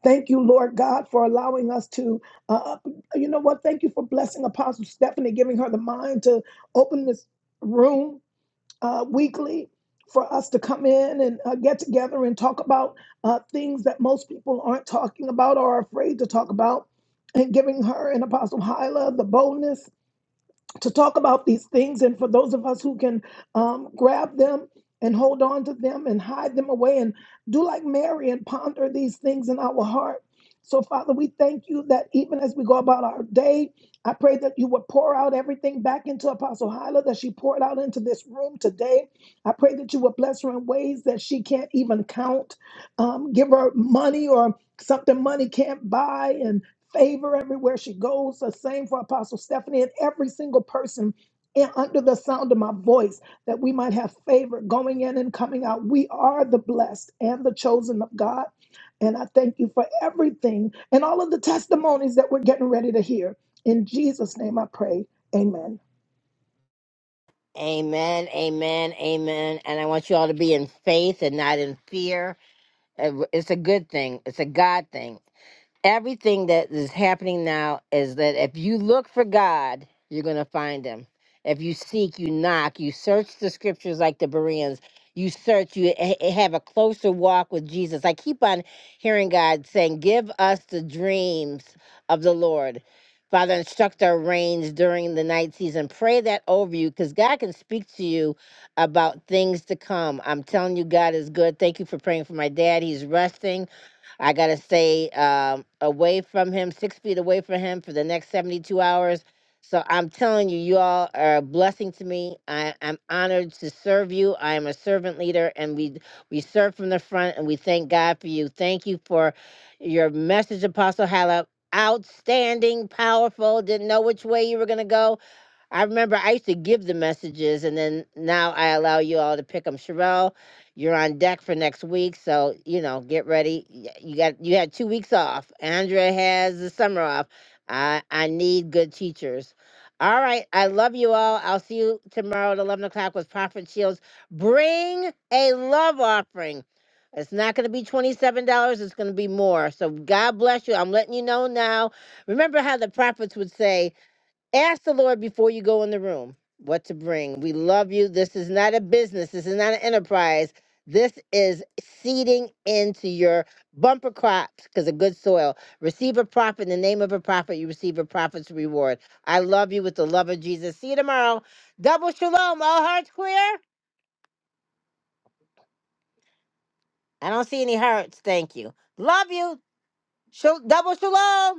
Thank you, Lord God, for allowing us to, uh, you know what? Thank you for blessing Apostle Stephanie, giving her the mind to open this room uh, weekly for us to come in and uh, get together and talk about uh, things that most people aren't talking about or are afraid to talk about, and giving her and Apostle Hyla the boldness to talk about these things. And for those of us who can um, grab them and hold on to them and hide them away and do like Mary and ponder these things in our heart. So, Father, we thank you that even as we go about our day, I pray that you would pour out everything back into Apostle Hyla that she poured out into this room today. I pray that you would bless her in ways that she can't even count. Um, give her money or something money can't buy, and favor everywhere she goes. The same for Apostle Stephanie and every single person in, under the sound of my voice, that we might have favor going in and coming out. We are the blessed and the chosen of God. And I thank you for everything and all of the testimonies that we're getting ready to hear. In Jesus' name I pray. Amen.
Amen. Amen. Amen. And I want you all to be in faith and not in fear. Uh, It's a good thing, it's a God thing. everything that is happening now is that if you look for God, you're going to find him. If you seek, you knock, you search the scriptures like the Bereans, you search, you ha- have a closer walk with Jesus. I keep on hearing God saying, Give us the dreams of the Lord. Father, instruct our reins during the night season. Pray that over you because God can speak to you about things to come. I'm telling you, God is good. Thank you for praying for my dad. He's resting. I gotta stay um, away from him, six feet away from him for the next 72 hours. So I'm telling you, you all are a blessing to me. I, I'm honored to serve you. I am a servant leader, and we we serve from the front, and we thank God for you. Thank you for your message, Apostle Hallop. Outstanding, powerful. Didn't know which way you were gonna go I remember I used to give the messages, and then now I allow you all to pick them. Sherelle, you're on deck for next week, so you know get ready. Y- You got you had two weeks off. Andrea has the summer off. I I need good teachers. All right, I love you all. I'll see you tomorrow at eleven o'clock with Prophet Shields. Bring a love offering. It's not going to be twenty-seven dollars. It's going to be more. So God bless you. I'm letting you know now. Remember how the prophets would say. Ask the Lord before you go in the room what to bring. We love you. This is not a business, this is not an enterprise. This is seeding into your bumper crops because of good soil. Receive a prophet in the name of a prophet. You receive a prophet's reward. I love you with the love of Jesus. See you tomorrow. Double shalom. All hearts clear? I don't see any hearts. Thank you. Love you. Shal- double shalom.